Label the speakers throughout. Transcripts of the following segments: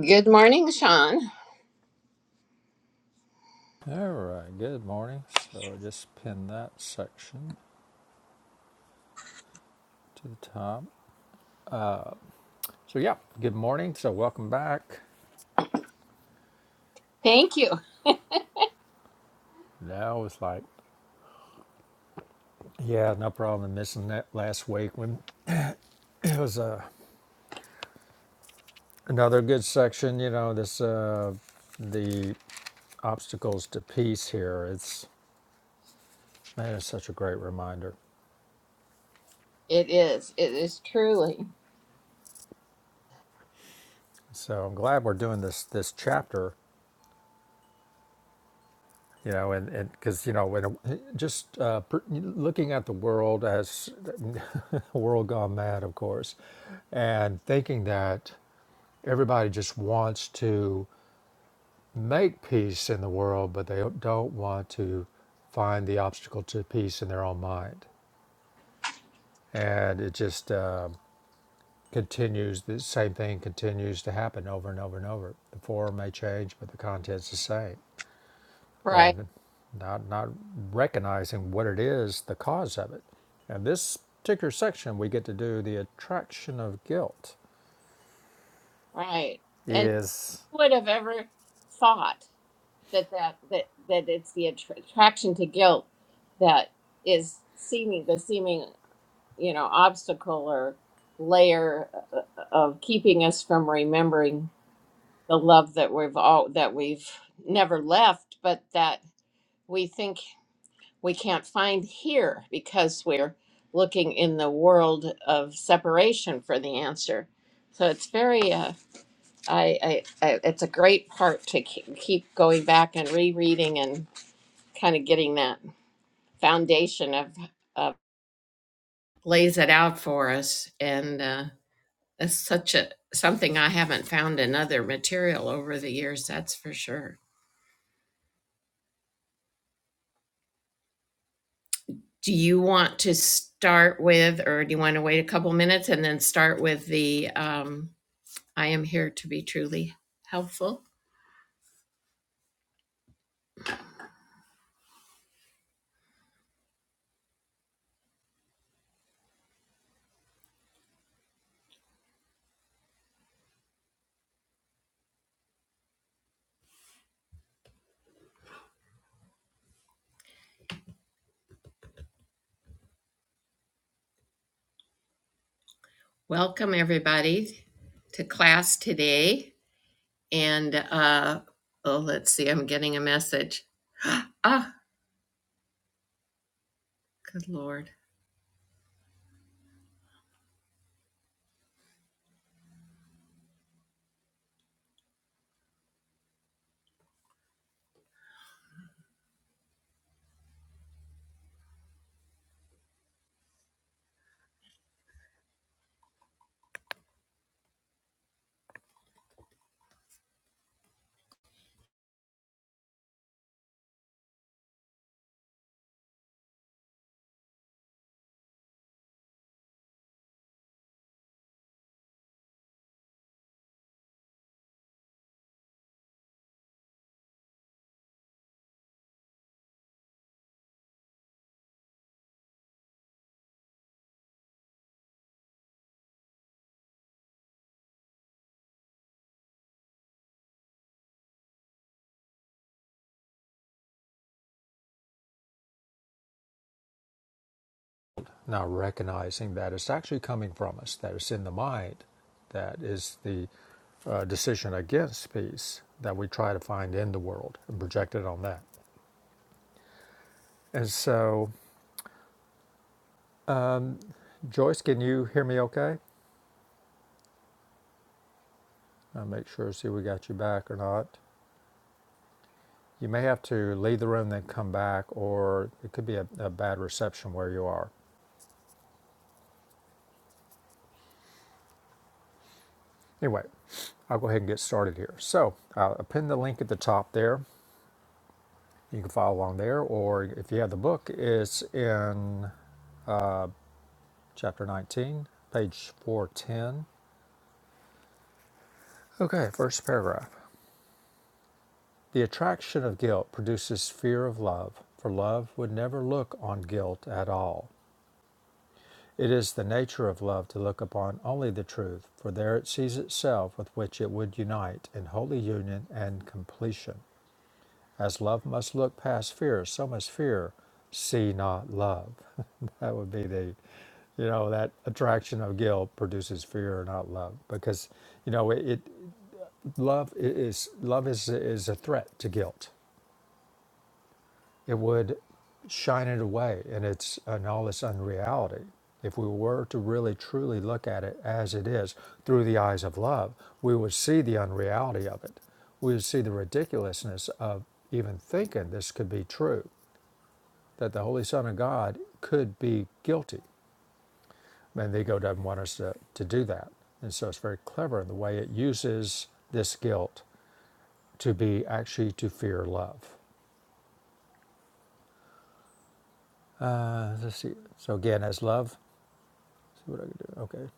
Speaker 1: Good morning, Sean.
Speaker 2: All right, good morning. So I just pinned that section to the top. So, yeah, good morning. So, welcome back.
Speaker 1: Thank you.
Speaker 2: Now it's like, yeah, no problem missing that last week when it was uh, another good section, you know, this, uh, the obstacles to peace here. It's, man, it's such a great reminder.
Speaker 1: It is. It is truly
Speaker 2: So, I'm glad we're doing this, this chapter you know and and because you know when uh, just uh, per, looking at the world as world gone mad of course and thinking that everybody just wants to make peace in the world but they don't want to find the obstacle to peace in their own mind and it just uh, continues the same thing continues to happen over and over and over the form may change but the content's the same
Speaker 1: right.
Speaker 2: and not, not recognizing what it is, the cause of it. And this particular section, we get to do the attraction of guilt,
Speaker 1: Right. And
Speaker 2: Yes.
Speaker 1: who would have ever thought that that that that it's the attr- attraction to guilt that is seeming the seeming you know obstacle or layer uh, of keeping us from remembering the love that we've all that we've never left, but that we think we can't find here because we're looking in the world of separation for the answer. So it's very, uh, I, I, I, it's a great part to ke- keep going back and rereading and kind of getting that foundation of, of lays it out for us. And uh, that's such a something I haven't found in other material over the years. That's for sure. Do you want to start with, or do you want to wait a couple minutes and then start with the? Um, I am here to be truly helpful. Welcome, everybody, to class today. And uh, oh, let's see, I'm getting a message. Ah, good Lord.
Speaker 2: now recognizing that it's actually coming from us, that it's in the mind, that is the uh, decision against peace that we try to find in the world and project it on that. And so, Joyce, can you hear me okay? I'll make sure, see if we got you back or not. You may have to leave the room, then come back, or it could be a, a bad reception where you are. Anyway, I'll go ahead and get started here. So I'll pin the link at the top there. You can follow along there, or if you have the book, it's in chapter 19, page 410. Okay, first paragraph. The attraction of guilt produces fear of love, for love would never look on guilt at all. It is the nature of love to look upon only the truth, for there it sees itself with which it would unite in holy union and completion. As love must look past fear, so must fear see not love. that would be the, you know, that attraction of guilt produces fear, not love, because you know it. it love is love is is a threat to guilt. it would shine it away in its in all its unreality. If we were to really truly look at it as it is through the eyes of love, we would see the unreality of it. We would see the ridiculousness of even thinking this could be true, that the Holy Son of God could be guilty. And the ego doesn't want us to, to do that. And so it's very clever in the way it uses this guilt to be actually to fear love. Uh, let's see. So again, as love. See what I can do. Okay.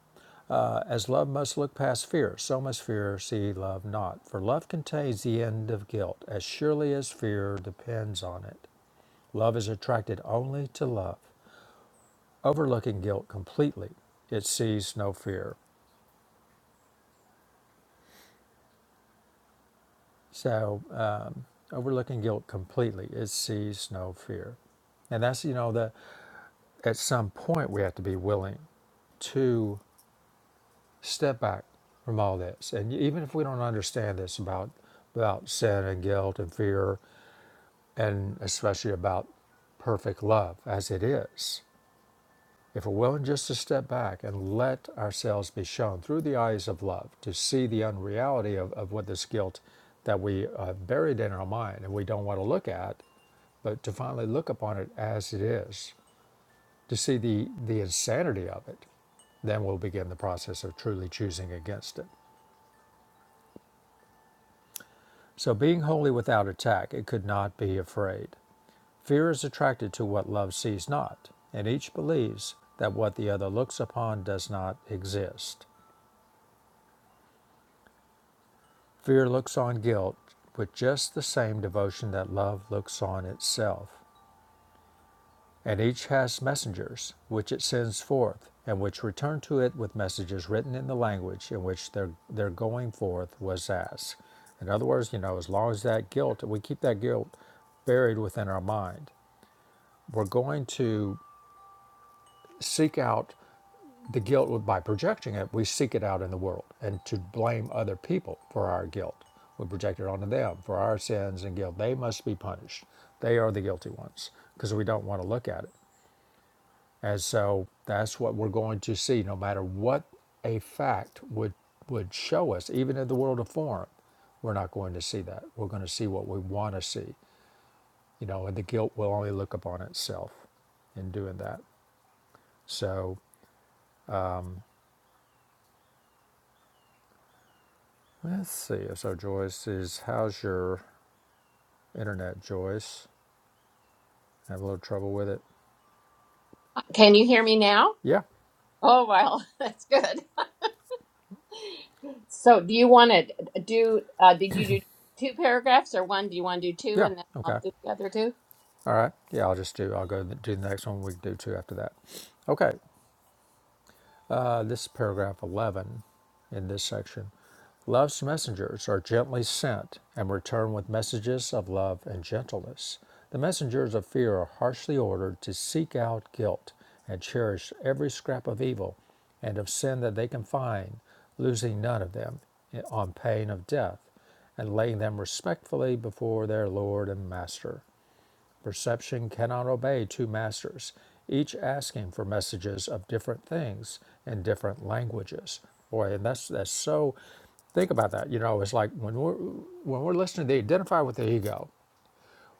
Speaker 2: Uh, as love must look past fear, so must fear see love not. For love contains the end of guilt, as surely as fear depends on it. Love is attracted only to love, overlooking guilt completely. It sees no fear. So, um, overlooking guilt completely, it sees no fear. And that's, you know, the, at some point we have to be willing to step back from all this. And even if we don't understand this about about sin and guilt and fear and especially about perfect love as it is, if we're willing just to step back and let ourselves be shown through the eyes of love to see the unreality of, of what this guilt that we uh, buried in our mind and we don't want to look at, but to finally look upon it as it is, to see the, the insanity of it, then we'll begin the process of truly choosing against it. So, being wholly without attack, it could not be afraid. Fear is attracted to what love sees not, and each believes that what the other looks upon does not exist. Fear looks on guilt with just the same devotion that love looks on itself, and each has messengers which it sends forth, and which return to it with messages written in the language in which their, their going forth was asked. In other words, you know, as long as that guilt, we keep that guilt buried within our mind we're going to seek out the guilt by projecting it. We seek it out in the world and to blame other people for our guilt. We project it onto them for our sins and guilt. They must be punished. They are the guilty ones because we don't want to look at it. And so that's what we're going to see no matter what a fact would would show us, even in the world of form, we're not going to see that. We're going to see what we want to see, you know, and the guilt will only look upon itself in doing that. So Let's see. So Joyce is how's your internet, Joyce? I Have a little trouble with it?
Speaker 1: Can you hear me now?
Speaker 2: Yeah.
Speaker 1: Oh, well, that's good. So, do you want to do, uh, did you do two paragraphs or one? Do you want to do two
Speaker 2: Yeah.
Speaker 1: and then I'll
Speaker 2: Okay.
Speaker 1: do the other two?
Speaker 2: All right. Yeah. I'll just do. I'll go do the next one. We can do two after that. Okay. Uh, this is paragraph 11 in this section. Love's messengers are gently sent and return with messages of love and gentleness. The messengers of fear are harshly ordered to seek out guilt and cherish every scrap of evil and of sin that they can find, losing none of them on pain of death, and laying them respectfully before their Lord and Master. Perception cannot obey two masters, each asking for messages of different things in different languages. Boy, and that's that's so. Think about that. You know, it's like when we're when we're listening, they identify with the ego.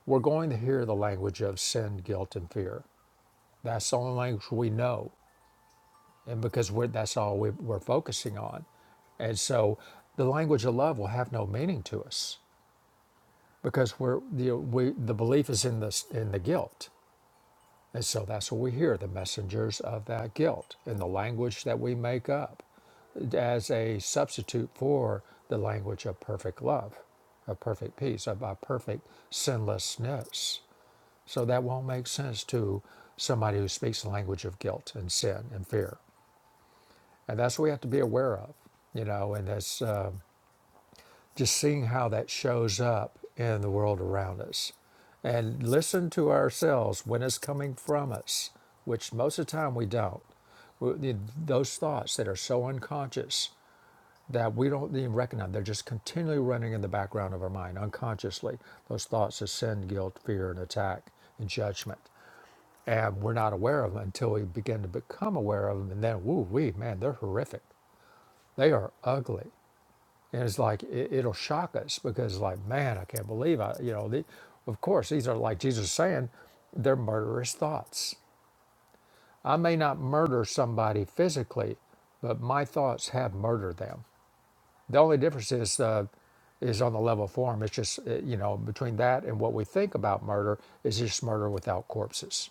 Speaker 2: We're going to hear the language of sin, guilt, and fear. That's the only language we know, and because we're that's all we, we're focusing on, and so the language of love will have no meaning to us because we're the we the belief is in the in the guilt And so that's what we hear the messengers of that guilt in the language that we make up as a substitute for the language of perfect love, of perfect peace, of our perfect sinlessness. So that won't make sense to somebody who speaks the language of guilt and sin and fear. And that's what we have to be aware of, you know, and that's. uh, just seeing how that shows up in the world around us and listen to ourselves when it's coming from us which most of the time we don't We- those thoughts that are so unconscious that we don't even recognize they're just continually running in the background of our mind unconsciously those thoughts of sin guilt fear and attack and judgment and we're not aware of them until we begin to become aware of them and then woo wee man they're horrific they are ugly and it's like it, it'll shock us because like, man, I can't believe I, you know, the, of course these are like Jesus is saying, they're murderous thoughts. I may not murder somebody physically, but my thoughts have murdered them. The only difference is uh, is on the level of form. It's just uh, you know between that and what we think about murder is just murder without corpses.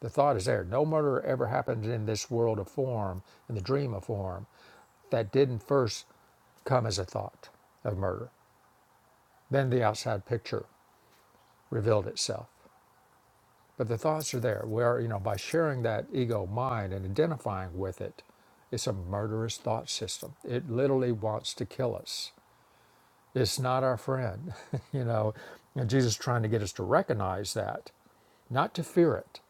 Speaker 2: The thought is there. No murder ever happened in this world of form, in the dream of form, that didn't first come as a thought of murder. Then the outside picture revealed itself. But the thoughts are there. Where you know by sharing that ego mind and identifying with it, it's a murderous thought system. It literally wants to kill us. It's not our friend, you know. And Jesus is trying to get us to recognize that, not to fear it.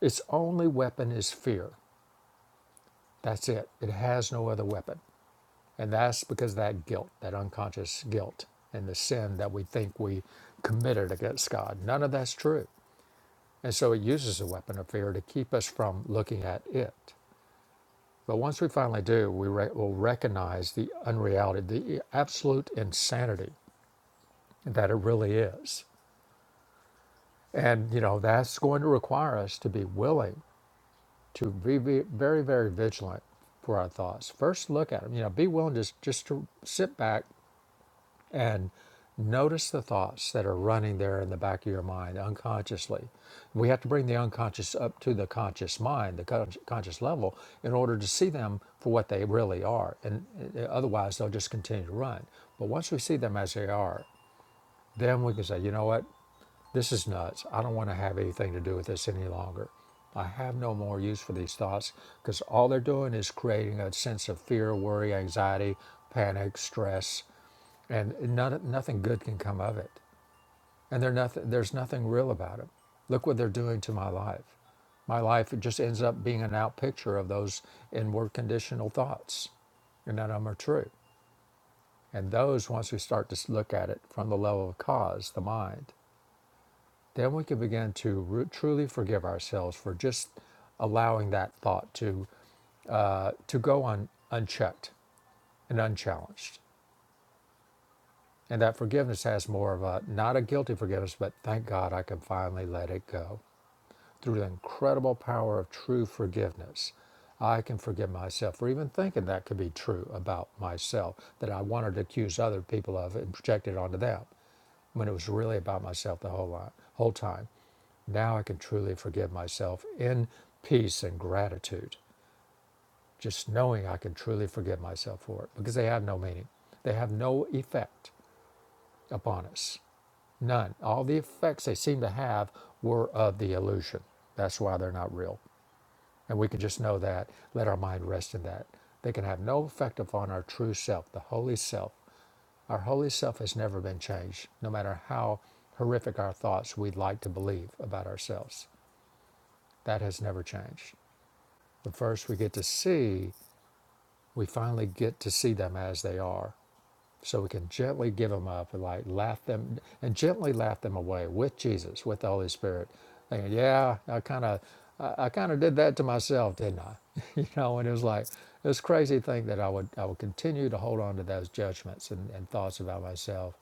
Speaker 2: Its only weapon is fear. That's it. It has no other weapon. And that's because of that guilt, that unconscious guilt and the sin that we think we committed against God. None of that's true. And so it uses the weapon of fear to keep us from looking at it. But once we finally do, we re- will recognize the unreality, the absolute insanity that it really is. And, you know, that's going to require us to be willing to be, be very, very vigilant for our thoughts. First, look at them. You know, be willing to s- just to sit back And notice the thoughts that are running there in the back of your mind unconsciously. We have to bring the unconscious up to the conscious mind, the con- conscious level, in order to see them for what they really are. And uh, otherwise, they'll just continue to run. But once we see them as they are, then we can say, you know what? This is nuts. I don't want to have anything to do with this any longer. I have no more use for these thoughts because all they're doing is creating a sense of fear, worry, anxiety, panic, stress, and none, nothing good can come of it. And they're nothing, there's nothing real about them. Look what they're doing to my life. My life just ends up being an out picture of those inward conditional thoughts, and none of them are true. And those, once we start to look at it from the level of cause, the mind, then we can begin to re- truly forgive ourselves for just allowing that thought to uh, to go on unchecked and unchallenged. And that forgiveness has more of a not a guilty forgiveness, but thank God I can finally let it go. Through the incredible power of true forgiveness, I can forgive myself for even thinking that could be true about myself, that I wanted to accuse other people of it and project it onto them when it was really about myself the whole, lot, whole time. Now I can truly forgive myself in peace and gratitude, just knowing I can truly forgive myself for it because they have no meaning. They have no effect upon us. None. All the effects they seem to have were of the illusion. That's why they're not real. And we can just know that, let our mind rest in that. They can have no effect upon our true self, the holy self. Our holy self has never been changed, no matter how horrific our thoughts we'd like to believe about ourselves. That has never changed. But first, we get to see, we finally get to see them as they are so we can gently give them up and like laugh them and gently laugh them away with Jesus, with the Holy Spirit. Thinking, yeah, I kind of, I, I kind of did that to myself, didn't I? you know, and it was like this crazy thing that I would, I would continue to hold on to those judgments and, and thoughts about myself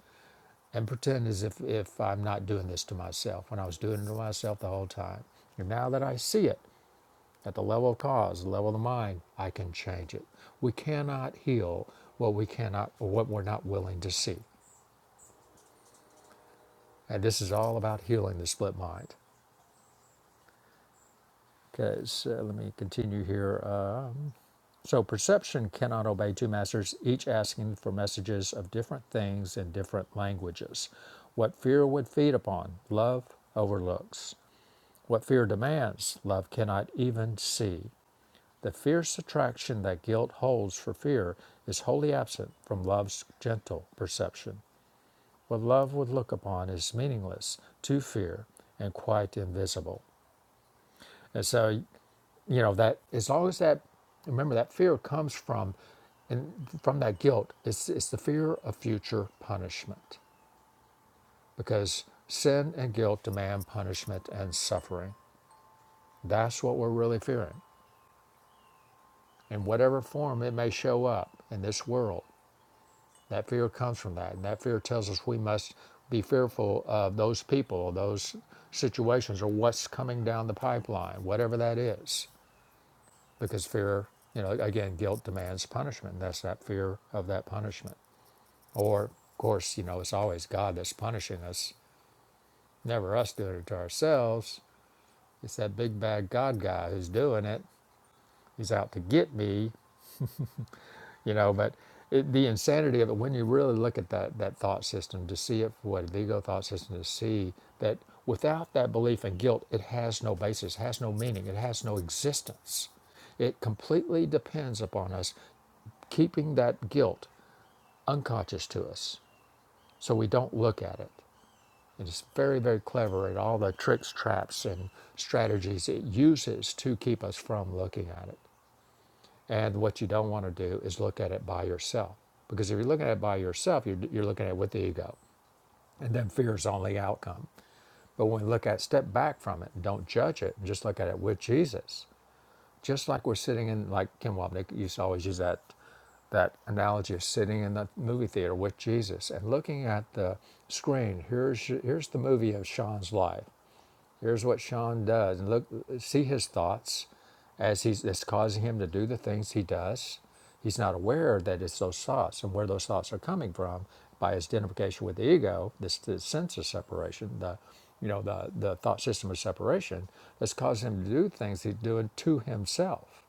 Speaker 2: and pretend as if, if I'm not doing this to myself when I was doing it to myself the whole time. And now that I see it, at the level of cause, the level of the mind, I can change it. We cannot heal what we cannot or what we're not willing to see. And this is all about healing the split mind. Okay, so let me continue here. Um, so perception cannot obey two masters, each asking for messages of different things in different languages. What fear would feed upon, love overlooks. What fear demands, love cannot even see. The fierce attraction that guilt holds for fear is wholly absent from love's gentle perception. What love would look upon is meaningless to fear and quite invisible. And so, you know, that as long as that, remember that fear comes from, and from that guilt, it's, it's the fear of future punishment because sin and guilt demand punishment and suffering. That's what we're really fearing in whatever form it may show up in this world That fear comes from that. And that fear tells us we must be fearful of those people, those situations, or what's coming down the pipeline, whatever that is. Because fear, you know, again, guilt demands punishment. And that's that fear of that punishment. Or, of course, you know, it's always God that's punishing us, never us doing it to ourselves. It's that big bad God guy who's doing it. He's out to get me. you know but it, the insanity of it when you really look at that that thought system to see it for what the ego thought system to see that without that belief and guilt it has no basis has no meaning it has no existence it completely depends upon us keeping that guilt unconscious to us so we don't look at it and it's very very clever at all the tricks traps and strategies it uses to keep us from looking at it and what you don't want to do is look at it by yourself. Because if you're looking at it by yourself, you're, you're looking at it with the ego. And then fear is the only outcome. But when we look at it, step back from it and don't judge it, and just look at it with Jesus, just like we're sitting in, like Kim Wapnick used to always use that, that analogy of sitting in the movie theater with Jesus and looking at the screen. Here's, here's the movie of Sean's life. Here's what Sean does, and look, see his thoughts as he's that's causing him to do the things he does. He's not aware that it's those thoughts and where those thoughts are coming from by his identification with the ego, this, this sense of separation, the you know the the thought system of separation that's causing him to do things he's doing to himself.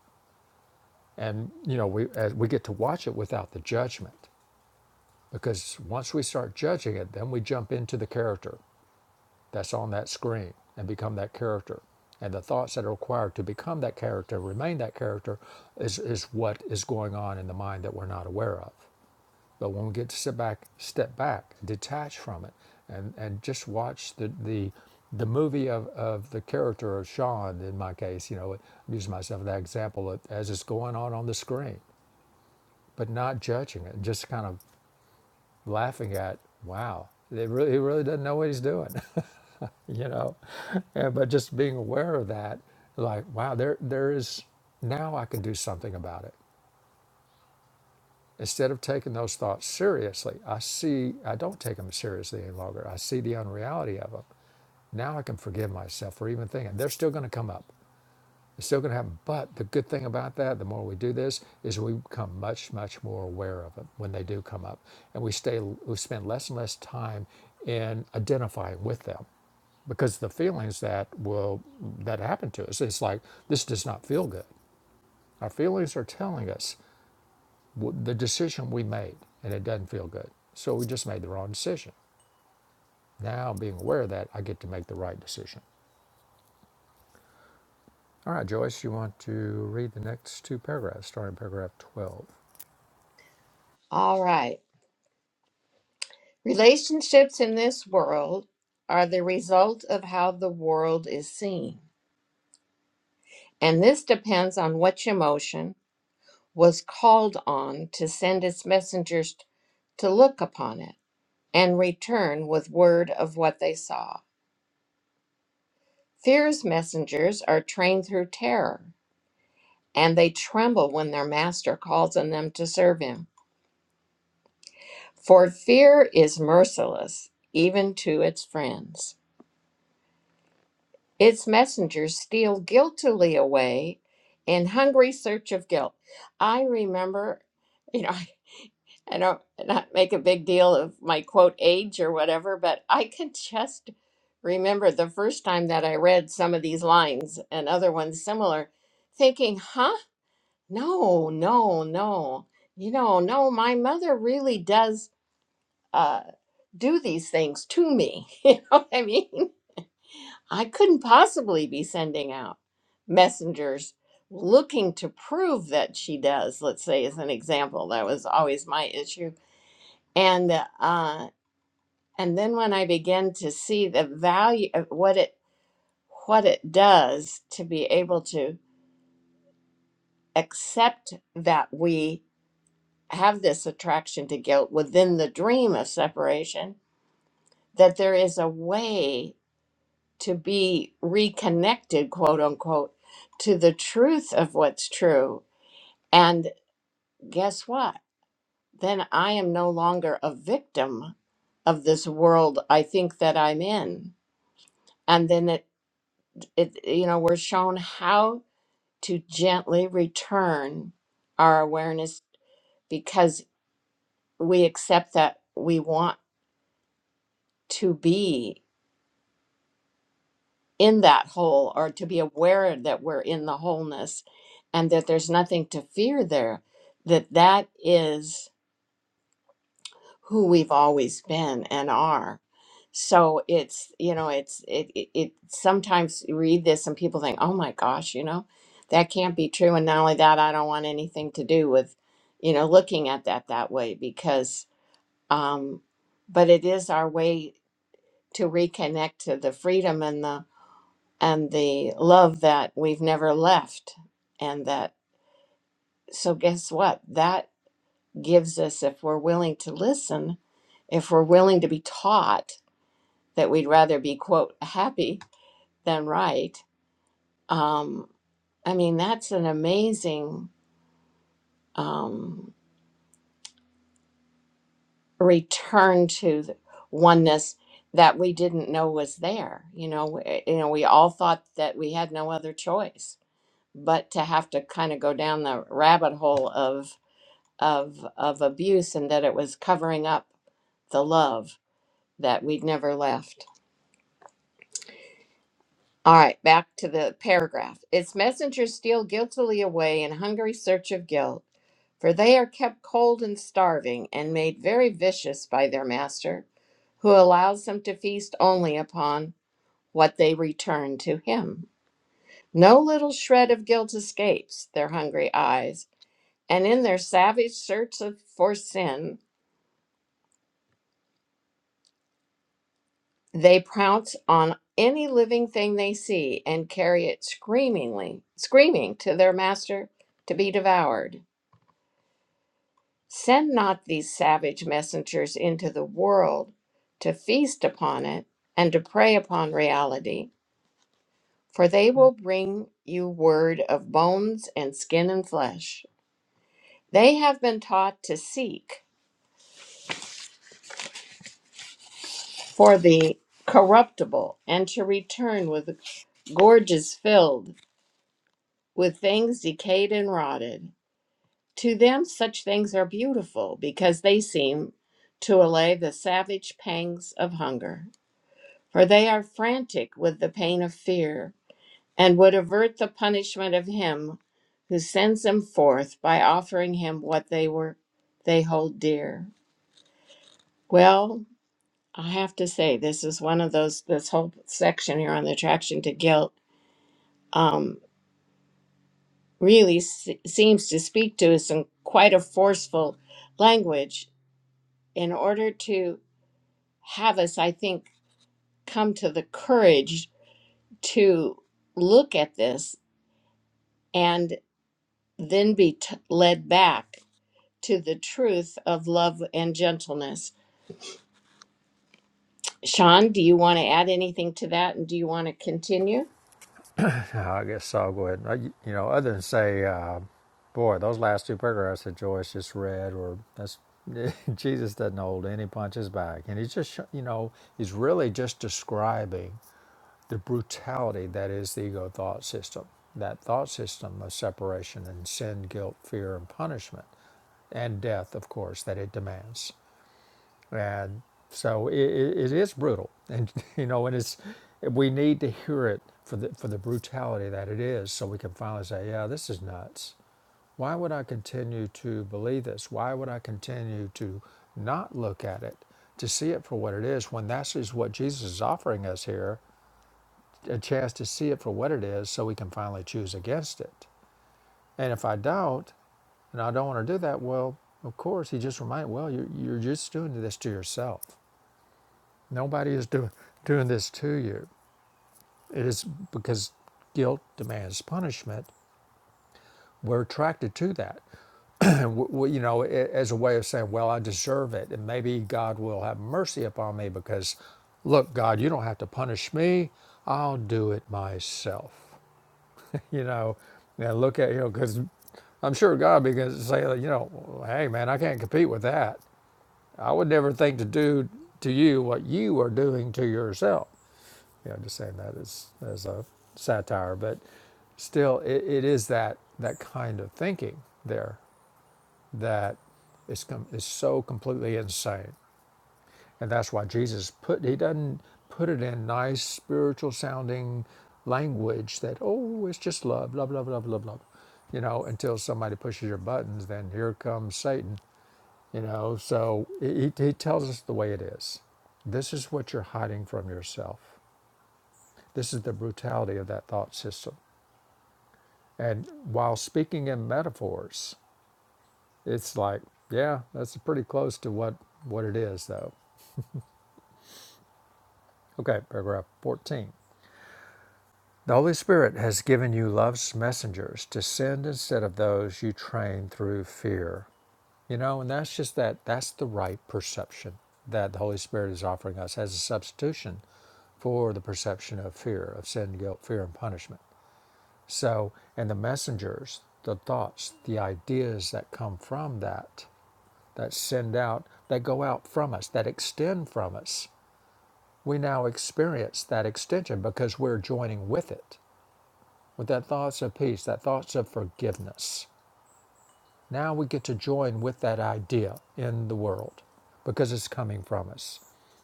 Speaker 2: And you know we as we get to watch it without the judgment because once we start judging it, then we jump into the character that's on that screen and become that character. And the thoughts that are required to become that character, remain that character, is, is what is going on in the mind that we're not aware of. But when we get to sit back, step back, detach from it, and, and just watch the, the, the movie of, of the character of Sean, in my case, you know, I'm using myself as that example, as it's going on on the screen, but not judging it, just kind of laughing at, wow, it really, he really doesn't know what he's doing. you know and, but just being aware of that like wow there there is now i can do something about it instead of taking those thoughts seriously i see i don't take them seriously any longer i see the unreality of them now i can forgive myself for even thinking they're still going to come up it's still going to happen. But the good thing about that, the more we do this, is we become much, much more aware of them when they do come up, and we stay, we spend less and less time in identifying with them, because the feelings that will that happen to us, it's like this does not feel good. Our feelings are telling us w- the decision we made, and it doesn't feel good. So we just made the wrong decision. Now, being aware of that, I get to make the right decision. All right, Joyce, you want to read the next two paragraphs, starting paragraph 12.
Speaker 1: All right. Relationships in this world are the result of how the world is seen. and this depends on which emotion was called on to send its messengers to look upon it and return with word of what they saw. Fear's messengers are trained through terror, and they tremble when their master calls on them to serve him. For fear is merciless, even to its friends. Its messengers steal guiltily away in hungry search of guilt. I remember, you know, I don't not make a big deal of my quote age or whatever, but I can just remember the first time that I read some of these lines and other ones similar, thinking, huh? No, no, no. You know, no, my mother really does uh, do these things to me. You know what I mean? I couldn't possibly be sending out messengers looking to prove that she does, let's say, as an example. That was always my issue and uh, And then when I begin to see the value of what it what it does to be able to accept that we have this attraction to guilt within the dream of separation, that there is a way to be reconnected, quote unquote, to the truth of what's true. And guess what? Then I am no longer a victim of this world I think that I'm in. And then it, it you know, we're shown how to gently return our awareness because we accept that we want to be in that whole or to be aware that we're in the wholeness and that there's nothing to fear there that that is who we've always been and are so it's you know it's it, it, it sometimes you read this and people think oh my gosh you know that can't be true and not only that i don't want anything to do with you know looking at that that way because um but it is our way to reconnect to the freedom and the and the love that we've never left and that so guess what that gives us if we're willing to listen if we're willing to be taught that we'd rather be quote happy than right um, i mean that's an amazing um, return to the oneness that we didn't know was there you know we, you know we all thought that we had no other choice but to have to kind of go down the rabbit hole of of of abuse and that it was covering up the love that we'd never left All right, back to the paragraph. Its messengers steal guiltily away in hungry search of guilt, for they are kept cold and starving and made very vicious by their master, who allows them to feast only upon what they return to him. No little shred of guilt escapes their hungry eyes, and in their savage search of, for sin, They pounce on any living thing they see and carry it screamingly, screaming to their master to be devoured. Send not these savage messengers into the world to feast upon it and to prey upon reality, for they will bring you word of bones and skin and flesh. They have been taught to seek for the corruptible and to return with gorges filled with things decayed and rotted. To them, such things are beautiful because they seem to allay the savage pangs of hunger. For they are frantic with the pain of fear and would avert the punishment of him who sends them forth by offering him what they were they hold dear. Well, I have to say this is one of those this whole section here on the attraction to guilt um, really se- seems to speak to us in quite a forceful language in order to have us, I think, come to the courage to look at this and then be t- led back to the truth of love and gentleness. Sean, do you want to add anything to that and do you want to continue?
Speaker 2: I guess I'll go ahead. and- You know, other than say, uh, boy, those last two paragraphs that Joyce just read, or that's Jesus doesn't hold any punches back, and he's just, you know, he's really just describing the brutality that is the ego thought system, that thought system of separation and sin, guilt, fear, and punishment, and death, of course, that it demands. And so it, it is brutal, and you know, and it's we need to hear it for the for the brutality that it is, so we can finally say, yeah, this is nuts. Why would I continue to believe this? Why would I continue to not look at it, to see it for what it is, when that's is what Jesus is offering us here, a chance to see it for what it is, so we can finally choose against it. And if I don't, and I don't want to do that, well, of course, he just reminded, well, you're, you're just doing this to yourself. Nobody is doing doing this to you. It is because guilt demands punishment. We're attracted to that, and you know, as a way of saying, "Well, I deserve it, and maybe God will have mercy upon me." Because, look, God, you don't have to punish me. I'll do it myself. You know, and look at you know, because I'm sure God will be going to say, like, you know, hey man, I can't compete with that. I would never think to do to you what you are doing to yourself. you know, just saying that as, as a satire, but still, it, it is that that kind of thinking there that is com- is so completely insane, and that's why Jesus put he doesn't put it in nice spiritual sounding language that oh it's just love, love, love, love, love, love, you know, until somebody pushes your buttons, then here comes Satan, you know. So he he he tells us the way it is. This is what you're hiding from yourself this is the brutality of that thought system. And while speaking in metaphors, it's like, yeah, that's pretty close to what, what it is, though. Okay, paragraph 14. The Holy Spirit has given you love's messengers to send instead of those you train through fear. You know, and that's just that, that's the right perception that the Holy Spirit is offering us as a substitution for the perception of fear, of sin, guilt, fear, and punishment. So, and the messengers, the thoughts, the ideas that come from that, that send out, that go out from us, that extend from us, we now experience that extension because we're joining with it, with that thoughts of peace, that thoughts of forgiveness. Now we get to join with that idea in the world because it's coming from us.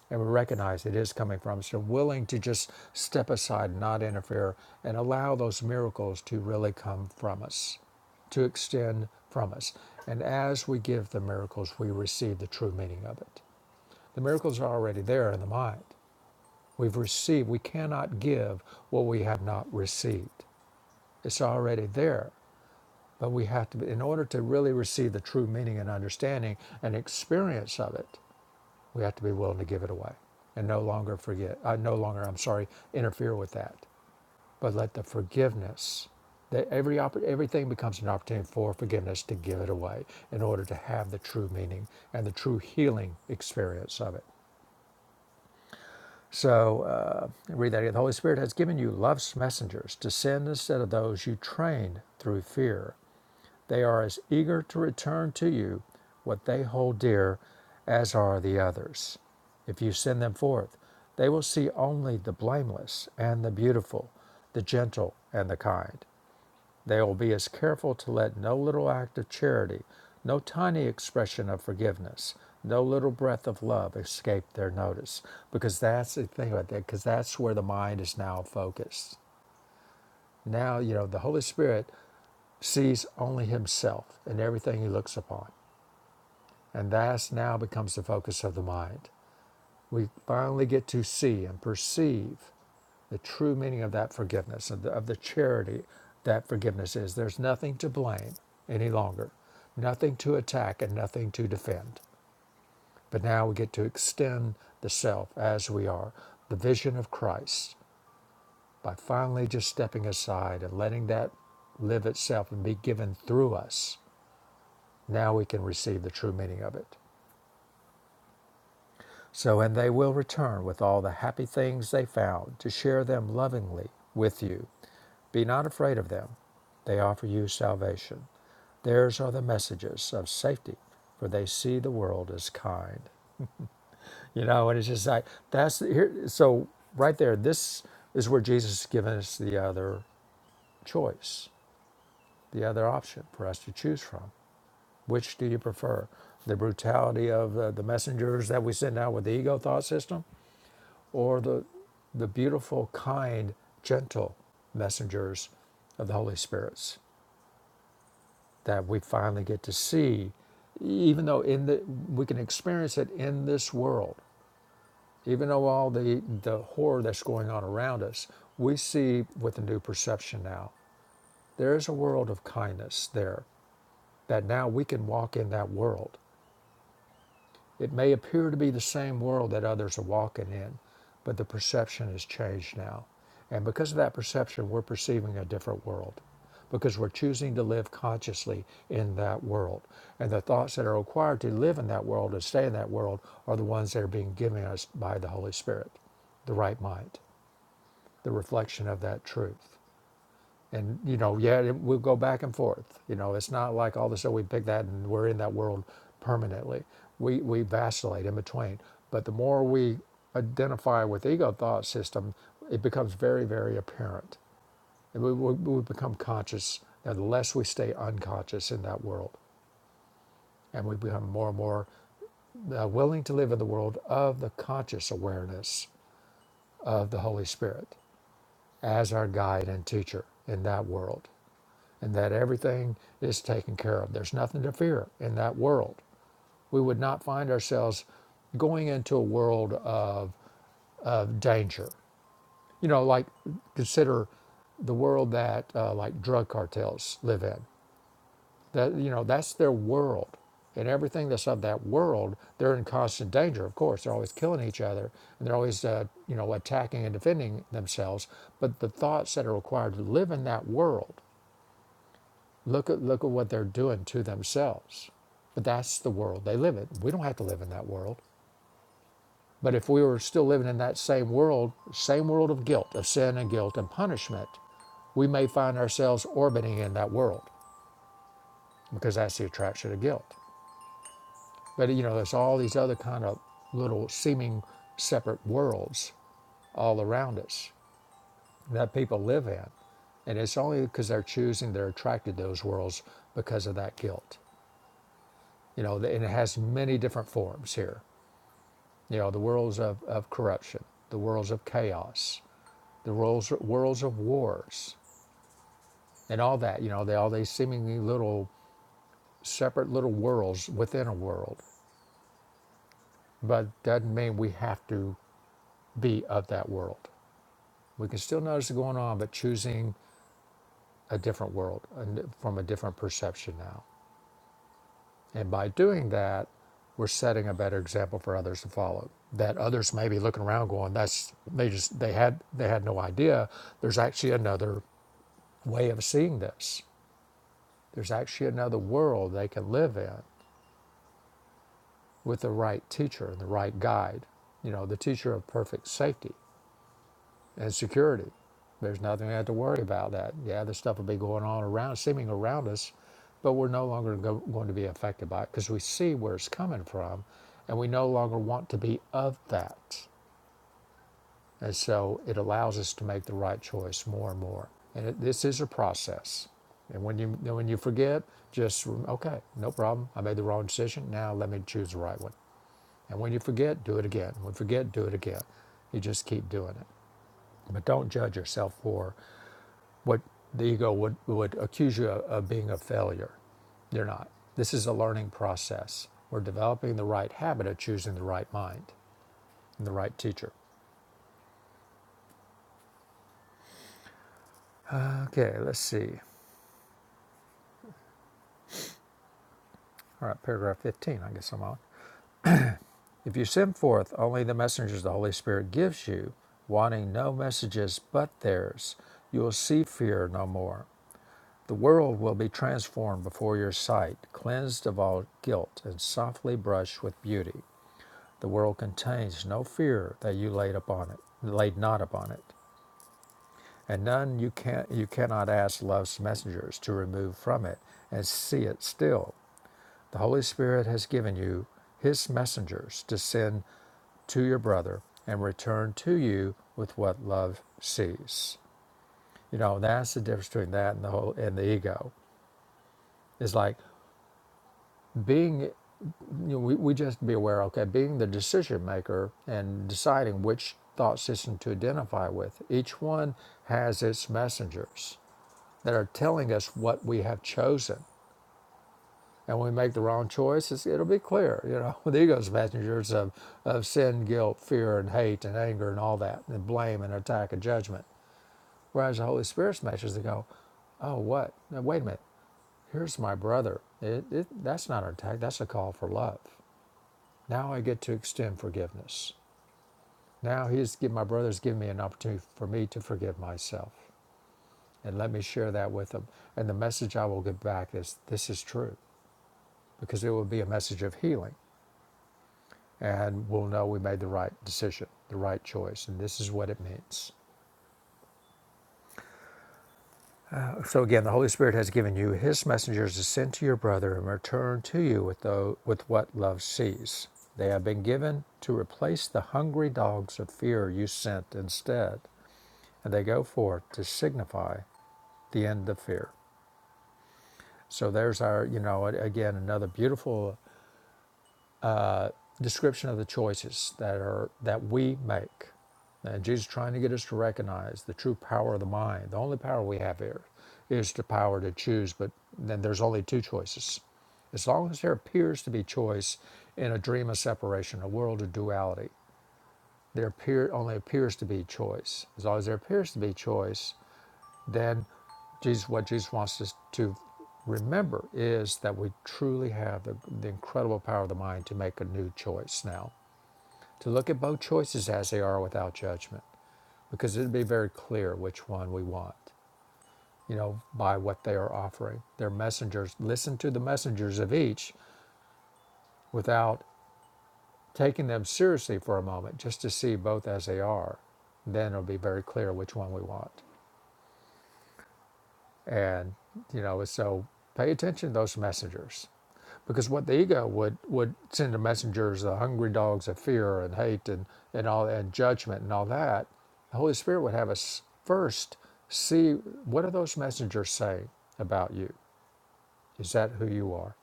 Speaker 2: And we recognize it is coming from us. We're willing to just step aside, not interfere, and allow those miracles to really come from us, to extend from us. And as we give the miracles, we receive the true meaning of it. The miracles are already there in the mind. We've received, we cannot give what we have not received. It's already there. But we have to, be, in order to really receive the true meaning and understanding and experience of it, we have to be willing to give it away and no longer forget, uh, no longer, I'm sorry, interfere with that. But let the forgiveness, that every oppor- everything becomes an opportunity for forgiveness to give it away in order to have the true meaning and the true healing experience of it. So, uh, read that again. The Holy Spirit has given you love's messengers to send instead of those you trained through fear They are as eager to return to you what they hold dear as are the others. If you send them forth, they will see only the blameless and the beautiful, the gentle and the kind. They will be as careful to let no little act of charity, no tiny expression of forgiveness, no little breath of love escape their notice, because that's the thing about that. Because that's where the mind is now focused. Now you know the Holy Spirit sees only himself in everything he looks upon. And that's now becomes the focus of the mind. We finally get to see and perceive the true meaning of that forgiveness, of the, of the charity that forgiveness is. There's nothing to blame any longer, nothing to attack, and nothing to defend. But now we get to extend the self as we are, the vision of Christ, by finally just stepping aside and letting that live itself and be given through us Now we can receive the true meaning of it. So, and they will return with all the happy things they found to share them lovingly with you. Be not afraid of them. They offer you salvation. Theirs are the messages of safety, for they see the world as kind. You know, and it's just like that's here. So right there, this is where Jesus has given us the other choice, the other option for us to choose from. Which do you prefer? The brutality of uh, the messengers that we send out with the ego thought system or the, the beautiful, kind, gentle messengers of the Holy Spirits that we finally get to see, even though in the, we can experience it in this world, even though all the, the horror that's going on around us, we see with a new perception now. There is a world of kindness there that now we can walk in that world It may appear to be the same world that others are walking in, but the perception has changed now. And because of that perception, we're perceiving a different world because we're choosing to live consciously in that world. And the thoughts that are required to live in that world and stay in that world are the ones that are being given us by the Holy Spirit, the right mind, the reflection of that truth and you know yeah it, we'll go back and forth you know it's not like all of a sudden we pick that and we're in that world permanently we we vacillate in between but the more we identify with ego thought system it becomes very very apparent and we, we, we become conscious and the less we stay unconscious in that world and we become more and more uh, willing to live in the world of the conscious awareness of the holy spirit as our guide and teacher in that world and that everything is taken care of. There's nothing to fear in that world. We would not find ourselves going into a world of, of danger. You know, like consider the world that uh, like drug cartels live in. That you know, that's their world, and everything that's of that world, they're in constant danger. Of course, they're always killing each other, and they're always uh, you know attacking and defending themselves. But the thoughts that are required to live in that world Look at look at what they're doing to themselves. But that's the world they live in. We don't have to live in that world. But if we were still living in that same world, same world of guilt, of sin and guilt and punishment, we may find ourselves orbiting in that world because that's the attraction of guilt. But you know, there's all these other kind of little seeming separate worlds all around us that people live in. And it's only because they're choosing, they're attracted to those worlds because of that guilt. you know, and it has many different forms here. You know, the worlds of, of corruption, the worlds of chaos, the worlds worlds of wars, and all that. You know, they all these seemingly little separate little worlds within a world, but doesn't mean we have to be of that world. We can still notice it going on, but choosing a different world and from a different perception now. And by doing that, we're setting a better example for others to follow. That others may be looking around going, that's they just they had they had no idea. There's actually another way of seeing this. There's actually another world they can live in with the right teacher and the right guide. You know, the teacher of perfect safety and security. There's nothing we have to worry about that. Yeah, this stuff will be going on around, seeming around us, but we're no longer go, going to be affected by it because we see where it's coming from and we no longer want to be of that. And so it allows us to make the right choice more and more. And it, this is a process. And when you then when you forget, just rem- okay, no problem. I made the wrong decision. Now let me choose the right one. And when you forget, do it again. When you forget, do it again. You just keep doing it. But don't judge yourself for what the ego would, would accuse you of, of being a failure. You're not. This is a learning process. We're developing the right habit of choosing the right mind and the right teacher. Okay, let's see. All right, paragraph 15, I guess I'm on. If you send forth only the messengers the Holy Spirit gives you, wanting no messages but theirs, you will see fear no more. The world will be transformed before your sight, cleansed of all guilt, and softly brushed with beauty. The world contains no fear that you laid upon it, laid not upon it, and none you can you cannot ask love's messengers to remove from it and see it still. The Holy Spirit has given you his messengers to send to your brother and return to you with what love sees. You know, that's the difference between that and the whole and the ego. It's like being you know, we, we just be aware okay being the decision maker and deciding which thought system to identify with each one has its messengers that are telling us what we have chosen and when we make the wrong choice it'll be clear you know the ego's messengers of, of sin guilt fear and hate and anger and all that and blame and attack and judgment whereas the holy spirit's messengers they go oh what now, wait a minute here's my brother it, it, that's not an attack that's a call for love Now I get to extend forgiveness. Now he's give my brother's given me an opportunity for me to forgive myself. And let me share that with them. And the message I will get back is this is true. Because it will be a message of healing. And we'll know we made the right decision, the right choice. And this is what it means. So again, the Holy Spirit has given you his messengers to send to your brother and return to you with the, with what love sees. They have been given to replace the hungry dogs of fear you sent instead and they go forth to signify the end of fear. So there's our, you know, again another beautiful description of the choices that are that we make. And Jesus is trying to get us to recognize the true power of the mind. The only power we have here is the power to choose, but then there's only two choices. As long as there appears to be choice in a dream of separation, a world of duality, there appear, only appears to be choice. As long as there appears to be choice, then Jesus, what Jesus wants us to remember is that we truly have the, the incredible power of the mind to make a new choice now, to look at both choices as they are without judgment, because it'll be very clear which one we want, you know, by what they are offering. Their messengers, listen to the messengers of each without taking them seriously for a moment, just to see both as they are. Then it'll be very clear which one we want. and you know so pay attention to those messengers because what the ego would would send the messengers the hungry dogs of fear and hate and and all and judgment and all that the holy spirit would have us first see what are those messengers saying about you is that who you are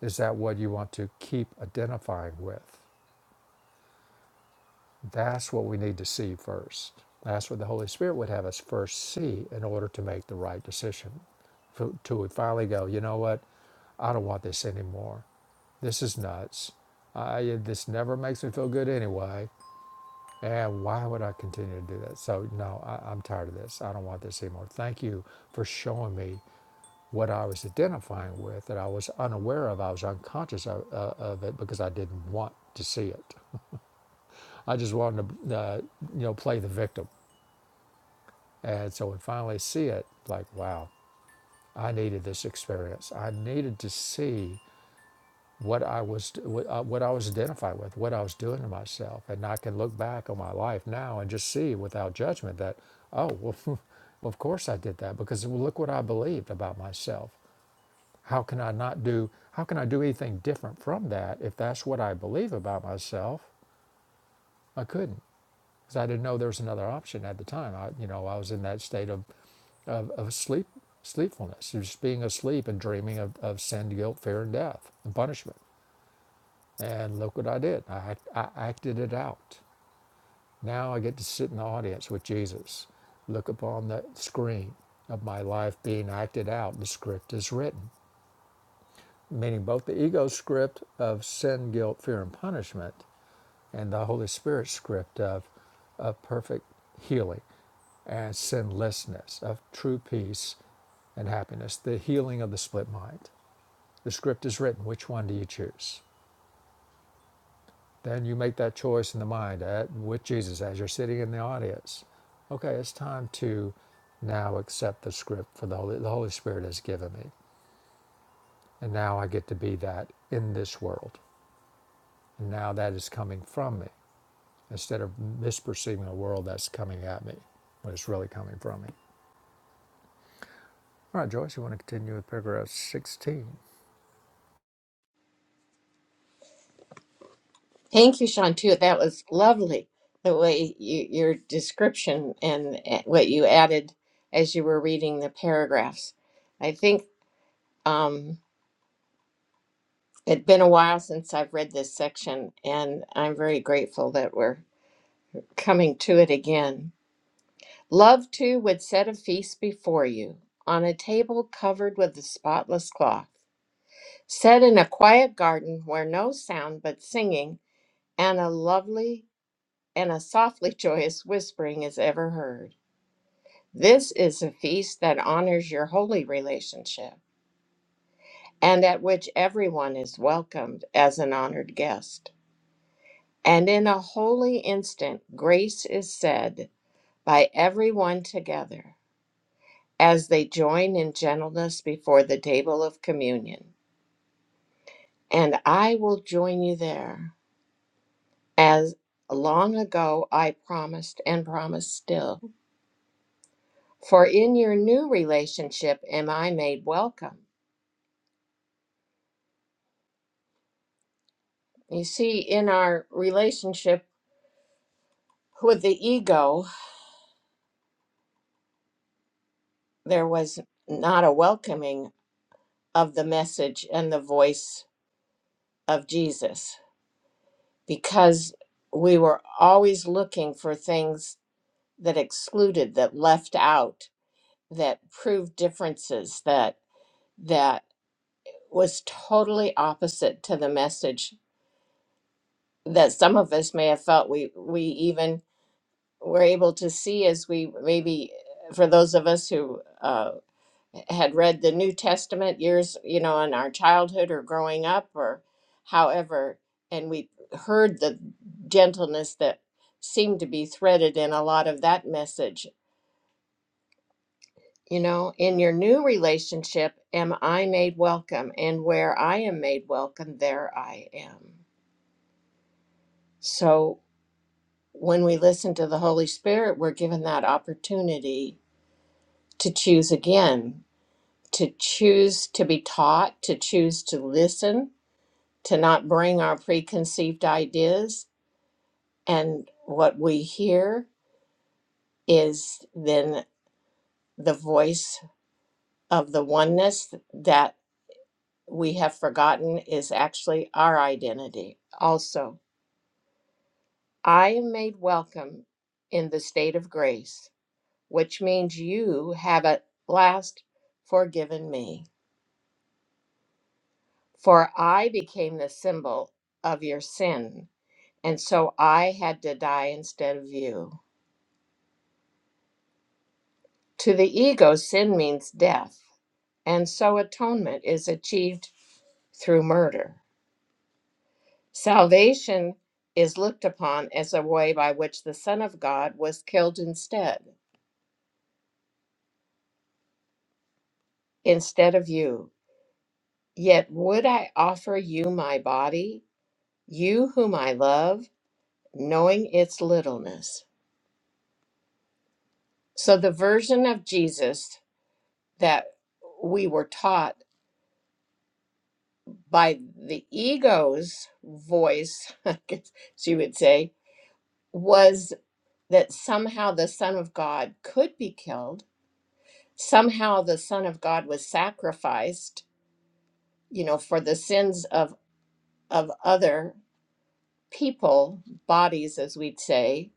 Speaker 2: is that what you want to keep identifying with That's what we need to see first. That's what the Holy Spirit would have us first see in order to make the right decision. F- Till we finally go, you know what? I don't want this anymore. This is nuts. I, this never makes me feel good anyway. And why would I continue to do that? So, no, I, I'm tired of this. I don't want this anymore. Thank you for showing me what I was identifying with that I was unaware of. I was unconscious of, uh, of it because I didn't want to see it. I just wanted to, uh, you know, play the victim And so we finally see it like, wow, I needed this experience. I needed to see what I was uh, what I was identified with, what I was doing to myself, and I can look back on my life now and just see without judgment that, oh well, of course I did that because look what I believed about myself. How can I not do? How can I do anything different from that if that's what I believe about myself? I couldn't because I didn't know there was another option at the time. I, you know, I was in that state of of, of sleep sleepfulness, just being asleep and dreaming of, of sin, guilt, fear, and death and punishment. And look what I did. I, I acted it out. Now I get to sit in the audience with Jesus, look upon the screen of my life being acted out. The script is written, meaning both the ego script of sin, guilt, fear, and punishment, and the Holy Spirit script of, of perfect healing and sinlessness of true peace and happiness, the healing of the split mind. The script is written. Which one do you choose? Then you make that choice in the mind at, with Jesus as you're sitting in the audience. Okay, it's time to now accept the script for the Holy, the Holy Spirit has given me. And now I get to be that in this world. And now that is coming from me instead of misperceiving a world that's coming at me when it's really coming from me. All right, Joyce, you want to continue with paragraph 16?
Speaker 1: Thank you, Sean, too. That was lovely the way you, your description and eh, what you added as you were reading the paragraphs. I think um, it's been a while since I've read this section, and I'm very grateful that we're coming to it again. Love too would set a feast before you on a table covered with a spotless cloth, set in a quiet garden where no sound but singing and a lovely and a softly joyous whispering is ever heard. This is a feast that honors your holy relationship and at which everyone is welcomed as an honored guest. And in a holy instant, grace is said by everyone together. as they join in gentleness before the table of communion. And I will join you there, as long ago I promised and promise still. For in your new relationship am I made welcome. You see, in our relationship with the ego, there was not a welcoming of the message and the voice of Jesus because we were always looking for things that excluded, that left out that proved differences that that was totally opposite to the message that some of us may have felt we we even were able to see as we maybe for those of us who uh, had read the New Testament years you know in our childhood or growing up or however and we heard the gentleness that seemed to be threaded in a lot of that message You know, in your new relationship, am I made welcome? And where I am made welcome, there I am. So when we listen to the Holy Spirit, we're given that opportunity to choose again, to choose to be taught, to choose to listen, to not bring our preconceived ideas. And what we hear is then the voice of the oneness that. we have forgotten is actually our identity. Also, I am made welcome in the state of grace, which means you have at last forgiven me. For I became the symbol of your sin, and so I had to die instead of you. To the ego, sin means death, and so atonement is achieved through murder. Salvation is looked upon as a way by which the Son of God was killed instead, instead of you. Yet would I offer you my body, you whom I love, knowing its littleness. So the version of Jesus that we were taught by the ego's voice, I guess she would say, was that somehow the Son of God could be killed somehow the son of god was sacrificed you know for the sins of of other people bodies as we'd say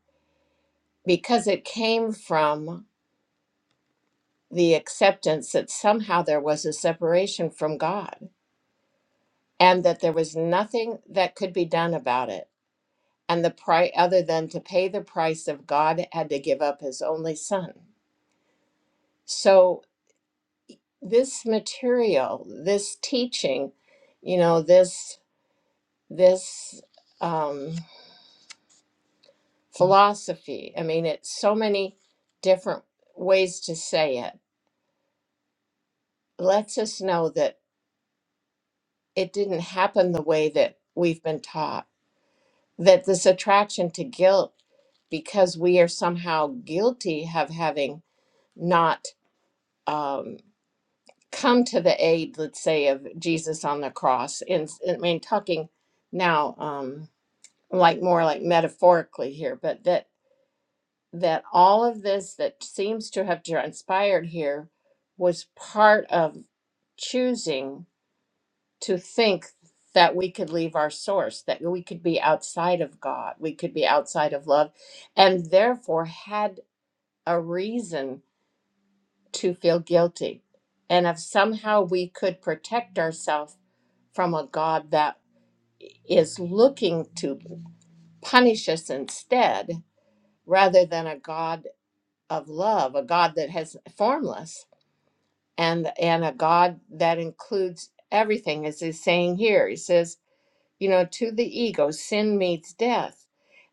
Speaker 1: because it came from the acceptance that somehow there was a separation from god and that there was nothing that could be done about it and the price other than to pay the price of god had to give up his only son so this material this teaching you know this this um philosophy. I mean, it's so many different ways to say it, lets us know that it didn't happen the way that we've been taught, that this attraction to guilt, because we are somehow guilty of having not um, come to the aid, let's say, of Jesus on the cross. And I mean, talking now, um, like more like metaphorically here, but that that all of this that seems to have transpired here was part of choosing to think that we could leave our source, that we could be outside of God, we could be outside of love, and therefore had a reason to feel guilty. And if somehow we could protect ourselves from a God that is looking to punish us instead, rather than a God of love, a God that has formless and and a God that includes everything, as he's saying here. He says, you know, to the ego, sin meets death.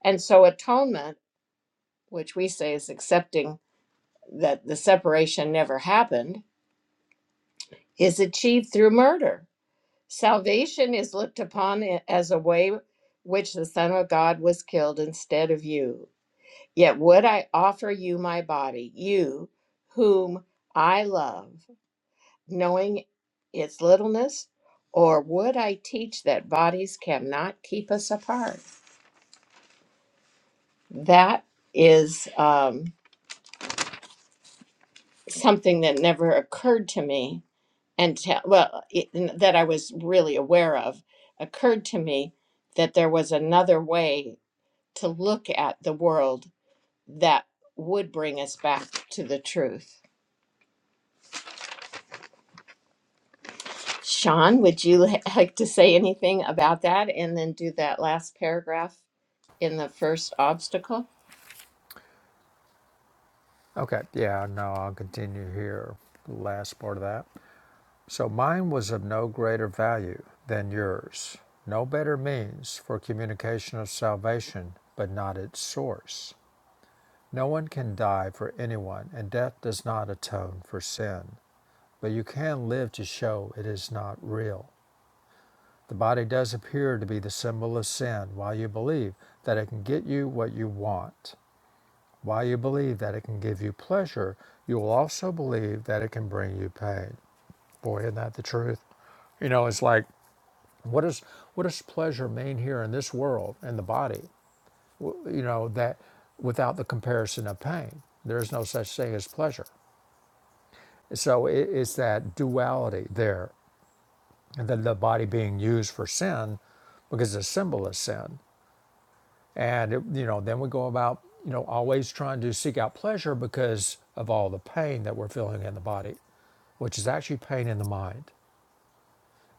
Speaker 1: And so atonement, which we say is accepting that the separation never happened, is achieved through murder. Salvation is looked upon i- as a way which the Son of God was killed instead of you. Yet would I offer you my body, you whom I love, knowing its littleness? Or would I teach that bodies cannot keep us apart? That is um, something that never occurred to me until, well, it, that I was really aware of, occurred to me that there was another way to look at the world that would bring us back to the truth. Sean, would you li- like to say anything about that and then do that last paragraph in the first obstacle?
Speaker 2: Okay, yeah, no, I'll continue here. The last part of that. So mine was of no greater value than yours, no better means for communication of salvation, but not its source. No one can die for anyone, and death does not atone for sin, but you can live to show it is not real. The body does appear to be the symbol of sin, while you believe that it can get you what you want. While you believe that it can give you pleasure, you will also believe that it can bring you pain. Boy, isn't that the truth? You know, it's like what does what does pleasure mean here in this world in the body? W- You know that without the comparison of pain, there is no such thing as pleasure. So it, it's that duality there, and then the body being used for sin, because the symbol is sin. And, it- you know, then we go about, you know, always trying to seek out pleasure because of all the pain that we're feeling in the body, which is actually pain in the mind.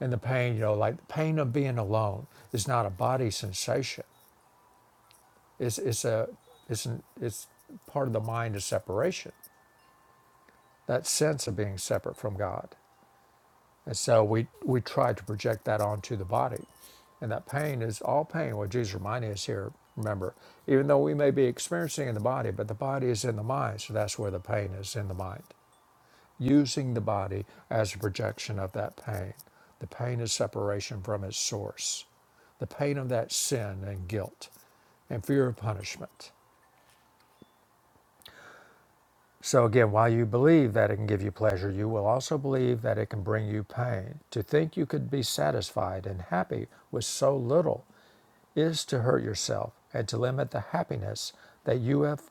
Speaker 2: And the pain, you know, like the pain of being alone is not a body sensation. It's, it's a, it's, an, it's part of the mind of separation, that sense of being separate from God. And so we, we try to project that onto the body. And that pain is all pain. What Jesus reminding us here, remember, even though we may be experiencing in the body, but the body is in the mind. So that's where the pain is in the mind. Using the body as a projection of that pain. The pain is separation from its source, the pain of that sin and guilt and fear of punishment. So again, while you believe that it can give you pleasure, you will also believe that it can bring you pain. To think you could be satisfied and happy with so little is to hurt yourself and to limit the happiness that you have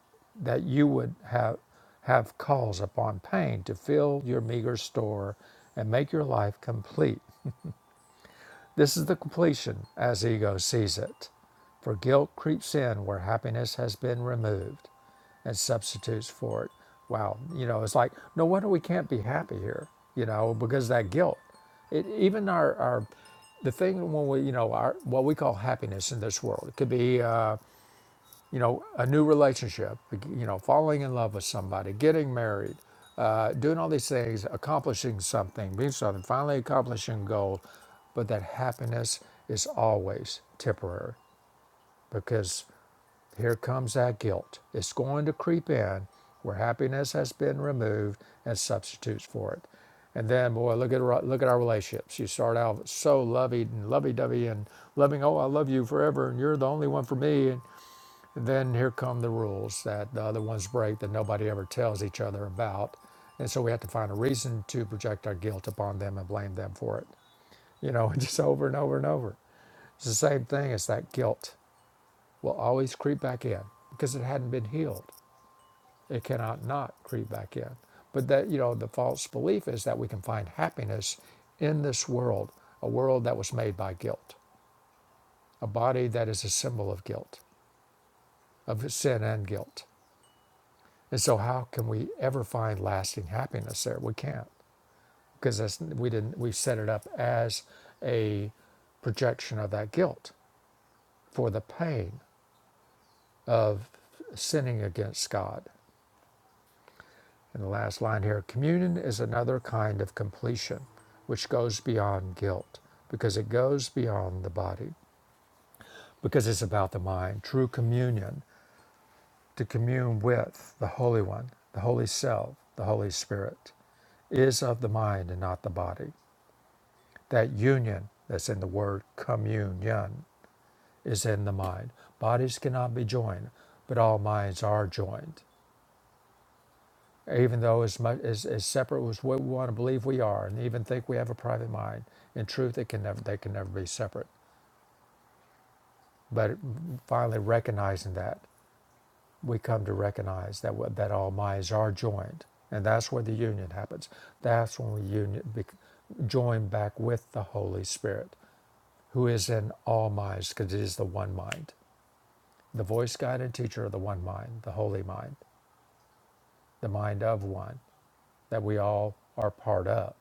Speaker 2: that you would have have calls upon pain to fill your meager store and make your life complete. This is the completion as ego sees it, for guilt creeps in where happiness has been removed and substitutes for it. Wow, you know, it's like no wonder we can't be happy here, you know, because that guilt. It, even our, our the thing when we you know our what we call happiness in this world it could be uh, you know, a new relationship, like, you know, falling in love with somebody, getting married, uh, doing all these things, accomplishing something, being something, finally accomplishing a goal, but that happiness is always temporary because here comes that guilt. It's going to creep in where happiness has been removed and substitutes for it. And then, boy, look at look at our relationships. You start out so lovey and lovey-dovey and loving. Oh, I love you forever, and you're the only one for me. And then here come the rules that the other ones break that nobody ever tells each other about. And so we have to find a reason to project our guilt upon them and blame them for it. You know, just over and over and over. It's the same thing. It's that guilt will always creep back in because it hadn't been healed. It cannot not creep back in. But that, you know, the false belief is that we can find happiness in this world, a world that was made by guilt, a body that is a symbol of guilt, of sin and guilt. And so, how can we ever find lasting happiness there? We can't because that's, we didn't. We set it up as a projection of that guilt for the pain of sinning against God. And the last line here: communion is another kind of completion, which goes beyond guilt because it goes beyond the body because it's about the mind. True communion to commune with the Holy One, the Holy Self, the Holy Spirit, is of the mind and not the body That union that's in the word communion is in the mind. Bodies cannot be joined, but all minds are joined. Even though as, much, as, as separate as what we want to believe we are and even think we have a private mind, in truth, it can never, they can never be separate. But finally recognizing that, we come to recognize that, that all minds are joined. And that's where the union happens. That's when we union, bec- join back with the Holy Spirit, who is in all minds because it is the one mind. the voice guided teacher of the one mind, the holy mind, the mind of one that we all are part of.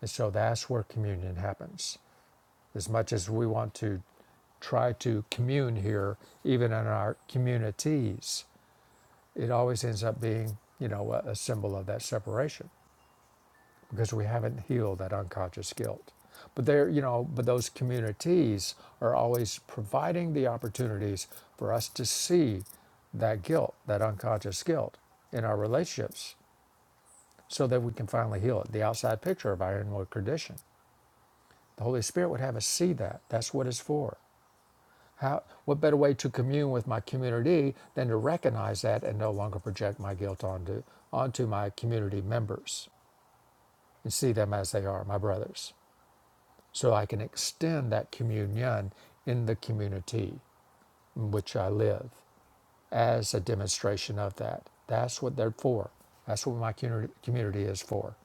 Speaker 2: And so that's where communion happens. As much as we want to try to commune here, even in our communities, it always ends up being, you know, a, a symbol of that separation. because we haven't healed that unconscious guilt. But there, you know, but those communities are always providing the opportunities for us to see that guilt, that unconscious guilt in our relationships so that we can finally heal it. The outside picture of our inward condition. The Holy Spirit would have us see that. That's what it's for. How, what better way to commune with my community than to recognize that and no longer project my guilt onto, onto my community members and see them as they are, my brothers? so I can extend that communion in the community in which I live as a demonstration of that. That's what they're for. That's what my community is for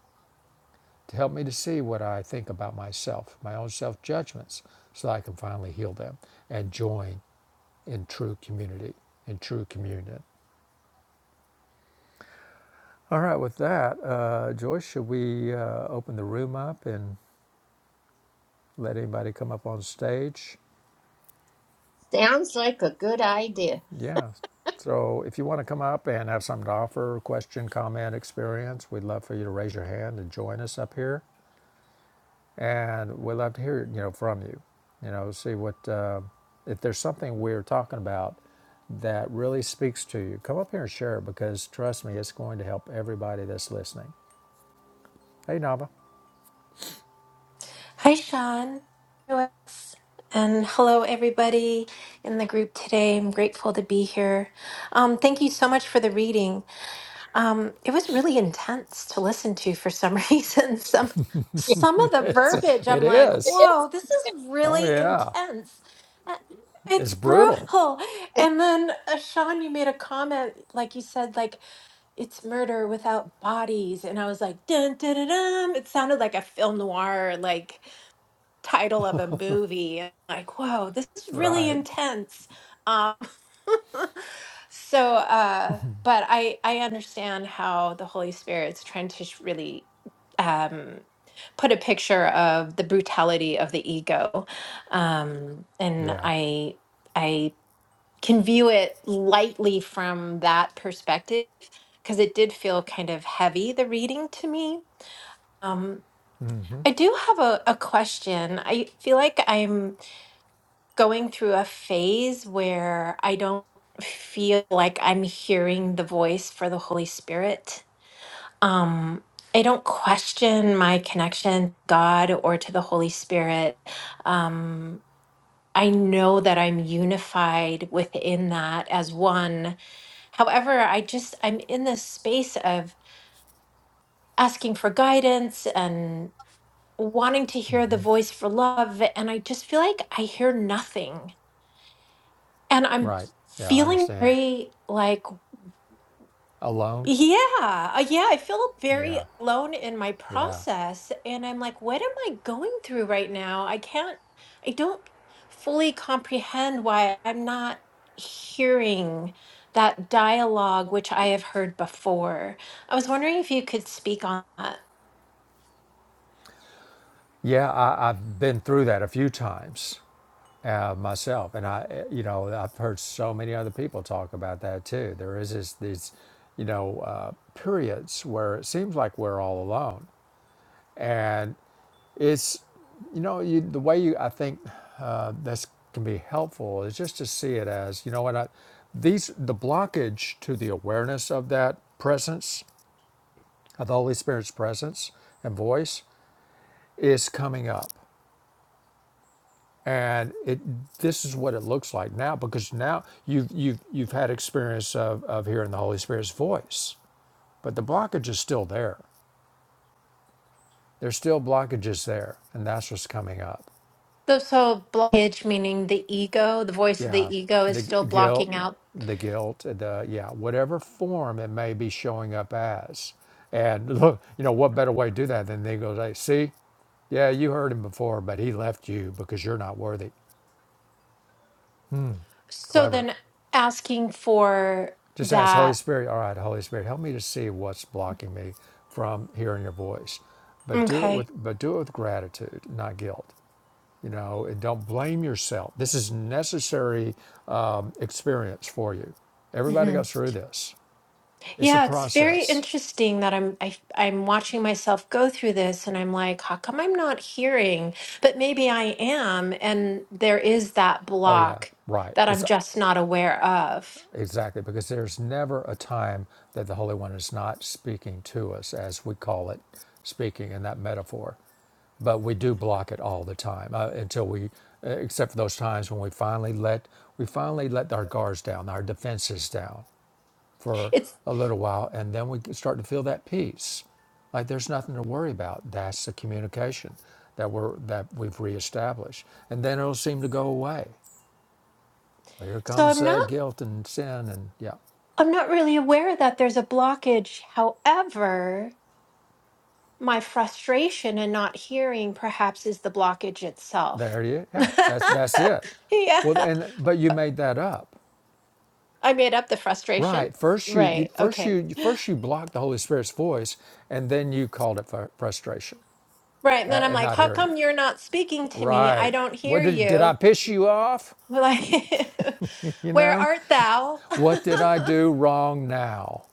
Speaker 2: to help me to see what I think about myself, my own self judgments, so I can finally heal them and join in true community, in true communion. All right, with that, uh, Joyce, should we uh, open the room up and let anybody come up on stage?
Speaker 1: Sounds like a good idea.
Speaker 2: Yeah. So if you want to come up and have something to offer, question, comment, experience, we'd love for you to raise your hand and join us up here. And we'd love to hear, you know, from you, you know, see what, uh, if there's something we're talking about that really speaks to you, come up here and share it because trust me, it's going to help everybody that's listening. Hey, Nava.
Speaker 3: Hi, Sean. And hello, everybody in the group today. I'm grateful to be here. Um, thank you so much for the reading. Um, it was really intense to listen to for some reason. Some some of the
Speaker 2: It's,
Speaker 1: Yes,
Speaker 3: verbiage,
Speaker 2: it
Speaker 3: I'm like,
Speaker 2: is.
Speaker 1: it is.
Speaker 3: whoa, this is
Speaker 2: Oh,
Speaker 3: really
Speaker 2: yeah.
Speaker 3: intense. Uh,
Speaker 2: It's
Speaker 3: It's
Speaker 2: brutal.
Speaker 3: brutal. And then, uh, Sean, you made a comment, like you said, like it's murder without bodies, and I was like, dun dun dun. dun. It sounded like a film noir, like title of a movie and like whoa this is really
Speaker 2: Right.
Speaker 3: intense um so uh but i i understand how the holy spirit's trying to sh- really um put a picture of the brutality of the ego um and
Speaker 2: Yeah.
Speaker 3: i i can view it lightly from that perspective because it did feel kind of heavy the reading to me um
Speaker 2: Mm-hmm.
Speaker 3: I do have a, a question. I feel like I'm going through a phase where I don't feel like I'm hearing the voice for the Holy Spirit. Um, I don't question my connection to God or to the Holy Spirit. Um, I know that I'm unified within that as one. However, I just, I'm in this space of asking for guidance and wanting to hear the voice for love. And I just feel like I hear nothing And I'm
Speaker 2: Right. Yeah. I
Speaker 3: feeling
Speaker 2: understand.
Speaker 3: very like,
Speaker 2: Alone.
Speaker 3: yeah, uh, yeah, I feel very
Speaker 2: Yeah.
Speaker 3: alone in my
Speaker 2: Yeah.
Speaker 3: process. And I'm like, what am I going through right now? I can't, I don't fully comprehend why I'm not hearing that dialogue, which I have heard before. I was wondering if you could speak on that.
Speaker 2: Yeah, I, I've been through that a few times uh, myself. And I, you know, I've heard so many other people talk about that too. There is this, these, you know, uh, periods where it seems like we're all alone. And it's, you know, you, the way you, I think uh, this can be helpful is just to see it as, you know what, I, these, the blockage to the awareness of that presence, of the Holy Spirit's presence and voice is coming up and it this is what it looks like now because now you've you've you've had experience of, of hearing the Holy Spirit's voice, but the blockage is still there. There's still blockages there, and that's what's coming up.
Speaker 3: Though, So, blockage, meaning the ego, the voice of
Speaker 2: Yeah,
Speaker 3: the ego is
Speaker 2: the
Speaker 3: still
Speaker 2: guilt,
Speaker 3: blocking out.
Speaker 2: the guilt, the yeah, whatever form it may be showing up as, and look, you know what better way to do that than they go, like, see, yeah, you heard him before, but he left you because you're not worthy.
Speaker 3: So,
Speaker 2: Clever.
Speaker 3: then asking for
Speaker 2: Just ask Holy
Speaker 3: that.
Speaker 2: Spirit, all right, Holy Spirit, help me to see what's blocking me from hearing your voice. But do it
Speaker 3: Okay.
Speaker 2: with but do it with gratitude, not guilt. You know, and don't blame yourself. This is necessary um, experience for you. Everybody
Speaker 3: hmm
Speaker 2: goes through this. It's a
Speaker 3: Yeah, it's very
Speaker 2: process.
Speaker 3: interesting that I'm I, I'm watching myself go through this, and I'm like, how come I'm not hearing? But maybe I am, and there is that
Speaker 2: Oh yeah,
Speaker 3: block
Speaker 2: right.
Speaker 3: that I'm
Speaker 2: It's
Speaker 3: just not aware of.
Speaker 2: Exactly, because there's never a time that the Holy One is not speaking to us, as we call it, speaking in that metaphor. But we do block it all the time uh, until we, uh, except for those times when we finally let we finally let our guards down, our defenses down for
Speaker 3: It's
Speaker 2: a little while, and then we start to feel that peace, like there's nothing to worry about. That's the communication that we're that we've reestablished, and then it'll seem to go away. Well, Here
Speaker 3: so
Speaker 2: comes
Speaker 3: I'm
Speaker 2: that
Speaker 3: not
Speaker 2: guilt and sin, and yeah.
Speaker 3: I'm not really aware that there's a blockage. However, my frustration and not hearing perhaps is the blockage itself.
Speaker 2: There it is. Yeah, that's that's it.
Speaker 3: yeah,
Speaker 2: Well, and but you made that up,
Speaker 3: I made up the frustration.
Speaker 2: right? First you, you
Speaker 3: Right.
Speaker 2: first
Speaker 3: Okay.
Speaker 2: you first you blocked the Holy Spirit's voice, and then you called it fr- frustration
Speaker 3: Right. And then
Speaker 2: at,
Speaker 3: I'm
Speaker 2: at
Speaker 3: like,
Speaker 2: not
Speaker 3: how
Speaker 2: hearing it.
Speaker 3: come you're not speaking to me? I
Speaker 2: Right?
Speaker 3: don't
Speaker 2: What
Speaker 3: hear
Speaker 2: did did I
Speaker 3: you.
Speaker 2: piss you off?
Speaker 3: Like,
Speaker 2: You
Speaker 3: where
Speaker 2: know,
Speaker 3: art thou?
Speaker 2: what did I do wrong now?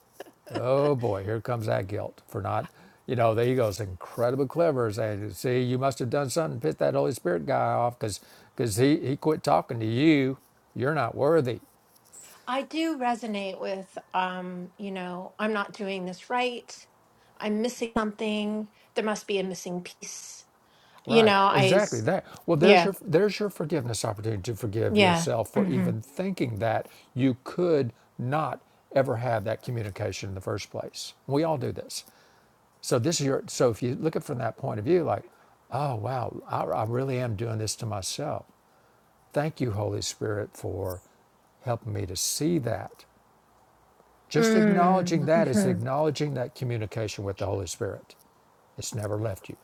Speaker 2: Oh boy, here comes that guilt for not. You know, the ego's incredibly clever, saying, "See, you must have done something to piss that Holy Spirit guy off, because because he he quit talking to you. You're not worthy."
Speaker 3: I do resonate with, um, you know, I'm not doing this right. I'm missing something. There must be a missing piece. You
Speaker 2: Right,
Speaker 3: know, I,
Speaker 2: exactly
Speaker 3: s-
Speaker 2: that. Well, there's
Speaker 3: yeah,
Speaker 2: your there's your forgiveness opportunity to forgive
Speaker 3: yeah.
Speaker 2: yourself for
Speaker 3: Mm-hmm.
Speaker 2: even thinking that you could not ever have that communication in the first place. We all do this. So this is your so if you look at it from that point of view, like, oh wow, I, I really am doing this to myself. Thank you, Holy Spirit, for helping me to see that. Just acknowledging that is acknowledging that communication with the Holy Spirit. It's never left you.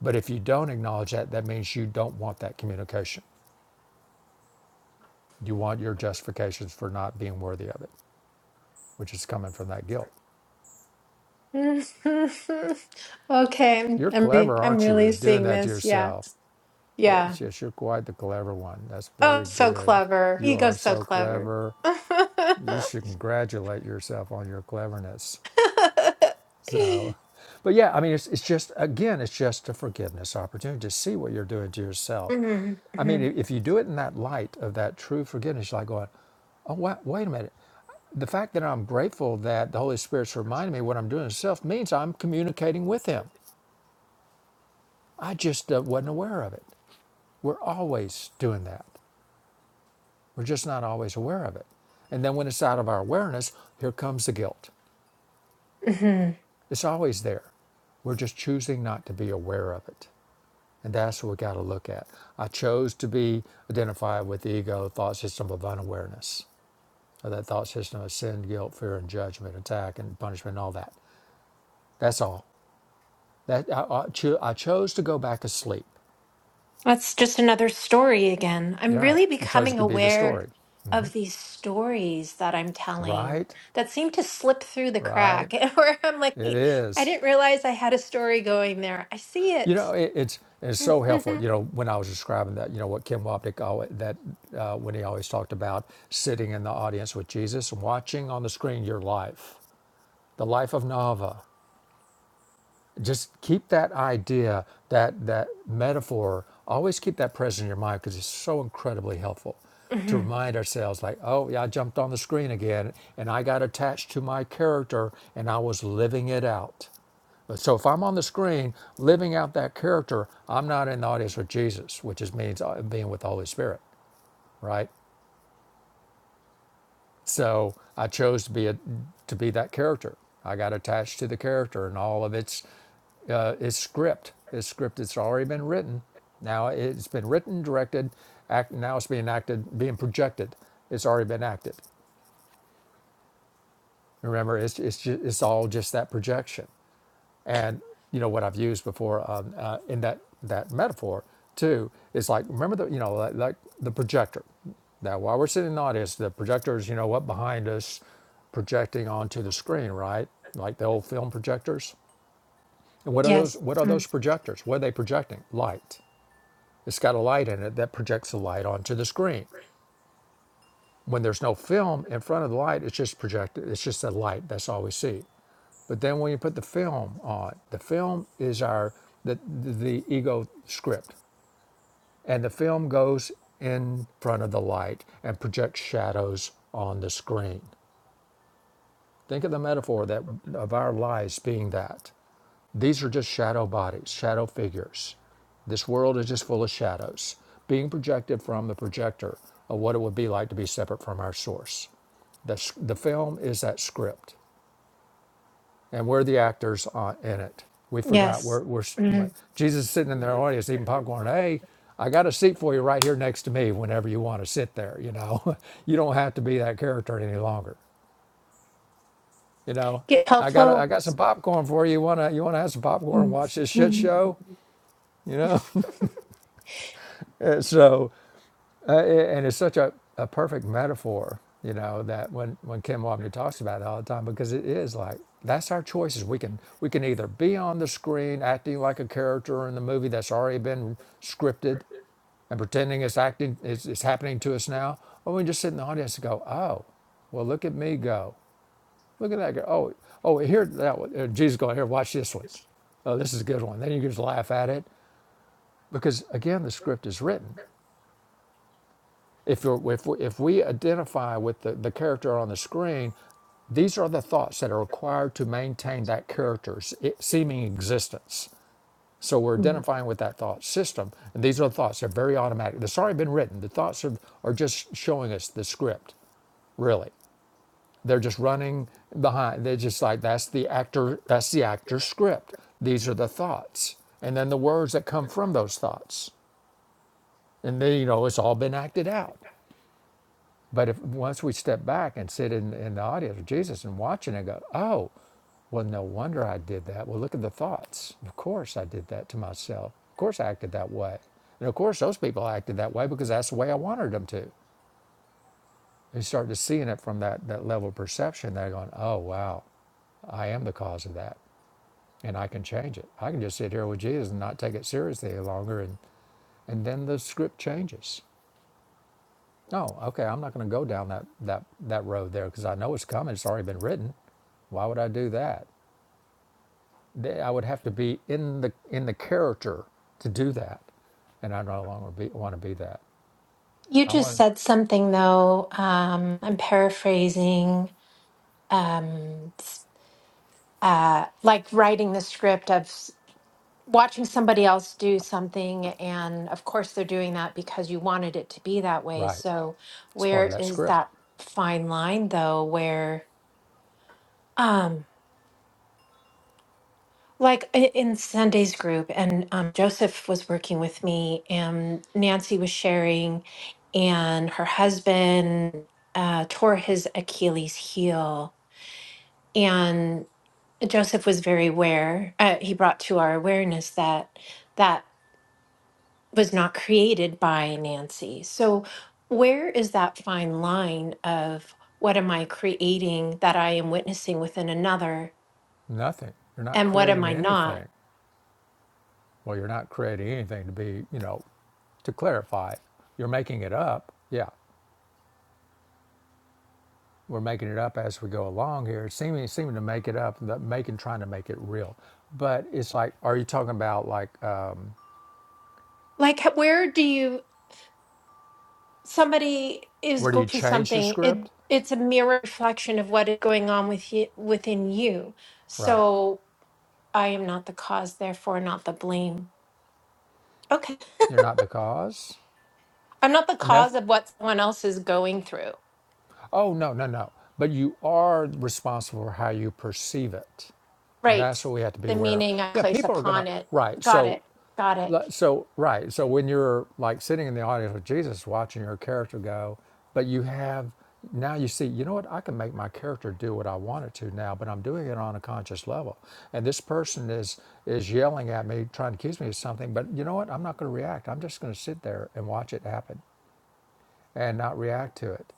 Speaker 2: But if you don't acknowledge that, that means you don't want that communication. You want your justifications for not being worthy of it, which is coming from that guilt.
Speaker 3: Mm-hmm. okay, I'm,
Speaker 2: You're
Speaker 3: I'm re-
Speaker 2: clever,
Speaker 3: I'm
Speaker 2: aren't you,
Speaker 3: really
Speaker 2: at doing
Speaker 3: seeing
Speaker 2: that to
Speaker 3: this. Yeah,
Speaker 2: yourself?
Speaker 3: yeah.
Speaker 2: Yes, yes, you're quite the clever one. That's
Speaker 3: Oh,
Speaker 2: very
Speaker 3: so
Speaker 2: good.
Speaker 3: clever.
Speaker 2: You are
Speaker 3: Ego's so
Speaker 2: so
Speaker 3: clever.
Speaker 2: clever. You should congratulate yourself on your cleverness. So, but yeah, I mean, it's, it's just, again, it's just a forgiveness opportunity to see what you're doing to yourself.
Speaker 3: Mhm,
Speaker 2: I mean,
Speaker 3: mhm,
Speaker 2: if you do it in that light of that true forgiveness, you're like going, oh, wait, wait a minute. The fact that I'm grateful that the Holy Spirit's reminding me what I'm doing to self means I'm communicating with Him. I just uh, wasn't aware of it. We're always doing that. We're just not always aware of it. And then when it's out of our awareness, here comes the guilt.
Speaker 3: mhm.
Speaker 2: It's always there. We're just choosing not to be aware of it. And that's what we got to look at. I chose to be identified with the ego thought system of unawareness, or that thought system of sin, guilt, fear, and judgment, attack, and punishment, and all that. That's all. That I, I, cho- I chose to go back to sleep.
Speaker 3: That's just another story again. I'm
Speaker 2: You're right.
Speaker 3: really
Speaker 2: You chose
Speaker 3: becoming
Speaker 2: to be the
Speaker 3: aware
Speaker 2: story.
Speaker 3: of these stories that I'm telling
Speaker 2: Right?
Speaker 3: that seem to slip through the
Speaker 2: Right?
Speaker 3: crack, where I'm like,
Speaker 2: It
Speaker 3: "Wait, I
Speaker 2: is.
Speaker 3: didn't realize I had a story going there. I see
Speaker 2: You know,
Speaker 3: it.
Speaker 2: it, it's it's so helpful.
Speaker 3: Mhm,
Speaker 2: You know, when I was describing that, you know, what Kim Wapnick always, that uh, when he always talked about sitting in the audience with Jesus, watching on the screen your life, the life of Nava. just keep that idea that that metaphor always keep that present in your mind because it's so incredibly helpful to
Speaker 3: mhm.
Speaker 2: remind ourselves like oh yeah i jumped on the screen again and i got attached to my character and i was living it out so if i'm on the screen living out that character i'm not in the audience with jesus which is means uh, being with the holy spirit right so I chose to be a, to be that character. I got attached to the character and all of its uh, its script. Its script that's already been written. Now it's been written, directed, act. Now it's being acted, being projected. It's already been acted. Remember, it's it's just, it's all just that projection. And you know what I've used before um, uh, in that that metaphor too is like remember the you know like, like the projector. Now while we're sitting in the audience, the projector is you know what behind us, projecting onto the screen, right? Like the old film projectors. And what are those?
Speaker 3: Yes.
Speaker 2: What are
Speaker 3: mm,
Speaker 2: those projectors? What are they projecting? Light. It's got a light in it that projects the light onto the screen. When there's no film in front of the light, it's just projected. It's just a light. That's all we see. But then when you put the film on, the film is our the the ego script, and the film goes in front of the light and projects shadows on the screen. Think of the metaphor that of our lives being that. These are just shadow bodies, shadow figures. This world is just full of shadows being projected from the projector of what it would be like to be separate from our source. The, the film is that script, and we're the actors on, in it. We forgot we're,
Speaker 3: Yes.
Speaker 2: we're
Speaker 3: mm.
Speaker 2: Jesus is sitting in their audience eating popcorn. Hey, I got a seat for you right here next to me whenever you want to sit there. You know, you don't have to be that character any longer. You know,
Speaker 3: Get
Speaker 2: I got a, I
Speaker 3: helpful.
Speaker 2: got some popcorn for you. You wanna you wanna have some popcorn and watch this shit
Speaker 3: Mm,
Speaker 2: show? You know. so uh, and it's such a, a perfect metaphor you know that when when kim Wapner talks about it all the time because it is like that's our choices we can we can either be on the screen acting like a character in the movie that's already been scripted and pretending it's acting it's, it's happening to us now or we can just sit in the audience and go oh well look at me go look at that go oh oh here that one Uh, jesus going here watch this one. Oh, this is a good one then you just laugh at it because again the script is written If, you're, if, we- if we identify with the, the character on the screen, these are the thoughts that are required to maintain that character's eh, seeming existence. So we're
Speaker 3: mm.
Speaker 2: identifying with that thought system, and these are the thoughts. They're very automatic. They've already been written. The thoughts are, are just showing us the script, really. They're just running behind. They're just like that's the actor. That's the actor's script. These are the thoughts, and then the words that come from those thoughts, and then you know it's all been acted out. But if once we step back and sit in, in the audience with Jesus and watching and go, oh, well, no wonder I did that. Well, look at the thoughts. Of course I did that to myself. Of course I acted that way. And of course those people acted that way because that's the way I wanted them to. You start to seeing it from that, that level of perception. They're going, oh, wow, I am the cause of that. And I can change it. I can just sit here with Jesus and not take it seriously any longer. And, and then the script changes. Oh, okay. I'm not going to go down that that that road there because I know it's coming. It's already been written. Why would I do that? They- I would have to be in the in the character to do that, and I no longer be, want to be that.
Speaker 3: You
Speaker 2: I
Speaker 3: just
Speaker 2: want
Speaker 3: said something though, um, I'm paraphrasing, um, uh, like writing the script of s- watching somebody else do something. And of course, they're doing that because you wanted it to be that way.
Speaker 2: right.
Speaker 3: So,
Speaker 2: It's part
Speaker 3: where
Speaker 2: of that
Speaker 3: is
Speaker 2: script.
Speaker 3: that fine line though, where, um, like i- in Sunday's group, and um, Joseph was working with me, and Nancy was sharing, and her husband uh, tore his Achilles heel And Joseph was very aware, uh, he brought to our awareness that that was not created by Nancy. So, where is that fine line of what am I creating that I am witnessing within another
Speaker 2: Nothing. You're not
Speaker 3: and what am
Speaker 2: creating
Speaker 3: I not?
Speaker 2: anything. Well, you're not creating anything to be. You know, to clarify, you're making it up. Yeah, We're making it up as we go along here, seeming seeming to make it up, making trying to make it real. But it's like, are you talking about like um,
Speaker 3: Like, h- where do you, somebody is
Speaker 2: where do you
Speaker 3: going through
Speaker 2: change the
Speaker 3: something, it,
Speaker 2: script?
Speaker 3: it's a mirror reflection of what is going on with you, within you.
Speaker 2: Right,
Speaker 3: So, I am not the cause, therefore, not the blame. Okay.
Speaker 2: you're not the cause,
Speaker 3: I'm not the
Speaker 2: and that's
Speaker 3: cause of what someone else is going through.
Speaker 2: oh no no no. But you are responsible for how you perceive it, and
Speaker 3: Right.
Speaker 2: that's what we have to be
Speaker 3: The
Speaker 2: aware of.
Speaker 3: meaning I
Speaker 2: Yeah,
Speaker 3: place
Speaker 2: people are
Speaker 3: upon
Speaker 2: gonna
Speaker 3: it.
Speaker 2: right.
Speaker 3: Got
Speaker 2: So
Speaker 3: it. Got it.
Speaker 2: Like, So right. So when you're like sitting in the audience with Jesus, watching your character go, but you have now you see, you know what? I can make my character do what I want it to now, but I'm doing it on a conscious level. And this person is is yelling at me, trying to accuse me of something. But you know what? I'm not going to react. I'm just going to sit there and watch it happen and not react to it.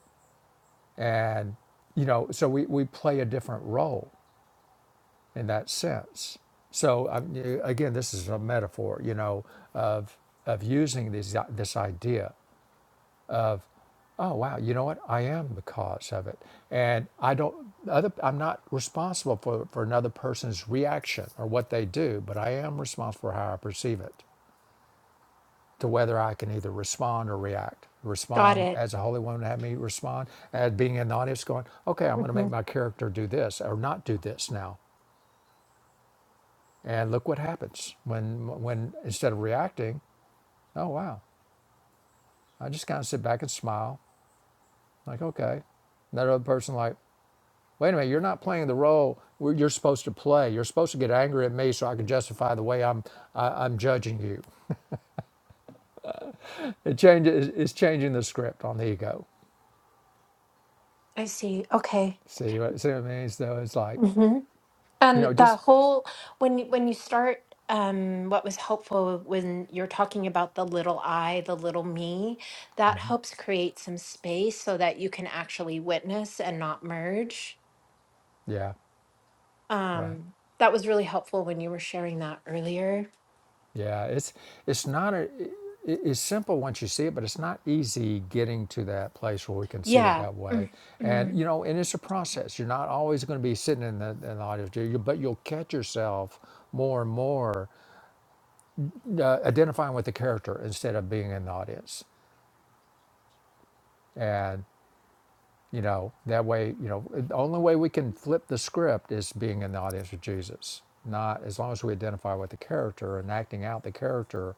Speaker 2: And you know, so we we play a different role in that sense. So I again, this is a metaphor, you know, of of using this this idea. Oh wow, you know what? I am the cause of it, and I don't. Other, I'm not responsible for for another person's reaction or what they do, but I am responsible for how I perceive it, to whether I can either respond or react.
Speaker 3: Got
Speaker 2: Respond
Speaker 3: it.
Speaker 2: as a holy one would have me respond, as being in the audience, going, okay, I'm going to
Speaker 3: hmm
Speaker 2: make my character do this or not do this now And look what happens when, when instead of reacting, oh wow, I just kind of sit back and smile, like okay. And that other person like, wait a minute, you're not playing the role where you're supposed to play. You're supposed to get angry at me so I can justify the way I'm I, I'm judging you. It changes. It's changing the script on the ego.
Speaker 3: I see. Okay.
Speaker 2: See what see what it means? Though it's like,
Speaker 3: hmm
Speaker 2: you
Speaker 3: And
Speaker 2: know,
Speaker 3: the
Speaker 2: just
Speaker 3: whole when you- when you start, um, what was helpful when you're talking about the little I, the little me, that helps create some space so that you can actually witness and not merge.
Speaker 2: yeah, right.
Speaker 3: Um, that was really helpful when you were sharing that earlier.
Speaker 2: Yeah, it's it's not a, it- it's simple once you see it, but it's not easy getting to that place where we can see it
Speaker 3: Yeah.
Speaker 2: that way.
Speaker 3: Mm,
Speaker 2: And
Speaker 3: Hmm.
Speaker 2: you know, and it's a process. You're not always going to be sitting in the, in the audio, you- but you'll catch yourself more and more uh, identifying with the character instead of being in the audience. And you know, that way, you know, the only way we can flip the script is being in the audience with Jesus. Not as long as we identify with the character and acting out the character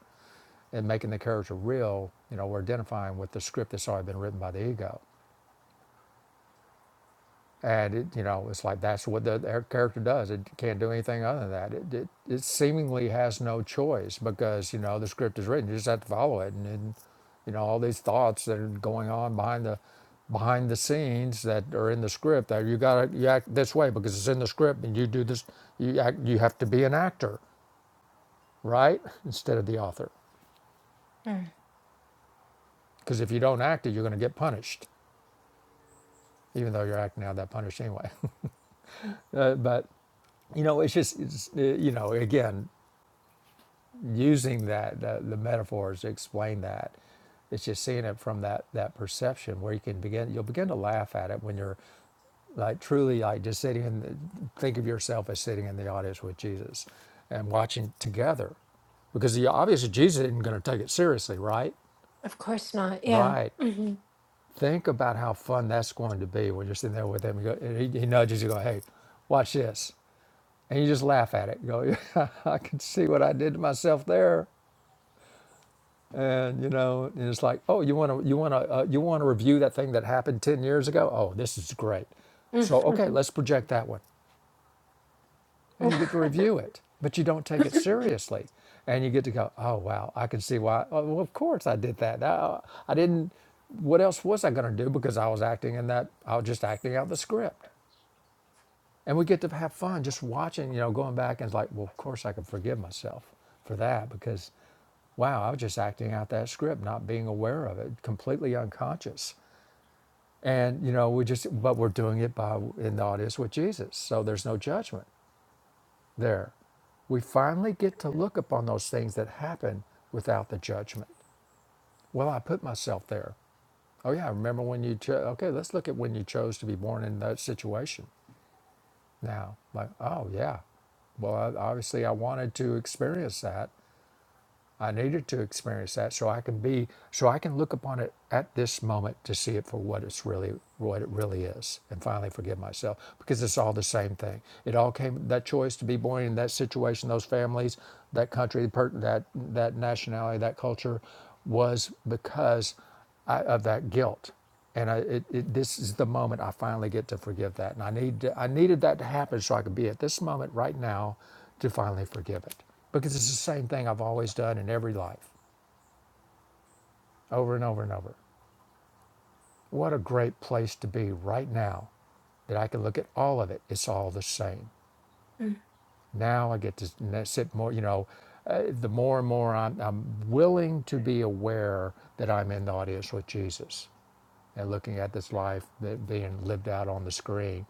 Speaker 2: and making the character real, you know, we're identifying with the script that's already been written by the ego. And it, you know, it's like that's what the their character does. It can't do anything other than that. It, it it seemingly has no choice because you know the script is written. You just have to follow it, and, and you know all these thoughts that are going on behind the behind the scenes that are in the script. That you gotta you act this way because it's in the script, and you do this. You act. You have to be an actor, right? Instead of the author, because if you don't act it, you're going to get punished. even though you're acting out that punish anyway. Uh, but you know, it's just it's, uh, you know, again, using that the, the metaphors to explain that. It's just seeing it from that that perception where you can begin. You'll begin to laugh at it when you're like truly like just sitting in. The, think of yourself as sitting in the audience with Jesus, and watching together, because the obviously Jesus isn't going to take it seriously, right?
Speaker 3: Of course not. Yeah.
Speaker 2: Right.
Speaker 3: hmm
Speaker 2: Think about how fun that's going to be when you're sitting there with him. and He, he nudges you, go, "Hey, watch this." and you just laugh at it. You go, yeah, I can see what I did to myself there. And you know, and it's like, oh, you want to, you want to, uh, you want to review that thing that happened ten years ago. Oh, this is great. So okay,
Speaker 3: Mm-hmm.
Speaker 2: let's project that one, and you get to review it, but you don't take it seriously, and you get to go, oh wow, I can see why. Oh, well, of course I did that. I, I didn't. What else was I going to do? Because I was acting in that. I was just acting out the script. and we get to have fun just watching you know going back and like well of course i can forgive myself for that because wow i was just acting out that script not being aware of it completely unconscious and you know we just but we're doing it by in the audience with jesus so there's no judgment there we finally get to look upon those things that happen without the judgment well i put myself there oh yeah remember when you chose okay let's look at when you chose to be born in that situation now. Like, oh yeah, well, I, obviously I wanted to experience that. I needed to experience that so I can be, so I can look upon it at this moment to see it for what it's really, what it really is, and finally forgive myself because it's all the same thing. It all came that choice to be born in that situation, those families, that country, the per- that that nationality, that culture, was because. I, of that guilt. And I, it, it, this is the moment I finally get to forgive that. And I, need to- I needed that to happen so I could be at this moment right now to finally forgive it. Because it's the same thing I've always done in every life, over and over and over. What a great place to be right now that I can look at all of it. It's all the same. Now I get to n- sit more, you know, uh, the more and more I'm, I'm willing to be aware that I'm in the audience with Jesus and looking at this life that being lived out on the screen,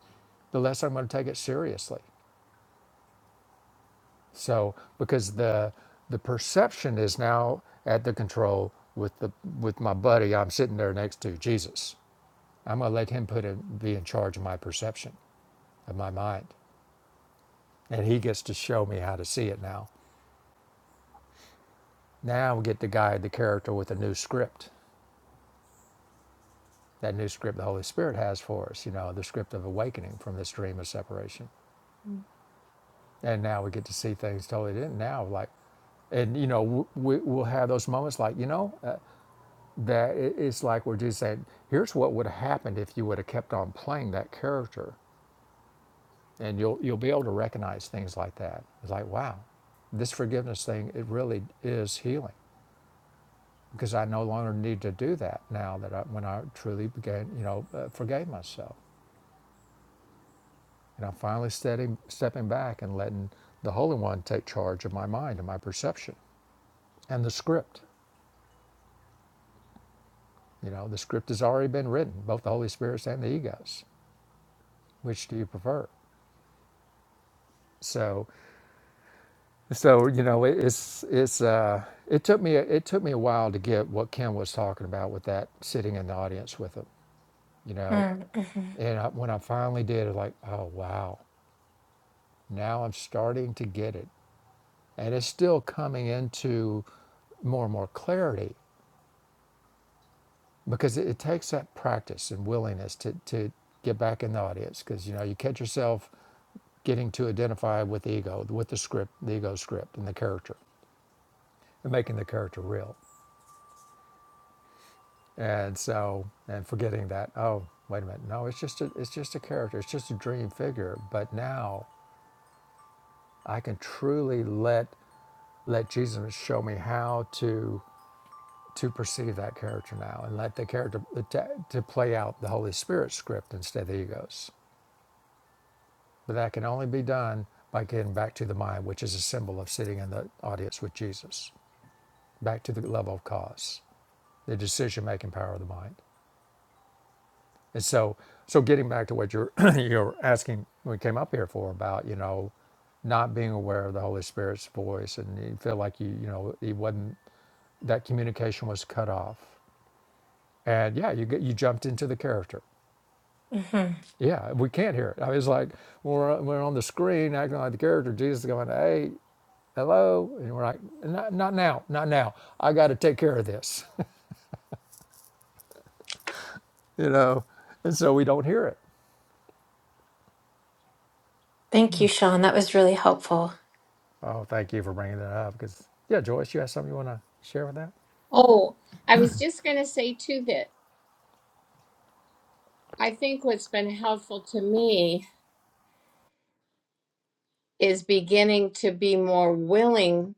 Speaker 2: the less I'm going to take it seriously. So because the the perception is now at the control with the with my buddy I'm sitting there next to Jesus. I'm going to let him put in, be in charge of my perception of my mind, and he gets to show me how to see it now. Now we get to guide the character with a new script. That new script the Holy Spirit has for us, you know, the script of awakening from this dream of separation. and now we get to see things totally different now like and you know we, we'll have those moments like you know uh, that it's like we're just saying here's what would have happened if you would have kept on playing that character and you'll you'll be able to recognize things like that it's like wow this forgiveness thing it really is healing because i no longer need to do that now that I, when i truly began you know uh, forgave myself and i'm finally steady, stepping back and letting the holy one take charge of my mind and my perception and the script You know, the script has already been written, both the Holy Spirit's and the ego's. Which do you prefer? So, so you know, it, it's it's uh, it took me it took me a while to get what Ken was talking about with that sitting in the audience with him. You know, and I, when I finally did, it like, oh wow, now I'm starting to get it, and it's still coming into more and more clarity because it, it takes that practice and willingness to to get back in the audience because you know you catch yourself getting to identify with ego, with the script, the ego script and the character, and making the character real. And so, and forgetting that, oh, wait a minute, no, it's just a, it's just a character, it's just a dream figure. But now I can truly let let Jesus show me how to to perceive that character now, and let the character to, to play out the Holy Spirit script instead of the egos. But that can only be done by getting back to the mind, which is a symbol of sitting in the audience with Jesus, back to the level of cause. the decision making power of the mind. And so, so getting back to what you're you're asking, we came up here for about you know, not being aware of the Holy Spirit's voice, and you feel like you you know he wasn't that communication was cut off. And yeah, you get, you jumped into the character. Yeah, we can't hear it. I was like, when we're, when we're on the screen acting like the character. Jesus is going, hey, hello, and we're like, not, not now, not now. I got to take care of this, you know. And so we don't hear it.
Speaker 3: Thank you, Sean. That was really helpful.
Speaker 2: Oh, thank you for bringing that up. Because yeah, Joyce, you have something you want to share with that?
Speaker 1: Oh, I was just going to say too that I think what's been helpful to me is beginning to be more willing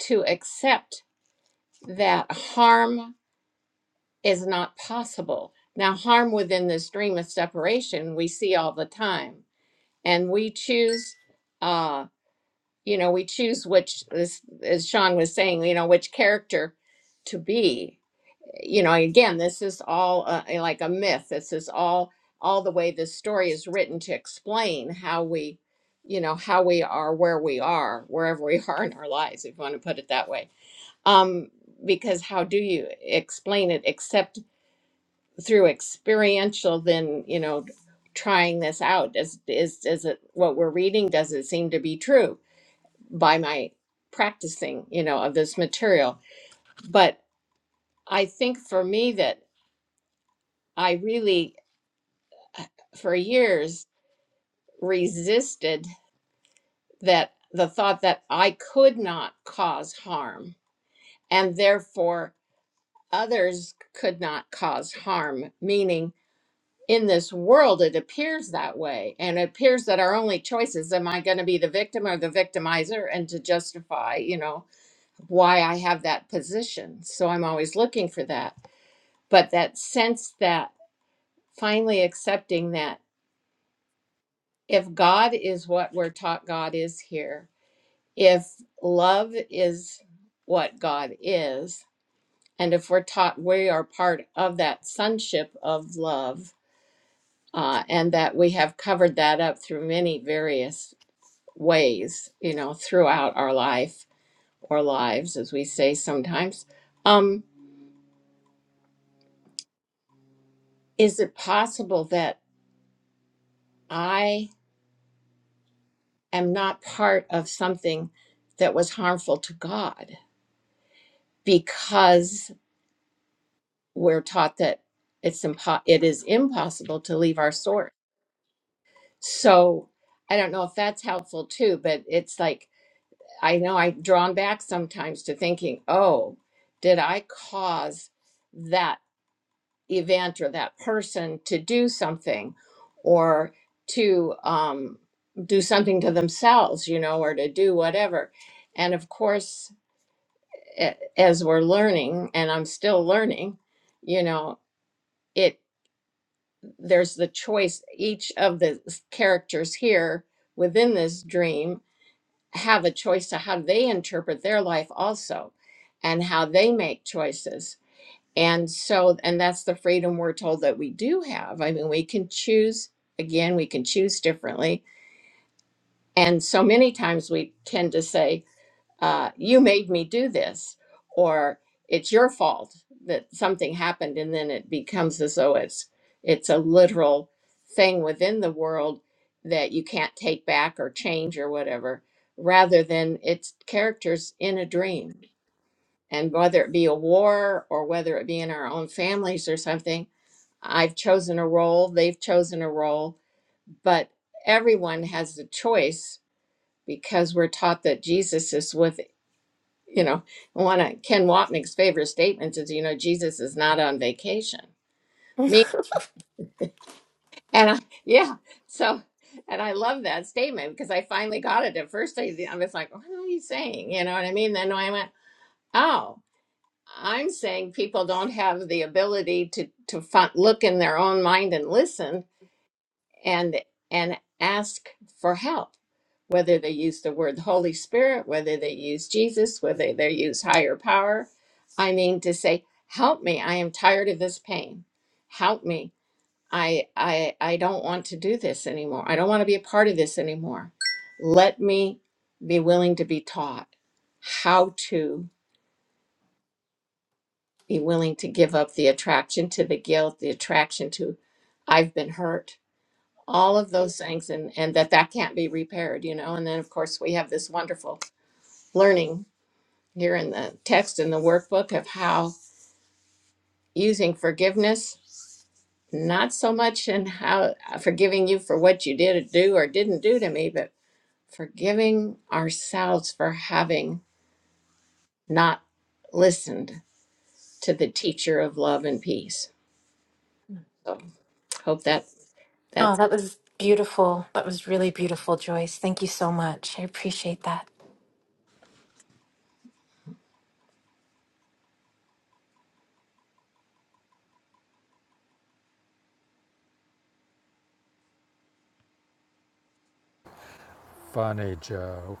Speaker 1: to accept that harm is not possible. Now, harm within this dream of separation we see all the time, and we choose, uh, you know, we choose which, as, as Sean was saying, you know, which character to be. You know, again, this is all uh, like a myth. This is all all the way this story is written to explain how we, you know, how we are where we are, wherever we are in our lives, if you want to put it that way. Um, because how do you explain it except through experiential than you know trying this out does is is it what we're reading does it seem to be true by my practicing you know of this material but i think for me that i really for years resisted that the thought that i could not cause harm and therefore others could not cause harm meaning in this world it appears that way and it appears that our only choice is am i going to be the victim or the victimizer and to justify you know why i have that position so i'm always looking for that but that sense that finally accepting that if god is what we're taught god is here if love is what god is and if we're taught we are part of that sonship of love uh, and that we have covered that up through many various ways, you know, throughout our life or lives, as we say sometimes. Um, is it possible that I am not part of something that was harmful to God because we're taught that it's impo- it is impossible to leave our source? So I don't know if that's helpful too, but it's like I know I'm drawn back sometimes to thinking, oh, did I cause that? event or that person to do something or to um, do something to themselves, you know, or to do whatever. And of course, a- as we're learning, and I'm still learning, you know, it there's the choice. Each of the s- characters here within this dream have a choice to how they interpret their life also and how they make choices. And so, and that's the freedom we're told that we do have. I mean, we can choose, again, we can choose differently. And so many times we tend to say, uh, You made me do this, or it's your fault that something happened. And then it becomes as though it's, it's a literal thing within the world that you can't take back or change or whatever, rather than it's characters in a dream. And whether it be a war or whether it be in our own families or something, I've chosen a role, they've chosen a role, but everyone has the choice because we're taught that Jesus is with, you know, one of Ken Wapnick's favorite statements is, you know, Jesus is not on vacation.
Speaker 3: oh,
Speaker 1: Me and I, yeah, so and I love that statement because I finally got it. At first, I, I was like, "What are you saying?" You know what I mean? Then I went, "Oh, I'm saying people don't have the ability to to fi- look in their own mind and listen and and ask for help whether they use the word holy spirit whether they use jesus whether they use higher power i mean to say help me i am tired of this pain help me i i i don't want to do this anymore i don't want to be a part of this anymore let me be willing to be taught how to be willing to give up the attraction to the guilt the attraction to i've been hurt all of those things and and that that can't be repaired you know and then of course we have this wonderful learning here in the text in the workbook of how using forgiveness not so much in how uh, forgiving you for what you did do or didn't do to me but forgiving ourselves for having not listened to the teacher of love and peace so hope that that's
Speaker 3: that was beautiful. That was really beautiful, Joyce. Thank you so much. I appreciate that.
Speaker 2: Funny Joe.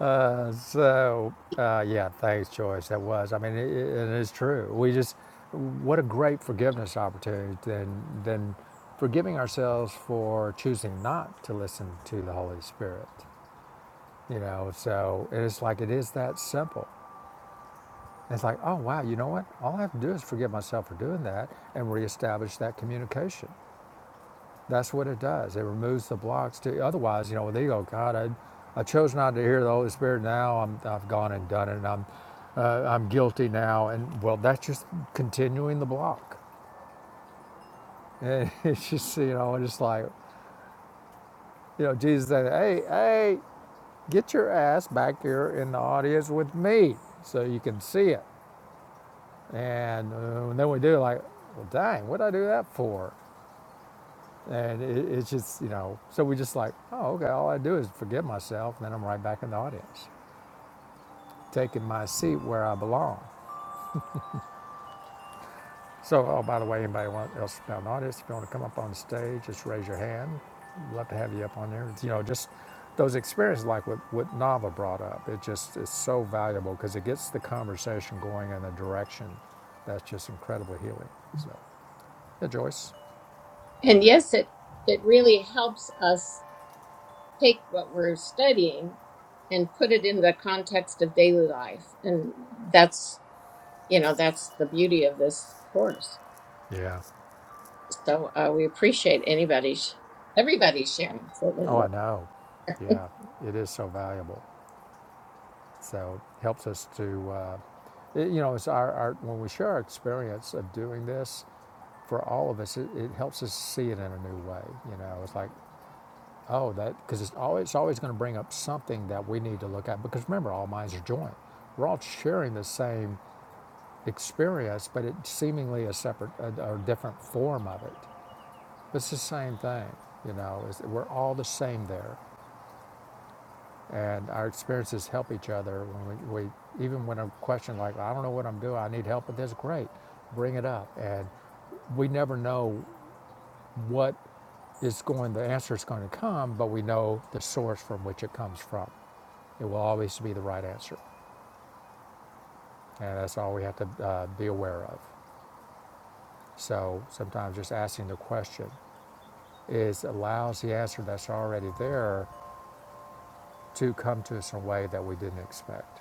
Speaker 2: Uh, so uh, yeah, thanks, Joyce. That was. I mean, it, it is true. We just what a great forgiveness opportunity. Then then forgiving ourselves for choosing not to listen to the Holy Spirit. You know, so it's like it is that simple. It's like, oh wow, you know what? All I have to do is forgive myself for doing that and reestablish that communication That's what it does. It removes the blocks. To, otherwise, you know, they go, God, I, I chose not to hear the Holy Spirit. Now I'm, I've gone and done it, and I'm, uh, I'm guilty now. And well, that's just continuing the block. And it's just, you know, it's like, you know, Jesus said, Hey, hey, get your ass back here in the audience with me, so you can see it. And, uh, and then we do like, well, dang, what did I do that for? And it, it's just, you know, so we just like, oh, okay, all I do is forgive myself, and then I'm right back in the audience, taking my seat where I belong. So, oh, by the way, anybody else in the audience, if you want to come up on stage, just raise your hand. We'd love to have you up on there. It's, you know, just those experiences like what, what Nava brought up, it just is so valuable because it gets the conversation going in a direction that's just incredibly healing. So, yeah, Joyce.
Speaker 1: and yes it it really helps us take what we're studying and put it in the context of daily life. And that's, you know, that's the beauty of this course.
Speaker 2: Yeah.
Speaker 1: So uh, we appreciate anybody's, everybody's sharing. So there you
Speaker 2: Oh, I
Speaker 1: go.
Speaker 2: know. Yeah, it is so valuable. So it helps us to, uh, it- you know, it's our, our, when we share our experience of doing this for all of us, it, it helps us see it in a new way. You know, it's like, oh, that, because it's always, it's always going to bring up something that we need to look at. Because remember, all minds are joined. We're all sharing the same experience, but it's seemingly a separate or different form of it. But it's the same thing. You know, it's, we're all the same there. And our experiences help each other. When we, we even when a question like I don't know what I'm doing, I need help with this. Great, bring it up. And we never know what is going. The answer is going to come, but we know the source from which it comes from. It will always be the right answer, and that's all we have to uh, be aware of. So sometimes just asking the question is allows the answer that's already there to come to us in a way that we didn't expect,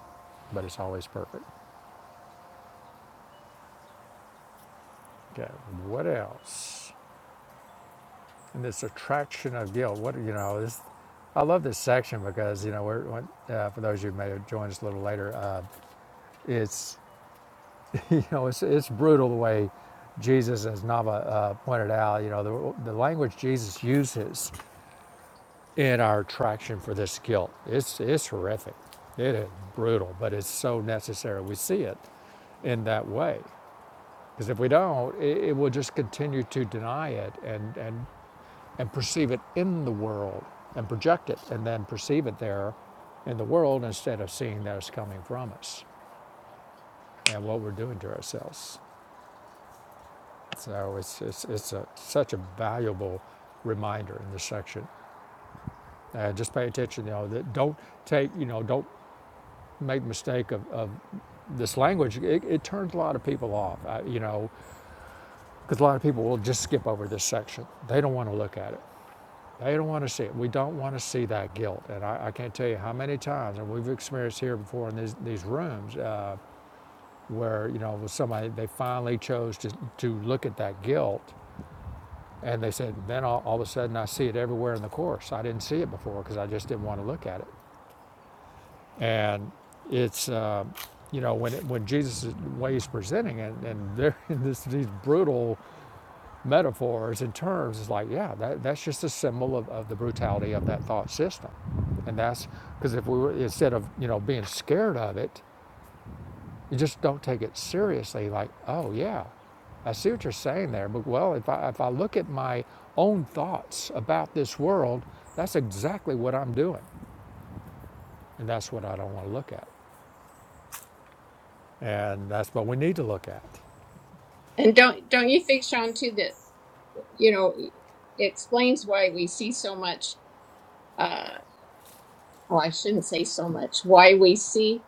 Speaker 2: but it's always perfect. Okay, what else? And this attraction of guilt. What you know this. I love this section because you know we're uh, for those of you who may have joined us a little later. Uh, it's you know it's it's brutal the way Jesus, as Nava uh, pointed out, you know the the language Jesus uses in our attraction for this guilt. It's it's horrific. It is brutal, but it's so necessary. We see it in that way. Because if we don't, it, it will just continue to deny it and, and and perceive it in the world and project it and then perceive it there in the world instead of seeing that it's coming from us and what we're doing to ourselves. So it's, it's, it's a, such a valuable reminder in this section. Uh, just pay attention, you know, that don't take, you know, don't make the mistake of, of this language. It, it turns a lot of people off, uh, you know, because a lot of people will just skip over this section. They don't want to look at it. They don't want to see it. We don't want to see that guilt. And I, I can't tell you how many times, and we've experienced here before in these, these rooms, uh, where, you know, with somebody, they finally chose to, to look at that guilt. And they said, then all, all of a sudden I see it everywhere in the course. I didn't see it before because I just didn't want to look at it. And it's, uh, you know, when, it, when Jesus, the way he's presenting it, and they're in this, these brutal metaphors and terms, it's like, yeah, that, that's just a symbol of, of the brutality of that thought system. And that's because if we were, instead of, you know, being scared of it, you just don't take it seriously. Like, oh, yeah, I see what you're saying there. But, well, if I, if I look at my own thoughts about this world, that's exactly what I'm doing. And that's what I don't want to look at. And that's what we need to look at.
Speaker 1: And don't don't you think, Sean, too, that you know, explains why we see so much, uh, well, I shouldn't say so much, why we see,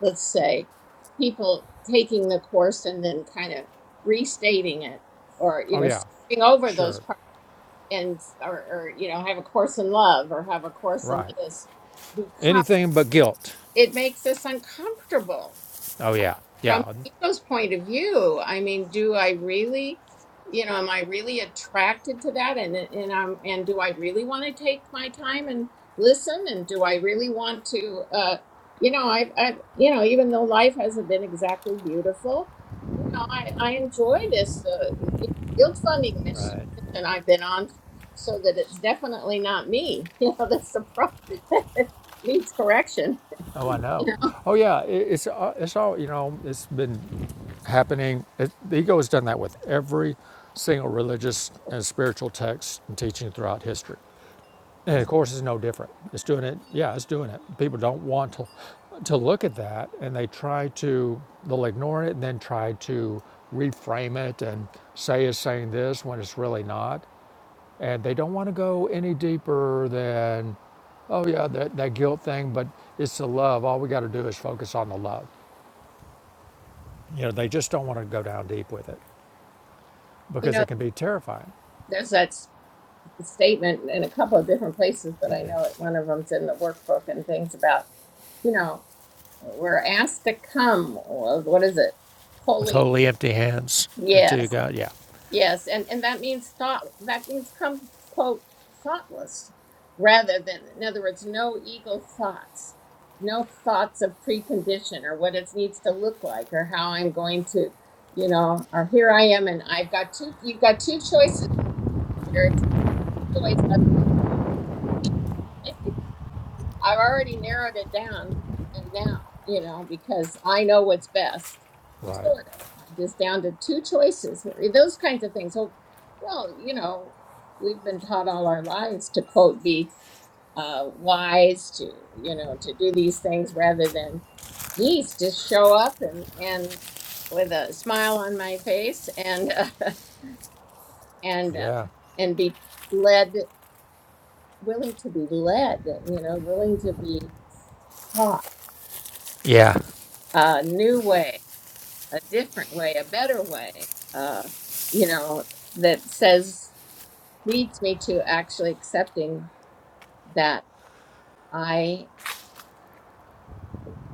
Speaker 1: let's say, people taking the course and then kind of restating it or, you
Speaker 2: Oh,
Speaker 1: know,
Speaker 2: yeah,
Speaker 1: skipping over those
Speaker 2: sure,
Speaker 1: parts and, or, or, you know, have a course in love or have a course in
Speaker 2: right.
Speaker 1: this because
Speaker 2: Anything but guilt.
Speaker 1: it makes us uncomfortable
Speaker 2: Oh, yeah,
Speaker 1: from
Speaker 2: yeah,
Speaker 1: ego's point of view i mean do i really you know am i really attracted to that and and um and do i really want to take my time and listen and do i really want to uh you know i i you know even though life hasn't been exactly beautiful you know i i enjoy this uh, guilt funding mission
Speaker 2: Right.
Speaker 1: mission i've been on so that it's definitely not me you know that's the problem needs correction
Speaker 2: Oh, I know.
Speaker 1: you know
Speaker 2: Oh, yeah. It, it's uh, it's all you know. It's been happening. It, the ego has done that with every single religious and spiritual text and teaching throughout history, and of course, it's no different. It's doing it. Yeah, it's doing it. People don't want to to look at that, and they try to they'll ignore it and then try to reframe it and say it's saying this when it's really not and they don't want to go any deeper than oh yeah that, that guilt thing but it's the love all we got to do is focus on the love you know they just don't want to go down deep with it
Speaker 1: you
Speaker 2: because
Speaker 1: know
Speaker 2: it can be terrifying
Speaker 1: there's that the statement in a couple of different places, but I know it, one of them's in the workbook and things about, you know, we're asked to come. well, What is it?
Speaker 2: with
Speaker 1: Holy.
Speaker 2: wholly empty hands until you
Speaker 1: Yes,
Speaker 2: got yeah
Speaker 1: yes, and and that means thought. That means come quote thoughtless, rather than in other words, no ego thoughts, no thoughts of precondition or what it needs to look like or how I'm going to, you know, or here I am and I've got two. You've got two choices here. It's a choice. I've already narrowed it down and now, you know, because I know what's best.
Speaker 2: right
Speaker 1: Sort of. I'm just down to two choices here. Eh, Those kinds of things. So, well, you know, we've been taught all our lives to quote be uh, wise to, you know, to do these things rather than, geez, just show up and and with a smile on my face and uh, and
Speaker 2: yeah
Speaker 1: uh, and be led, willing to be led, you know, willing to be taught.
Speaker 2: yeah
Speaker 1: a new way, a different way, a better way, uh, you know, that says, leads me to actually accepting that I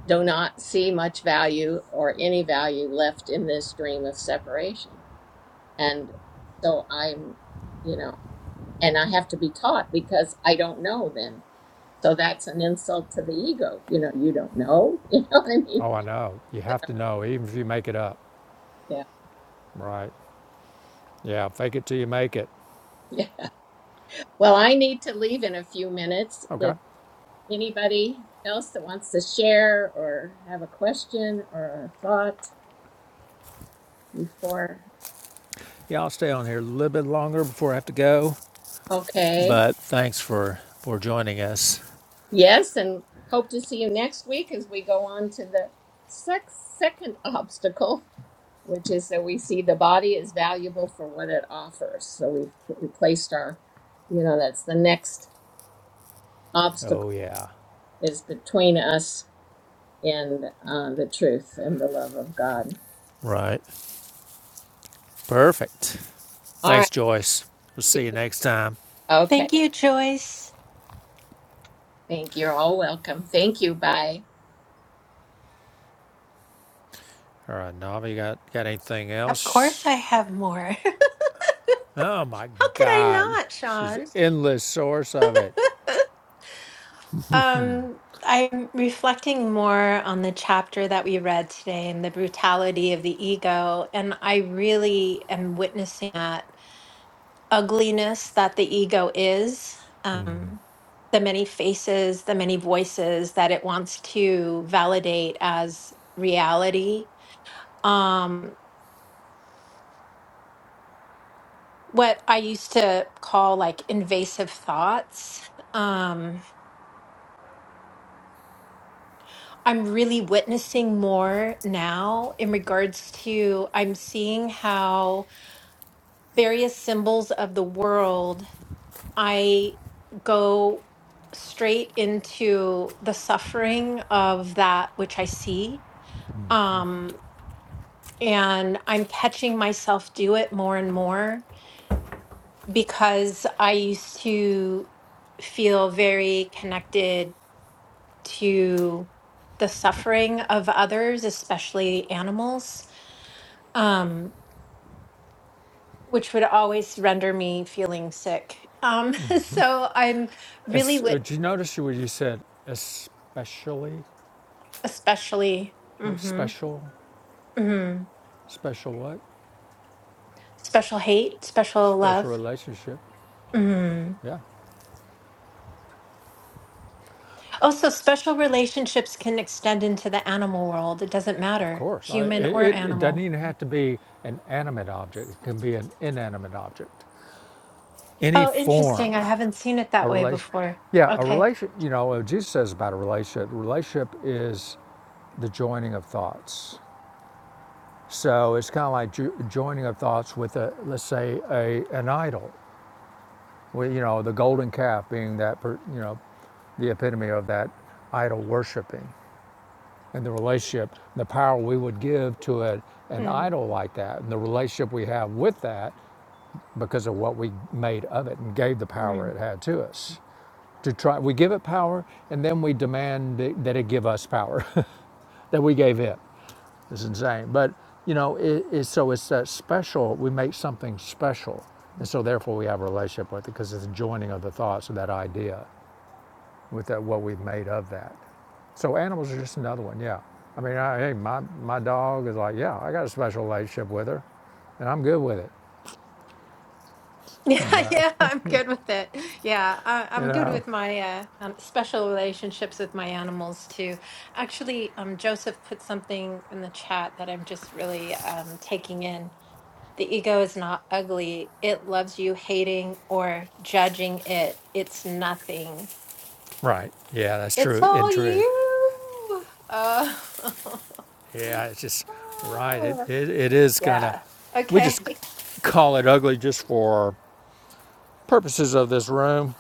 Speaker 1: do not see much value or any value left in this dream of separation. And so I'm, you know, and I have to be taught because I don't know then. So that's an insult to the ego. You know, you don't know. You know what I mean?
Speaker 2: oh i know you have to know even if you make it up
Speaker 1: Yeah.
Speaker 2: right yeah fake it till you make it
Speaker 1: Yeah. Well, I need to leave in a few minutes.
Speaker 2: okay
Speaker 1: Anybody else that wants to share or have a question or a thought before?
Speaker 2: yeah i'll stay on here a little bit longer before i have to go
Speaker 1: Okay.
Speaker 2: but thanks for for joining us
Speaker 1: Yes, and hope to see you next week as we go on to the sex second obstacle, which is that we see the body is valuable for what it offers. So we've replaced our, you know, that's the next obstacle
Speaker 2: oh yeah
Speaker 1: is between us and uh, the truth and the love of God.
Speaker 2: right Perfect.
Speaker 1: All
Speaker 2: Thanks,
Speaker 1: right.
Speaker 2: Joyce. We'll see
Speaker 1: See-
Speaker 2: you next time.
Speaker 1: you. Okay.
Speaker 3: Thank you, Joyce.
Speaker 1: Thank you. You're all welcome. Thank you. Bye.
Speaker 2: All right, Nava, you got got anything
Speaker 3: Of course,
Speaker 2: else?
Speaker 3: I have more.
Speaker 2: Oh my
Speaker 3: How could I
Speaker 2: God,
Speaker 3: not,
Speaker 2: she's an
Speaker 3: Sean?
Speaker 2: endless source of it.
Speaker 3: Um, I'm reflecting more on the chapter that we read today and the brutality of the ego. And I really am witnessing that ugliness that the ego is, um, the many faces, the many voices that it wants to validate as reality. Um, what I used to call like invasive thoughts. Um, I'm really witnessing more now in regards to I'm seeing how various symbols of the world I go straight into the suffering of that which I see. Um, and I'm catching myself do it more and more because I used to feel very connected to the suffering of others, especially animals, um, which would always render me feeling sick. Um, so I'm really
Speaker 2: It's, uh,
Speaker 3: with,
Speaker 2: did you notice what you said? Especially,
Speaker 3: especially.
Speaker 2: what
Speaker 3: mm-hmm,
Speaker 2: special,
Speaker 3: Mm.
Speaker 2: special what?
Speaker 3: Special hate, special
Speaker 2: Special
Speaker 3: love.
Speaker 2: relationship.
Speaker 3: Mm.
Speaker 2: Yeah,
Speaker 3: Also, special relationships can extend into the animal world. It doesn't
Speaker 2: of
Speaker 3: matter,
Speaker 2: course. I,
Speaker 3: human or
Speaker 2: it it doesn't
Speaker 3: animal.
Speaker 2: even have to be an animate object. It can be an inanimate object. Any
Speaker 3: Oh, interesting.
Speaker 2: form.
Speaker 3: I haven't seen it
Speaker 2: A
Speaker 3: that way
Speaker 2: relation,
Speaker 3: before.
Speaker 2: yeah, a
Speaker 3: Okay.
Speaker 2: relation. You know, what Jesus says about a relationship. Relationship is the joining of thoughts. So it's kind of like jo- joining of thoughts with a, let's say, a an idol. Well, you know, the golden calf being that, per, you know, the epitome of that idol worshiping and the relationship, the power we would give to a, an
Speaker 3: Mm.
Speaker 2: idol like that, and the relationship we have with that because of what we made of it and gave the power
Speaker 3: Mm.
Speaker 2: it had to us. to try we give it power and then we demand that that it give us power that we gave it it's insane but you know it, it's so it's that special we make something special and so therefore we have a relationship with it because it's a joining of the thoughts of that idea with that what we've made of that so animals are just another one yeah i mean I, hey my, my dog is like yeah i got a special relationship with her and i'm good with it
Speaker 3: Yeah,
Speaker 2: but
Speaker 3: yeah,
Speaker 2: you
Speaker 3: I'm good with it. Yeah, I, I'm good
Speaker 2: know
Speaker 3: with my uh, um, special relationships with my animals too. Actually, um, Joseph put something in the chat that I'm just really um, taking in. The ego is not ugly. It loves you hating or judging it. It's nothing.
Speaker 2: right yeah that's
Speaker 3: It's
Speaker 2: true in
Speaker 3: all
Speaker 2: truth
Speaker 3: you. Uh,
Speaker 2: Yeah, it's just right. It,
Speaker 3: oh,
Speaker 2: it, it is kind of,
Speaker 3: yeah.
Speaker 2: we
Speaker 3: Okay.
Speaker 2: just call it ugly just for purposes of this room,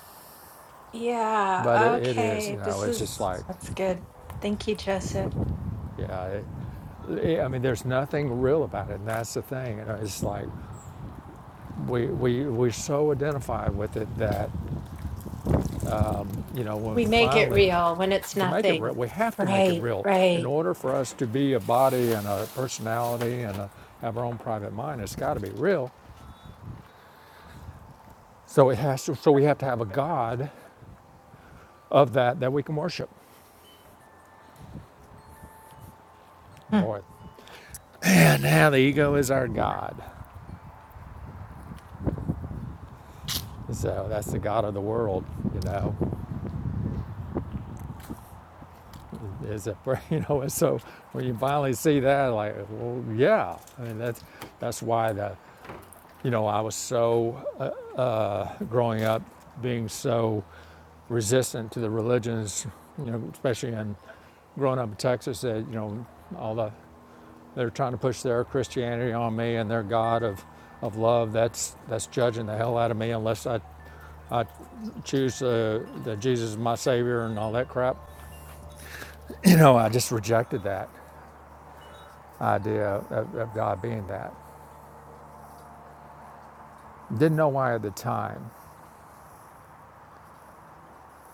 Speaker 2: but it,
Speaker 3: Yeah.
Speaker 2: it is, you
Speaker 3: Okay.
Speaker 2: know,
Speaker 3: This
Speaker 2: it's just
Speaker 3: is
Speaker 2: like,
Speaker 3: that's good. Thank you, Joseph.
Speaker 2: yeah, it, it- I mean, there's nothing real about it, and that's the thing. You know, it's like we, we, we're so identified with it that, you know, when
Speaker 3: We make it
Speaker 2: finally,
Speaker 3: real when it's
Speaker 2: to make it
Speaker 3: nothing.
Speaker 2: real, we have to make it
Speaker 3: Right.
Speaker 2: real. In
Speaker 3: Right.
Speaker 2: order for us to be a body and a personality and a, have our own private mind, it's got to be real. So it has to, so we have to have a God of that that we can worship.
Speaker 3: Hmm.
Speaker 2: Boy, and now the ego is our god. So that's the god of the world, you know. Is it you know? and So when you finally see that, like, well, yeah. I mean, that's that's why the you know I was so growing up being so resistant to the religions, you know, especially in growing up in Texas, that you know all the they're trying to push their Christianity on me and their god of of love. That's that's judging the hell out of me unless I I choose uh, the Jesus is my Savior and all that crap. You know, I just rejected that idea of, of God being that. Didn't know why at the time,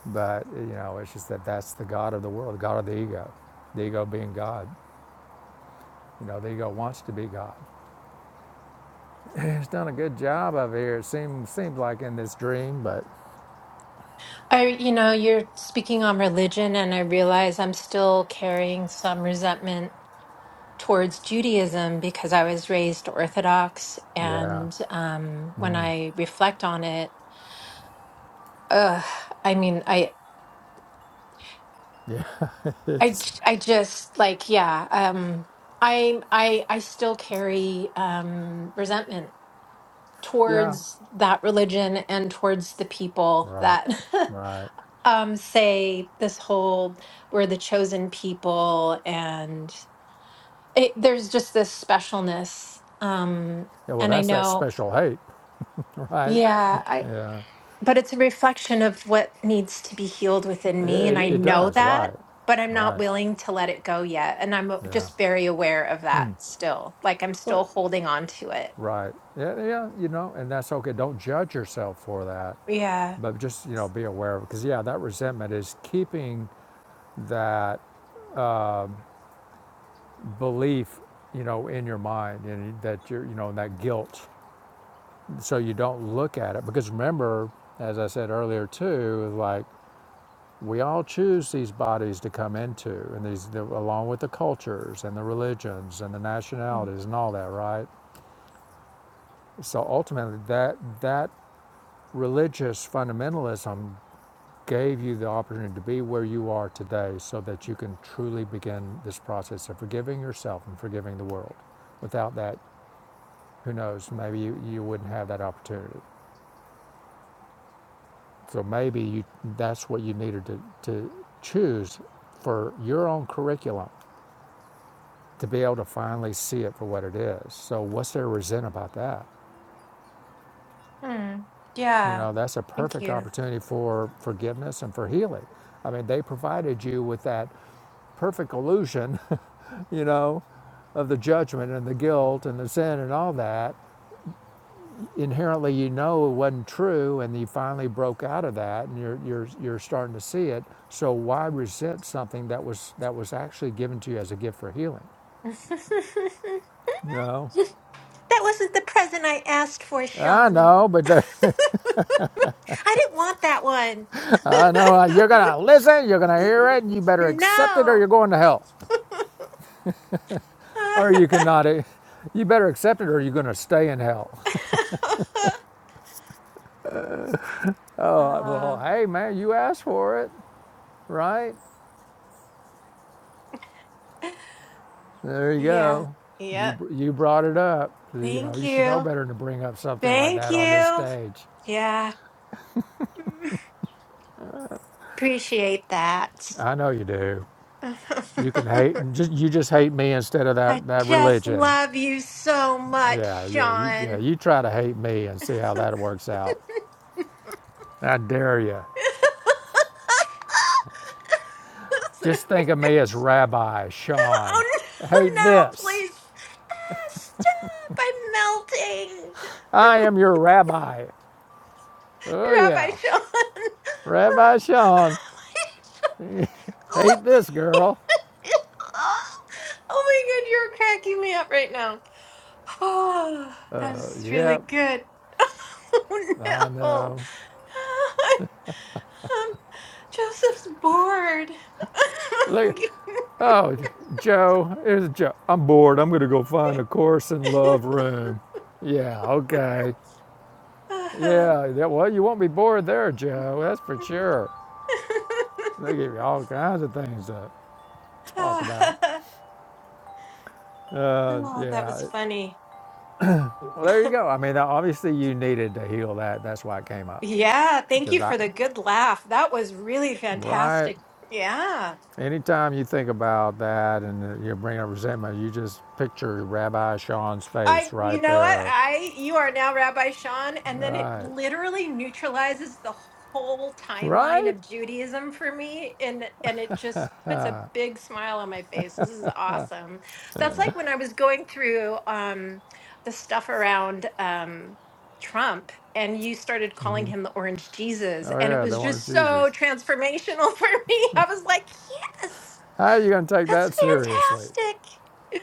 Speaker 2: but you know, it's just that that's the God of the world, the God of the ego, the ego being God. You know, the ego wants to be God. It's done a good job of here. It seems seems like in this dream, but
Speaker 3: I, you know, you're speaking on religion, and I realize I'm still carrying some resentment towards Judaism because I was raised Orthodox,
Speaker 2: yeah,
Speaker 3: and um, when I reflect on it, ugh, I mean, I,
Speaker 2: yeah,
Speaker 3: I,
Speaker 2: it's,
Speaker 3: j- I just like, yeah, um, I, I, I still carry um, resentment
Speaker 2: yeah,
Speaker 3: towards that religion and towards the people
Speaker 2: right,
Speaker 3: that
Speaker 2: right.
Speaker 3: um, say this whole we're the chosen people, and it, there's just this specialness. Um,
Speaker 2: Yeah, well,
Speaker 3: and I
Speaker 2: that's that
Speaker 3: know,
Speaker 2: special hate, right?
Speaker 3: yeah,
Speaker 2: Yeah.
Speaker 3: but it's a reflection of what needs to be healed within me and
Speaker 2: It,
Speaker 3: i
Speaker 2: it
Speaker 3: know
Speaker 2: does,
Speaker 3: that
Speaker 2: right,
Speaker 3: but i'm not
Speaker 2: right,
Speaker 3: willing to let it go yet and i'm uh,
Speaker 2: yeah,
Speaker 3: just very aware of that still like i'm
Speaker 2: Well,
Speaker 3: still holding on to it
Speaker 2: right, yeah, yeah, you know, and that's okay. Don't judge yourself for that,
Speaker 3: Yeah.
Speaker 2: but just you know, be aware of it because yeah, that resentment is keeping that belief, you know, in your mind, and that you're, you know, that guilt, so you don't look at it. Because remember, as I said earlier too, like we all choose these bodies to come into, and these the, along with the cultures and the religions and the
Speaker 3: Mm.
Speaker 2: nationalities and all that, right? So ultimately, that that religious fundamentalism gave you the opportunity to be where you are today, so that you can truly begin this process of forgiving yourself and forgiving the world. Without that, who knows? Maybe you, you wouldn't have that opportunity. So maybe you, that's what you needed to, to choose for your own curriculum to be able to finally see it for what it is. So what's there to resent about that?
Speaker 3: Hmm.
Speaker 2: You
Speaker 3: Yeah.
Speaker 2: know, that's a
Speaker 3: thank
Speaker 2: perfect
Speaker 3: you
Speaker 2: opportunity for forgiveness and for healing. I mean, they provided you with that perfect illusion, you know, of the judgment and the guilt and the sin and all that. Inherently, you know it wasn't true, and you finally broke out of that, and you're you're you're starting to see it. So why resent something that was that was actually given to you as a gift for healing?
Speaker 3: that
Speaker 2: You know.
Speaker 3: wasn't the present i asked for
Speaker 2: I
Speaker 3: sean
Speaker 2: know, but the,
Speaker 3: i didn't want that one
Speaker 2: I know uh, you're gonna listen. You're gonna hear it, and you better
Speaker 3: no
Speaker 2: accept it, or you're going to hell. or you cannot. eh, You better accept it, or you're going to stay in hell. Oh well, hey man, you asked for it, right?
Speaker 3: Ah.
Speaker 2: There you
Speaker 3: Yeah.
Speaker 2: go. You
Speaker 3: Yep.
Speaker 2: you brought it up. You know
Speaker 3: Thank
Speaker 2: you should know
Speaker 3: you.
Speaker 2: better than to bring up something like
Speaker 3: Thank
Speaker 2: that on this
Speaker 3: you.
Speaker 2: stage.
Speaker 3: Yeah. Appreciate that.
Speaker 2: I know you do. You can hate. Just you just hate me instead of
Speaker 3: I
Speaker 2: that that
Speaker 3: just
Speaker 2: religion.
Speaker 3: love you so much,
Speaker 2: Yeah, yeah, you, yeah.
Speaker 3: Sean.
Speaker 2: You try to hate me and see how that works out. I dare you. Just think of me as Rabbi Sean.
Speaker 3: oh no,
Speaker 2: Hate
Speaker 3: no,
Speaker 2: this.
Speaker 3: please stop. I'm melting.
Speaker 2: I am your rabbi. Oh,
Speaker 3: Rabbi
Speaker 2: yeah.
Speaker 3: Sean.
Speaker 2: Rabbi Sean. Hate this girl.
Speaker 3: oh my god, you're cracking me up right now. Oh, that
Speaker 2: Oh,
Speaker 3: was
Speaker 2: yep.
Speaker 3: really good.
Speaker 2: I
Speaker 3: Oh no.
Speaker 2: know.
Speaker 3: Um, Joseph's bored.
Speaker 2: Look. Oh, Joe. Here's Joe. I'm bored. I'm going to go find a course in love room. Yeah, okay. Yeah, yeah, well, you won't be bored there, Joe. That's for sure. They give you all kinds of things to talk about. Uh,
Speaker 3: Oh, that was
Speaker 2: yeah.
Speaker 3: funny.
Speaker 2: Well, there you go. I mean, obviously, you needed to heal that. That's why it came up.
Speaker 3: Yeah, thank
Speaker 2: Because
Speaker 3: you
Speaker 2: I,
Speaker 3: for the good laugh. That was really
Speaker 2: right?
Speaker 3: fantastic. Yeah.
Speaker 2: Anytime you think about that and you bring up resentment, you just picture Rabbi Sean's face
Speaker 3: I, you
Speaker 2: right
Speaker 3: know what?
Speaker 2: there.
Speaker 3: I, you are now Rabbi Sean, and then it
Speaker 2: Right.
Speaker 3: literally neutralizes the whole timeline
Speaker 2: Right?
Speaker 3: of Judaism for me, and and it just puts a big smile on my face. This is awesome. That's like when I was going through um, the stuff around um, Trump, and you started calling him the Orange Jesus,
Speaker 2: Oh,
Speaker 3: and it
Speaker 2: yeah, the
Speaker 3: was
Speaker 2: Lord
Speaker 3: just so
Speaker 2: Jesus.
Speaker 3: transformational for me. I was like, yes.
Speaker 2: How are you going to take
Speaker 3: That's
Speaker 2: that seriously?
Speaker 3: fantastic.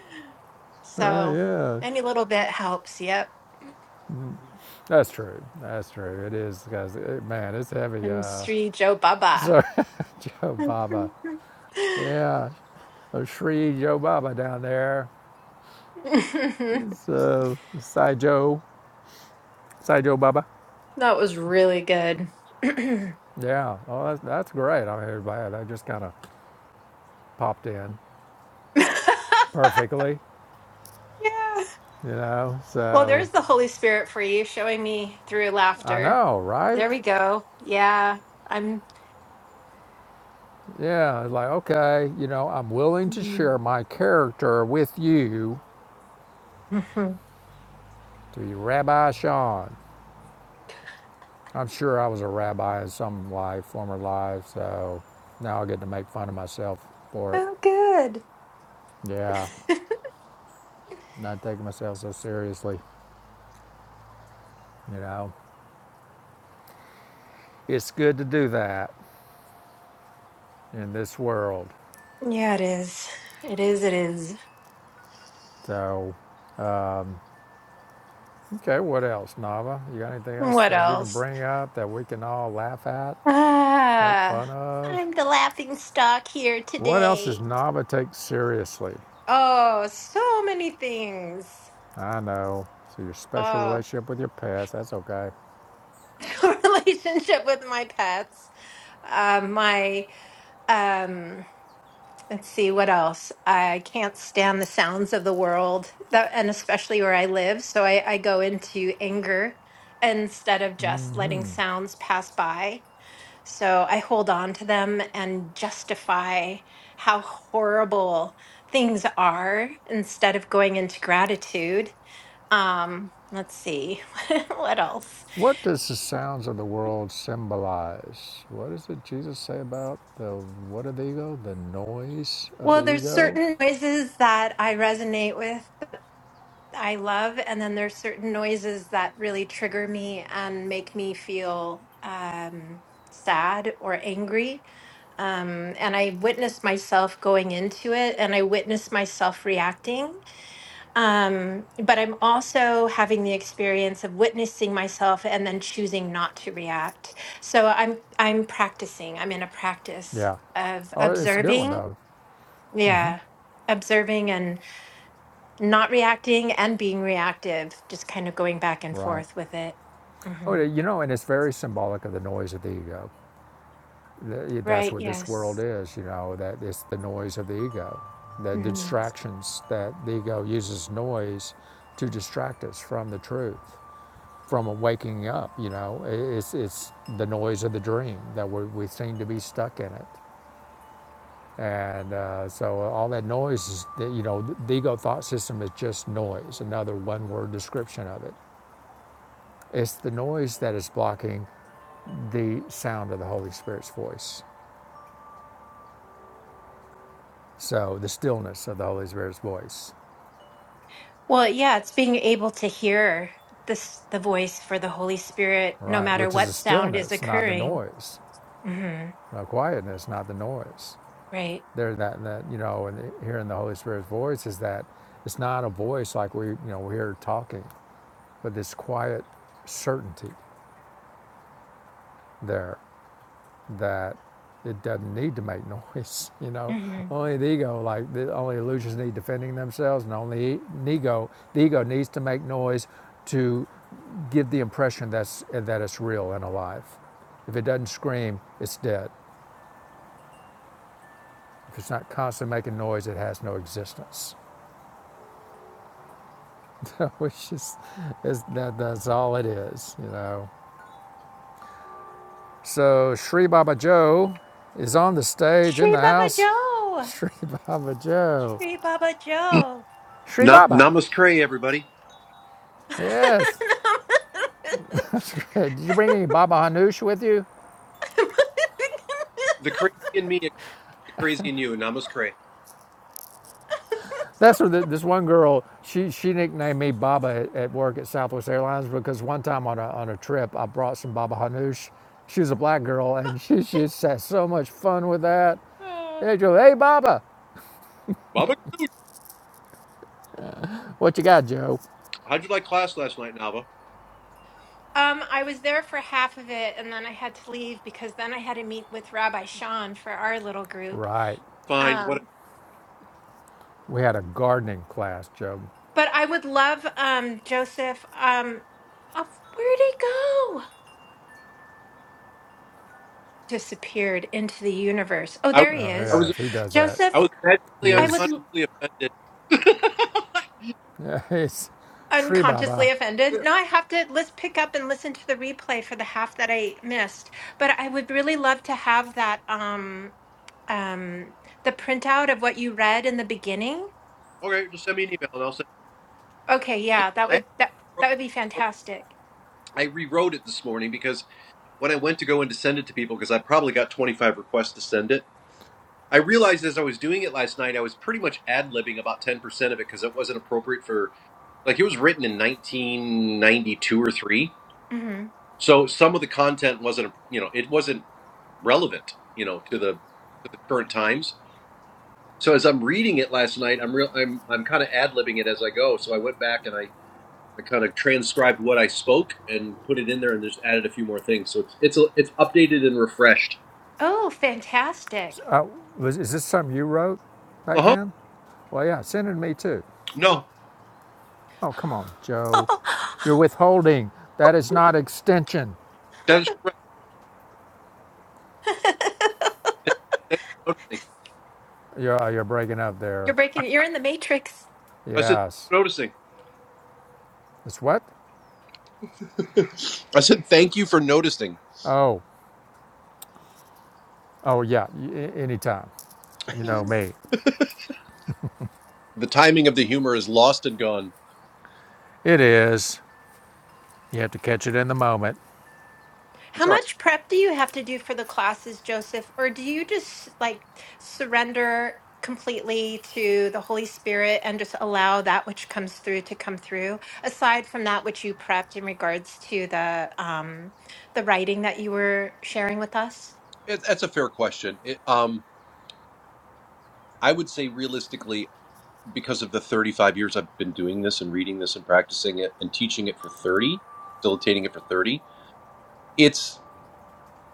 Speaker 2: Right,
Speaker 3: So
Speaker 2: yeah.
Speaker 3: any little bit helps. Yep.
Speaker 2: That's true. That's true. It is because, it, man, it's heavy.
Speaker 3: I'm
Speaker 2: Uh,
Speaker 3: Sri Joe Baba.
Speaker 2: so, Joe Baba.
Speaker 3: that
Speaker 2: Yeah. Oh, Shri Joe Baba down there. So, Sai Joe. Sai Joe Baba.
Speaker 3: was really good. yeah.
Speaker 2: Yeah. Oh, that's, that's great. I mean, everybody, I just kind of popped in. perfectly, you know.
Speaker 3: Well,
Speaker 2: So
Speaker 3: there's the Holy Spirit for you showing me through
Speaker 2: I
Speaker 3: laughter.
Speaker 2: know, right?
Speaker 3: There we go. Yeah. I'm.
Speaker 2: Yeah, it's like, okay, you know, I'm willing to
Speaker 3: Mhm.
Speaker 2: share my character with you to be Rabbi Sean. I'm sure I was a rabbi in some life, former life, so now I get to make fun of myself for it.
Speaker 3: oh, good.
Speaker 2: Yeah, not taking myself so seriously, you know. It's good to do that in this world.
Speaker 3: Yeah, it is. It is. It is.
Speaker 2: So, okay, what else, Nava? You got anything else
Speaker 3: What
Speaker 2: that you can
Speaker 3: else?
Speaker 2: bring up that we can all laugh at? make
Speaker 3: Ah,
Speaker 2: fun of.
Speaker 3: I'm the laughing stock here
Speaker 2: What else does
Speaker 3: today.
Speaker 2: Nava take seriously?
Speaker 3: Oh, so many things.
Speaker 2: I know. So your special
Speaker 3: Oh,
Speaker 2: relationship with your pets that's okay.
Speaker 3: relationship with my pets. Uh, my um, let's see what else. I can't stand the sounds of the world, that, and especially where I live. So I, I go into anger instead of just letting sounds pass by. So I hold on to them and justify how horrible things are instead of going into gratitude. Um, let's see, what else?
Speaker 2: What does the sounds of the world symbolize? What does it Jesus say about the what of the ego? The noise of the
Speaker 3: Well, there's
Speaker 2: ego?
Speaker 3: certain noises that I resonate with, I love, and then there's certain noises that really trigger me and make me feel um, sad or angry. Um, and I witness myself going into it and I witness myself reacting. Um, but I'm also having the experience of witnessing myself and then choosing not to react. So I'm I'm practicing. I'm in a practice
Speaker 2: Yeah.
Speaker 3: of
Speaker 2: Oh, it's a good one
Speaker 3: observing.
Speaker 2: though.
Speaker 3: Yeah. Observing and not reacting and being reactive, just kind of going back and
Speaker 2: Right.
Speaker 3: forth with it.
Speaker 2: Oh,
Speaker 3: hmm
Speaker 2: you know, and it's very symbolic of the noise of the ego. That's
Speaker 3: Right.
Speaker 2: what this world
Speaker 3: Yes.
Speaker 2: is, you know, that it's the noise of the ego, the
Speaker 3: hmm
Speaker 2: distractions that the ego uses noise to distract us from the truth, from a waking up, you know. It's, it's the noise of the dream that we, we seem to be stuck in it. And uh, so all that noise is, you know, the ego thought system is just noise, another one word description of it. It's the noise that is blocking the sound of the Holy Spirit's voice. So the stillness of the Holy Spirit's voice,
Speaker 3: Well, yeah, it's being able to hear this the voice for the Holy Spirit, no
Speaker 2: right?
Speaker 3: matter
Speaker 2: Which is a
Speaker 3: what sound is
Speaker 2: stillness, not the
Speaker 3: occurring.
Speaker 2: noise.
Speaker 3: hmm
Speaker 2: A quietness, not the noise.
Speaker 3: Right.
Speaker 2: There, that that you know, and hearing the Holy Spirit's voice is that it's not a voice like we you know we hear talking, but this quiet certainty there. that it doesn't need to make noise. You know, only the ego, like the only illusions need defending themselves, and only e, the ego, the ego needs to make noise to give the impression that's that it's real and alive. If it doesn't scream, it's dead. If it's not constantly making noise, it has no existence. Which is, is that, that's all it is. You know. So Sri Baba Joe is on the stage in
Speaker 3: Shri
Speaker 2: the
Speaker 3: Baba
Speaker 2: house.
Speaker 3: Joe.
Speaker 2: Sri Baba Joe.
Speaker 3: Shri Baba Joe.
Speaker 2: Sri
Speaker 4: Nam-
Speaker 2: Baba.
Speaker 4: namaskar, everybody.
Speaker 3: um,
Speaker 2: Yes, that's good. Did you bring any Baba Hanoush with you?
Speaker 4: The crazy in me, is the crazy in you. Namaskar.
Speaker 2: That's what the, this one girl. She she nicknamed me Baba at, at work at Southwest Airlines because one time on a on a trip I brought some Baba Hanoush. She was a black girl and she just had so much fun with that. Hey Joe, hey Baba,
Speaker 4: Baba Ganoush.
Speaker 2: what you got, Joe?
Speaker 4: How'd you like class last night, Nava?
Speaker 3: I was there for half of it and then I had to leave because then I had to meet with Rabbi Sean for our little group.
Speaker 2: Right,
Speaker 4: Fine. What
Speaker 3: Um,
Speaker 2: we had a gardening class, Joe.
Speaker 3: but I would love um, Joseph. Um, oh, where'd he go? Disappeared into the universe. Oh,
Speaker 4: I was,
Speaker 3: there he
Speaker 2: Oh
Speaker 4: I
Speaker 3: is.
Speaker 4: was,
Speaker 2: yes, he does that.
Speaker 4: I
Speaker 3: Joseph,
Speaker 4: was magically
Speaker 2: He
Speaker 3: I
Speaker 2: is,
Speaker 3: would.
Speaker 4: unconsciously offended.
Speaker 2: yeah, he's Sri
Speaker 3: unconsciously
Speaker 2: Baba.
Speaker 3: offended. Now I have to let's pick up and listen to the replay for the half that I missed. But I would really love to have that um um the printout of what you read in the beginning.
Speaker 4: okay, just send me an email and I'll send.
Speaker 3: Okay, yeah, that
Speaker 4: I
Speaker 3: would that
Speaker 4: wrote,
Speaker 3: that would be
Speaker 4: wrote-
Speaker 3: fantastic.
Speaker 4: I rewrote it this morning because when I went to go and to send it to people, because I probably got 25 requests to send it. I realized as I was doing it last night, I was pretty much ad libbing about 10% of it because it wasn't appropriate for like it was written in 1992 or 3
Speaker 3: hmm
Speaker 4: So some of the content wasn't, you know, it wasn't relevant, you know, to the to the current times. So as I'm reading it last night, I'm real, I'm I'm kind of ad libbing it as I go. So I went back and I I kind of transcribed what I spoke and put it in there and just added a few more things. So it's it's a, it's updated and refreshed.
Speaker 3: Oh, fantastic.
Speaker 2: Uh, was, is this something you wrote
Speaker 4: Uh
Speaker 2: back
Speaker 4: huh.
Speaker 2: then? Well, yeah, send it to me too.
Speaker 4: No,
Speaker 2: Oh, come on, Joe. You're withholding. That is not extension.
Speaker 4: that is correct. Thank, thanks for noticing.
Speaker 2: You're, uh, you're breaking up
Speaker 3: You're
Speaker 2: there.
Speaker 3: breaking you're in the matrix.
Speaker 4: I said
Speaker 2: Yes.
Speaker 4: noticing.
Speaker 2: It's what?
Speaker 4: I said thank you for noticing.
Speaker 2: Oh, oh, yeah, y- a- anytime. You know me.
Speaker 4: The timing of the humor is lost and gone.
Speaker 2: It is. You have to catch it in the moment.
Speaker 4: That's
Speaker 3: How
Speaker 4: all right.
Speaker 3: much prep do you have to do for the classes, Joseph? Or do you just like surrender completely to the Holy Spirit and just allow that which comes through to come through, aside from that which you prepped in regards to the um the writing that you were sharing with us?
Speaker 4: It, that's a fair question. It, Um. I would say realistically, because of the 35 years I've been doing this and reading this and practicing it and teaching it for 30, facilitating it for 30, it's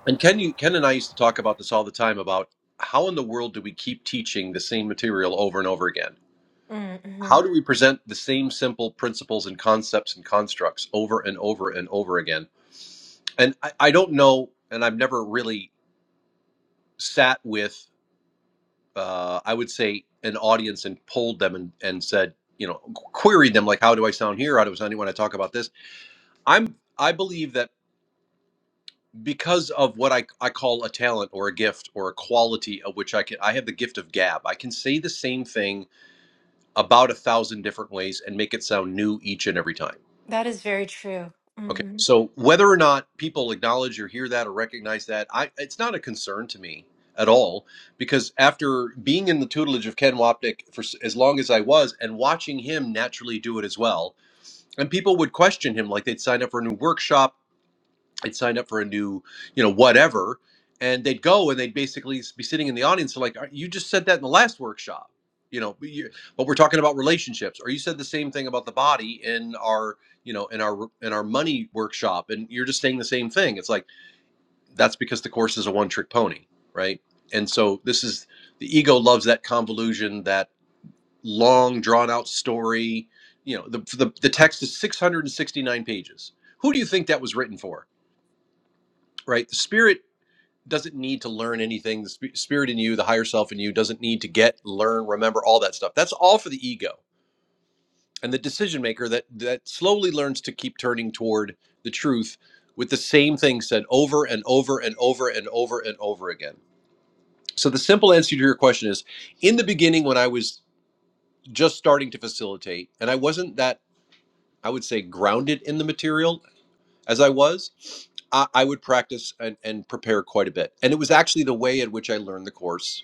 Speaker 4: and Ken you Ken and I used to talk about this all the time about how in the world do we keep teaching the same material over and over again?
Speaker 3: Mm, Mm-hmm.
Speaker 4: How do we present the same simple principles and concepts and constructs over and over and over again? And I, I don't know, and I've never really sat with uh, I would say, an audience and polled them and, and said, you know, queried them like, how do I sound here? How do I sound when I talk about this? I'm I believe that because of what I, I call a talent or a gift or a quality of which I can I have the gift of gab. I can say the same thing about a thousand different ways and make it sound new each and every time.
Speaker 3: That is very true.
Speaker 4: Okay.
Speaker 3: hmm
Speaker 4: So whether or not people acknowledge or hear that or recognize that, I it's not a concern to me at all because after being in the tutelage of Ken Wapnick for s- as long as I was and watching him naturally do it as well, and people would question him like they'd sign up for a new workshop I'd sign up for a new, you know, whatever, and they'd go and they'd basically be sitting in the audience and like, "Uh, you just said that in the last workshop, you know, but, you, but we're talking about relationships, or you said the same thing about the body in our, you know, in our in our money workshop, and you're just saying the same thing. It's like that's because the course is a one trick pony, right? And so this is the ego loves that convolution, that long drawn out story. You know, the, the the text is 669 pages. Who do you think that was written for? Right? The spirit doesn't need to learn anything. The spirit in you, the higher self in you, doesn't need to get, learn, remember all that stuff. That's all for the ego and the decision maker that that slowly learns to keep turning toward the truth with the same thing said over and over and over and over and over again. So the simple answer to your question is: in the beginning, when I was just starting to facilitate, and I wasn't that I would say grounded in the material as I was. I I would practice and, and prepare quite a bit. And it was actually the way in which I learned the course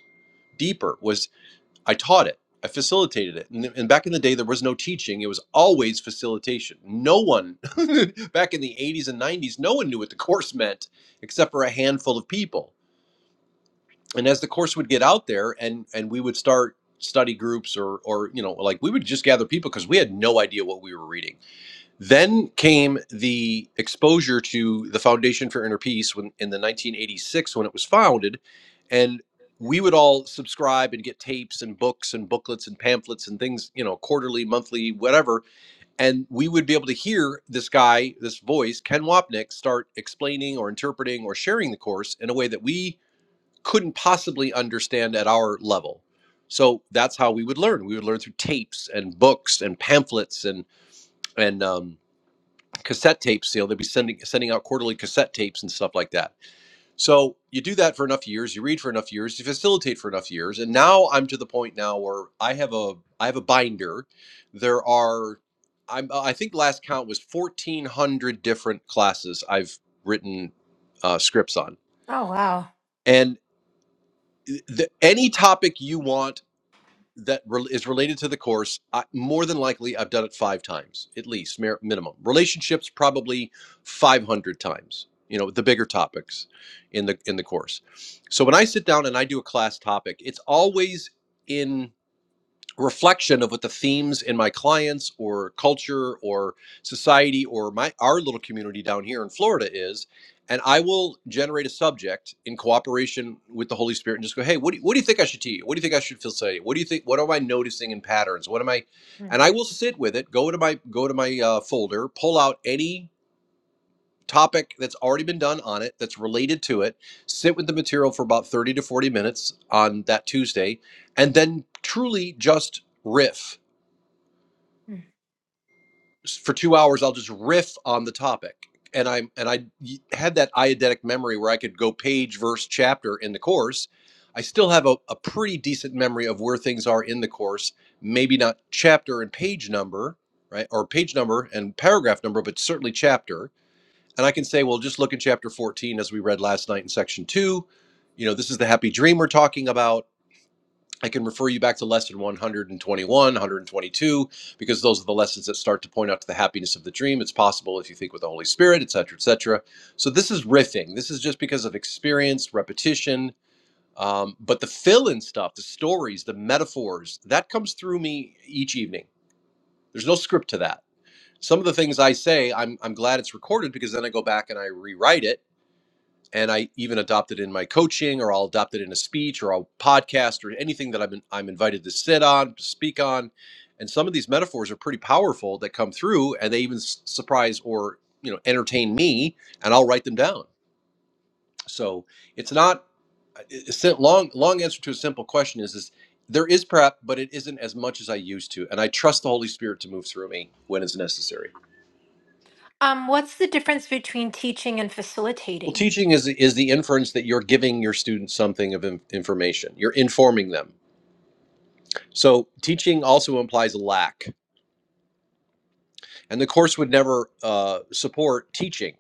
Speaker 4: deeper was i taught it i facilitated it and, and back in the day there was no teaching it was always facilitation no one back in the 80s and 90s no one knew what the course meant except for a handful of people and as the course would get out there and and we would start study groups or or you know like we would just gather people because we had no idea what we were reading then came the exposure to the Foundation for Inner Peace when, in the 1986 when it was founded, and we would all subscribe and get tapes and books and booklets and pamphlets and things, you know, quarterly, monthly, whatever. And we would be able to hear this guy, this voice, Ken Wapnick, start explaining or interpreting or sharing the course in a way that we couldn't possibly understand at our level. So that's how we would learn. We would learn through tapes and books and pamphlets and and um, cassette tape sale. they would be sending sending out quarterly cassette tapes and stuff like that. So you do that for enough years, you read for enough years, you facilitate for enough years, and now I'm to the point now where I have a I have a binder. There are I'm I think last count was 1,400 different classes I've written uh, scripts on,
Speaker 3: Oh wow.
Speaker 4: and eh, the, any topic you want that re- is related to the course I, more than likely i've done it five times at least mer- minimum relationships probably 500 times you know the bigger topics in the in the course so when i sit down and i do a class topic it's always in reflection of what the themes in my clients or culture or society or my our little community down here in Florida is and I will generate a subject in cooperation with the Holy Spirit and just go, hey, what do, what do you think I should teach? What do you think I should feel say? What do you think? What am I noticing in patterns? What am I? And I
Speaker 3: Hmm.
Speaker 4: will sit with it, go to my go to my uh, folder, pull out any topic that's already been done on it that's related to it sit with the material for about 30 to 40 minutes on that tuesday and then truly just riff for two hours i'll just riff on the topic and i and I had that eidetic memory where i could go page verse chapter in the course i still have a, a pretty decent memory of where things are in the course maybe not chapter and page number right or page number and paragraph number but certainly chapter and I can say, well, just look at chapter 14 as we read last night in section two. You know, this is the happy dream we're talking about. I can refer you back to lesson 121, 122, because those are the lessons that start to point out to the happiness of the dream. It's possible if you think with the Holy Spirit, et cetera, et cetera. So this is riffing. This is just because of experience, repetition. Um, but the fill in stuff, the stories, the metaphors, that comes through me each evening. There's no script to that. Some of the things I say, I'm, I'm glad it's recorded because then I go back and I rewrite it and I even adopt it in my coaching, or I'll adopt it in a speech, or a podcast, or anything that I'm in, I'm invited to sit on, to speak on. And some of these metaphors are pretty powerful that come through, and they even s- surprise or you know entertain me, and I'll write them down. So it's not a sim- long long answer to a simple question is is there is prep, but it isn't as much as I used to, and I trust the Holy Spirit to move through me when it's necessary.
Speaker 3: Um, what's the difference between teaching and
Speaker 4: Well,
Speaker 3: facilitating?
Speaker 4: teaching is is the inference that you're giving your students something of in- information. You're informing them So teaching also implies lack, and the course would never uh, support teaching,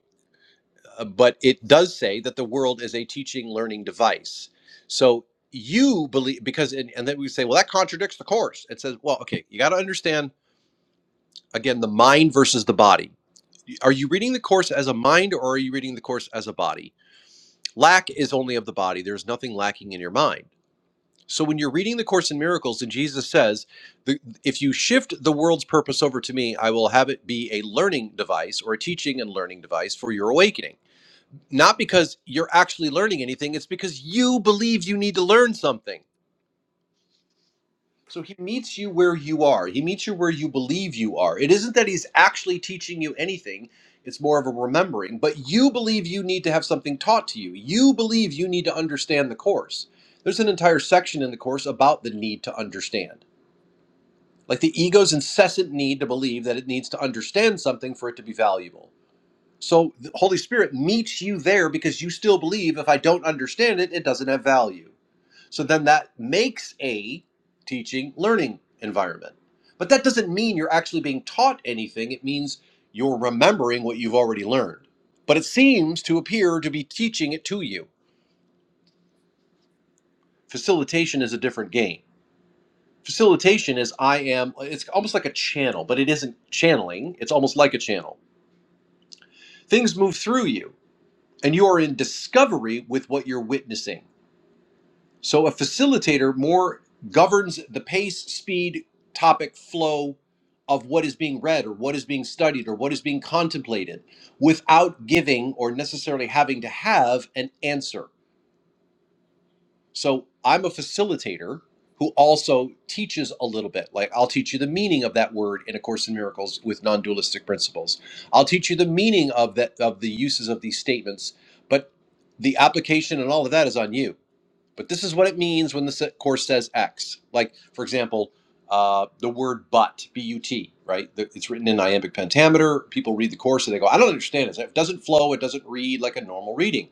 Speaker 4: uh, but it does say that the world is a teaching learning device. So you believe because and, and then we say, well, that contradicts the course. It says, well, okay, you got to understand again the mind versus the body. Are you reading the course as a mind, or are you reading the course as a body? Lack is only of the body. There's nothing lacking in your mind. So when you're reading the Course in Miracles and Jesus says, if you shift the world's purpose over to me, I will have it be a learning device or a teaching and learning device for your awakening. Not because you're actually learning anything, it's because you believe you need to learn something. So he meets you where you are. He meets you where you believe you are. It isn't that he's actually teaching you anything. It's more of a remembering, but you believe you need to have something taught to you. You believe you need to understand the course. There's an entire section in the course about the need to understand like the ego's incessant need to believe that it needs to understand something for it to be valuable. So the Holy Spirit meets you there because you still believe if I don't understand it, it doesn't have value. So then that makes a teaching learning environment. But that doesn't mean you're actually being taught anything, it means you're remembering what you've already learned. But it seems to appear to be teaching it to you. Facilitation is a different game. facilitation is I am it's almost like a channel, but it isn't channeling. It's almost like a channel. Things move through you and you are in discovery with what you're witnessing. So a facilitator more governs the pace, speed, topic, flow of what is being read or what is being studied or what is being contemplated without giving or necessarily having to have an answer So I'm a facilitator who also teaches a little bit. Like I'll teach you the meaning of that word in A Course in Miracles with non-dualistic principles. I'll teach you the meaning of that of the uses of these statements, but the application and all of that is on you. But this is what it means when the course says X. Like, for example, uh, the word but, B U T, right? The- It's written in iambic pentameter. People read the course and they go, I don't understand it. It doesn't flow. It doesn't read like a normal reading.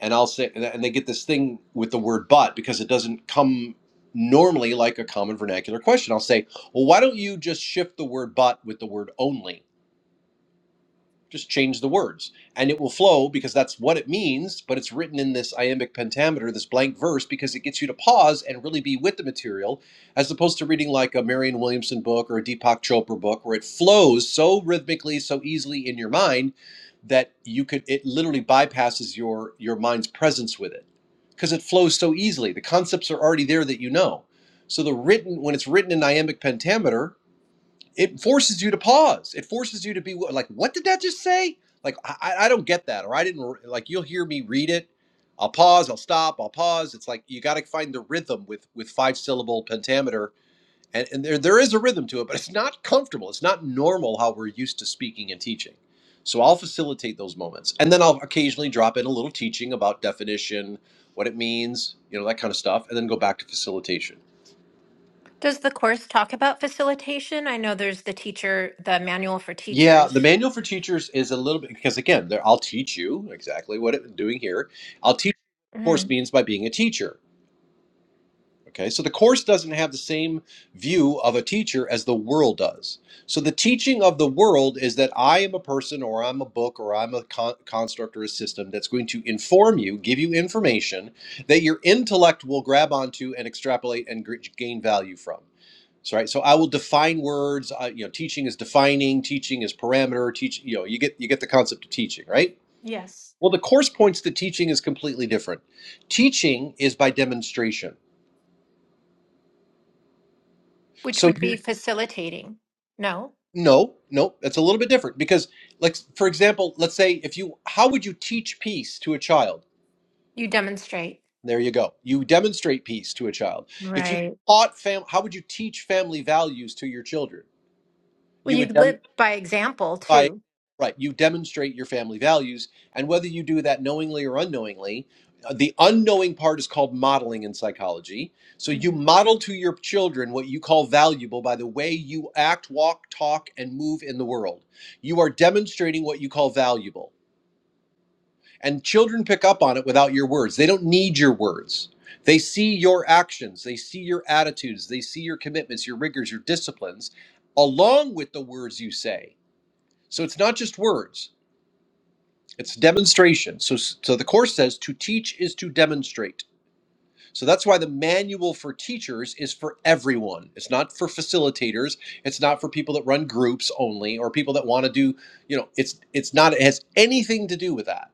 Speaker 4: And I'll say, and they get this thing with the word but because it doesn't come normally like a common vernacular question. I'll say, well, why don't you just shift the word but with the word only? Just change the words and it will flow because that's what it means, but it's written in this iambic pentameter, this blank verse, because it gets you to pause and really be with the material as opposed to reading like a Marion Williamson book or a Deepak Chopra book where it flows so rhythmically, so easily in your mind that you could it literally bypasses your your mind's presence with it because it flows so easily. The concepts are already there that you know. So the written when it's written in iambic pentameter, it forces you to pause. It forces you to be like, what did that just say? Like, I, I don't get that. Or I didn't, like, you'll hear me read it. I'll pause, I'll stop, I'll pause. It's like, you got to find the rhythm with, with five syllable pentameter. And, and there, there is a rhythm to it, but it's not comfortable. It's not normal how we're used to speaking and teaching. So I'll facilitate those moments. And then I'll occasionally drop in a little teaching about definition, what it means, you know, that kind of stuff, and then go back to facilitation.
Speaker 3: Does the course talk about facilitation? I know there's the teacher, the manual for
Speaker 4: Yeah, the
Speaker 3: teachers.
Speaker 4: manual for teachers is a little bit because again, there I'll teach you exactly what I'm doing here. I'll teach you what the course
Speaker 3: Mhm.
Speaker 4: means by being a teacher. Okay, so the course doesn't have the same view of a teacher as the world does. So the teaching of the world is that I am a person or I'm a book or I'm a con- construct or a system that's going to inform you, give you information that your intellect will grab onto and extrapolate and gr- gain value from. So, right, so I will define words. Uh, you know, teaching is defining. Teaching is parameter. Teach. You know, you get you get the concept of teaching, right?
Speaker 3: Yes.
Speaker 4: Well, the course points to teaching is completely different. Teaching is by demonstration.
Speaker 3: Which
Speaker 4: So
Speaker 3: would
Speaker 4: you
Speaker 3: be facilitating. No,
Speaker 4: No, no, that's a little bit different because, like, for example, let's say if you, how would you teach peace to a child?
Speaker 3: you demonstrate.
Speaker 4: There you go. You demonstrate peace to a child. If you
Speaker 3: Right.
Speaker 4: taught fam, how would you teach family values to your children?
Speaker 3: Well,
Speaker 4: You
Speaker 3: you
Speaker 4: would. Dem-
Speaker 3: live by example
Speaker 4: by
Speaker 3: too.
Speaker 4: right you demonstrate your family values and whether you do that knowingly or unknowingly uh, the unknowing part is called modeling in psychology so you
Speaker 3: Mhm.
Speaker 4: model to your children what you call valuable by the way you act walk talk and move in the world you are demonstrating what you call valuable and children pick up on it without your words they don't need your words they see your actions they see your attitudes they see your commitments your rigors your disciplines along with the words you say so it's not just words it's demonstration. So, so the course says to teach is to demonstrate. So that's why the manual for teachers is for everyone. It's not for facilitators. It's not for people that run groups only or people that want to do, you know, it's it's not it has anything to do with that.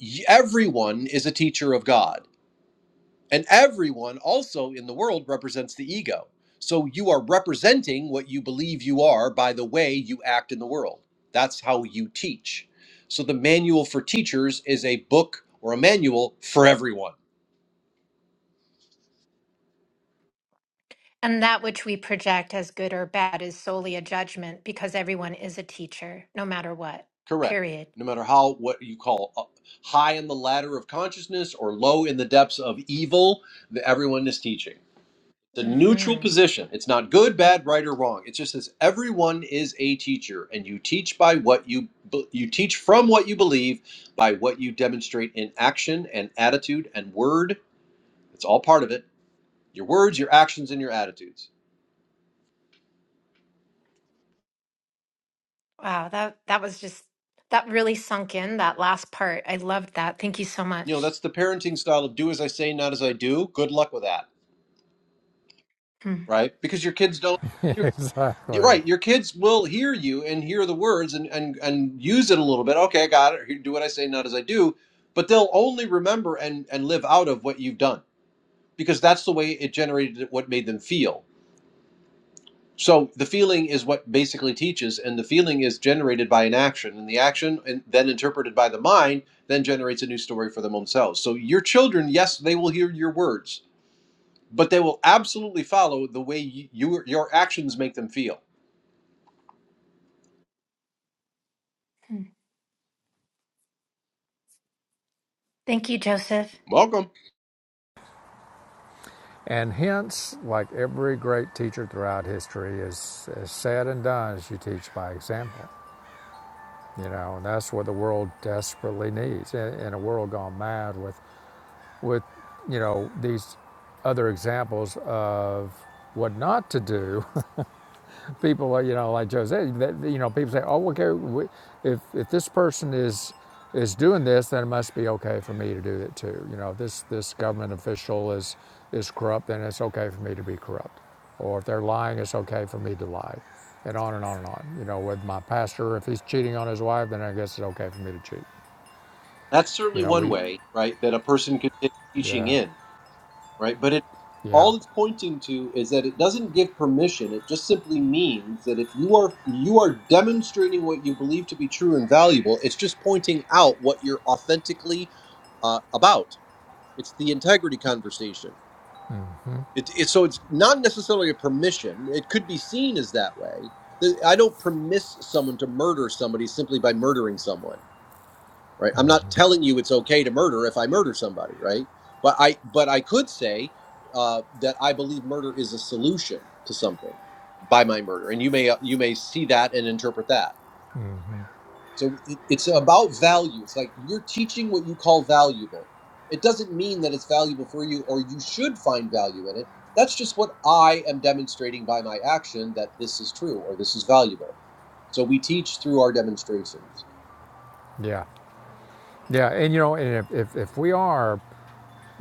Speaker 4: Y- Everyone is a teacher of God. And everyone also in the world represents the ego. So you are representing what you believe you are by the way you act in the world. That's how you teach. So the manual for teachers is a book or a manual for everyone.
Speaker 3: And that which we project as good or bad is solely a judgment because everyone is a teacher, no matter what,
Speaker 4: Correct.
Speaker 3: period.
Speaker 4: No matter how, what you call up, high in the ladder of consciousness or low in the depths of evil, that everyone is teaching. It's a neutral
Speaker 3: hmm
Speaker 4: position. It's not good, bad, right, or wrong. It just says everyone is a teacher, and you teach by what you you teach from what you believe, by what you demonstrate in action and attitude and word. It's all part of it. Your words, your actions, and your attitudes.
Speaker 3: Wow, that that was just that really sunk in that last part. I loved that. Thank you so
Speaker 4: You know
Speaker 3: much.
Speaker 4: that's the parenting style of do as I say, not as I do. Good luck with that,
Speaker 3: Mm.
Speaker 4: right? Because your kids don't. your You're
Speaker 2: exactly.
Speaker 4: right. Your kids will hear you and hear the words and, and, and use it a little bit. Okay, I got it. Do what I say, not as I do. But they'll only remember and, and live out of what you've done because that's the way it generated what made them feel. So the feeling is what basically teaches, and the feeling is generated by an action, and the action, and then interpreted by the mind, then generates a new story for them themselves. So your children, yes, they will hear your words, but they will absolutely follow the way you, your your actions make them feel.
Speaker 3: Mm. Thank you, Joseph.
Speaker 4: Welcome.
Speaker 2: And hence, like every great teacher throughout history, is, is said and done as you teach by example. you know, and that's what the world desperately needs. In, in a world gone mad with, with, you know, these other examples of what not to do, people, uh, you know, like Jose, you know, people say, oh, okay, if, if this person is, is doing this, then it must be okay for me to do it too. You know, this, this government official is, is corrupt, then it's okay for me to be corrupt. Or if they're lying, it's okay for me to lie. And on and on and on. You know, with my pastor, if he's cheating on his wife, then I guess it's okay for me to cheat.
Speaker 4: That's
Speaker 2: You
Speaker 4: certainly
Speaker 2: know,
Speaker 4: one
Speaker 2: we,
Speaker 4: way, right, that a person could take teaching
Speaker 2: yeah,
Speaker 4: in, right? But it
Speaker 2: yeah,
Speaker 4: all it's pointing to is that it doesn't give permission. It just simply means that if you are you are demonstrating what you believe to be true and valuable, it's just pointing out what you're authentically uh, about. It's the integrity conversation. It, it, so it's not necessarily a permission. It could be seen as that way. The- I don't permiss someone to murder somebody simply by murdering someone right i'm not telling you it's okay to murder if i murder somebody right but i but i could say uh, that i believe murder is a solution to something by my murder and you may uh, you may see that and interpret that so it, it's about value it's like you're teaching what you call valuable it doesn't mean that it's valuable for you or you should find value in it that's just what i am demonstrating by my action that this is true or this is valuable so we teach through our demonstrations
Speaker 2: yeah. Yeah, and you know, and if, if, if we are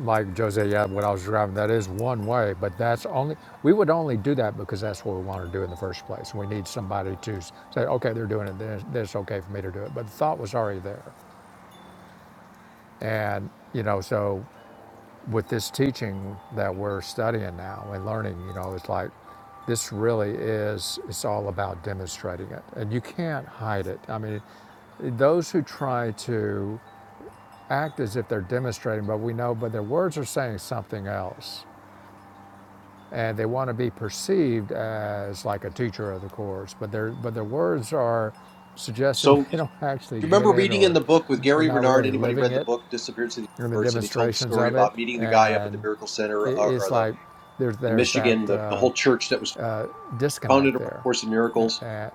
Speaker 2: like Jose, yeah, when I was driving, that is one way, but that's only, we would only do that because that's what we want to do in the first place. We need somebody to say, okay, they're doing it, then it's okay for me to do it. But the thought was already there. And, you know, so with this teaching that we're studying now and learning, you know, it's like, this really is, it's all about demonstrating it. And you can't hide it. I mean, those who try to act as if they're demonstrating, but we know, but their words are saying something else and they want to be perceived as like a teacher of the course, but their but their words are suggesting
Speaker 4: So.
Speaker 2: they don't actually
Speaker 4: Do you
Speaker 2: get
Speaker 4: remember
Speaker 2: it
Speaker 4: reading in
Speaker 2: or
Speaker 4: the book with
Speaker 2: they're
Speaker 4: Gary
Speaker 2: not
Speaker 4: Renard?
Speaker 2: really
Speaker 4: Anybody
Speaker 2: living
Speaker 4: read the
Speaker 2: it
Speaker 4: book Disappearance of the
Speaker 2: in the
Speaker 4: Universe? And he told the
Speaker 2: demonstrations
Speaker 4: story
Speaker 2: of it,
Speaker 4: about meeting the guy up at the
Speaker 2: and
Speaker 4: Miracle Center or, or
Speaker 2: it's
Speaker 4: the
Speaker 2: like there's
Speaker 4: in
Speaker 2: there's that
Speaker 4: Michigan, the, the
Speaker 2: uh,
Speaker 4: whole church that was founded
Speaker 2: disconnect
Speaker 4: around the
Speaker 2: there.
Speaker 4: Course in Miracles.
Speaker 2: And,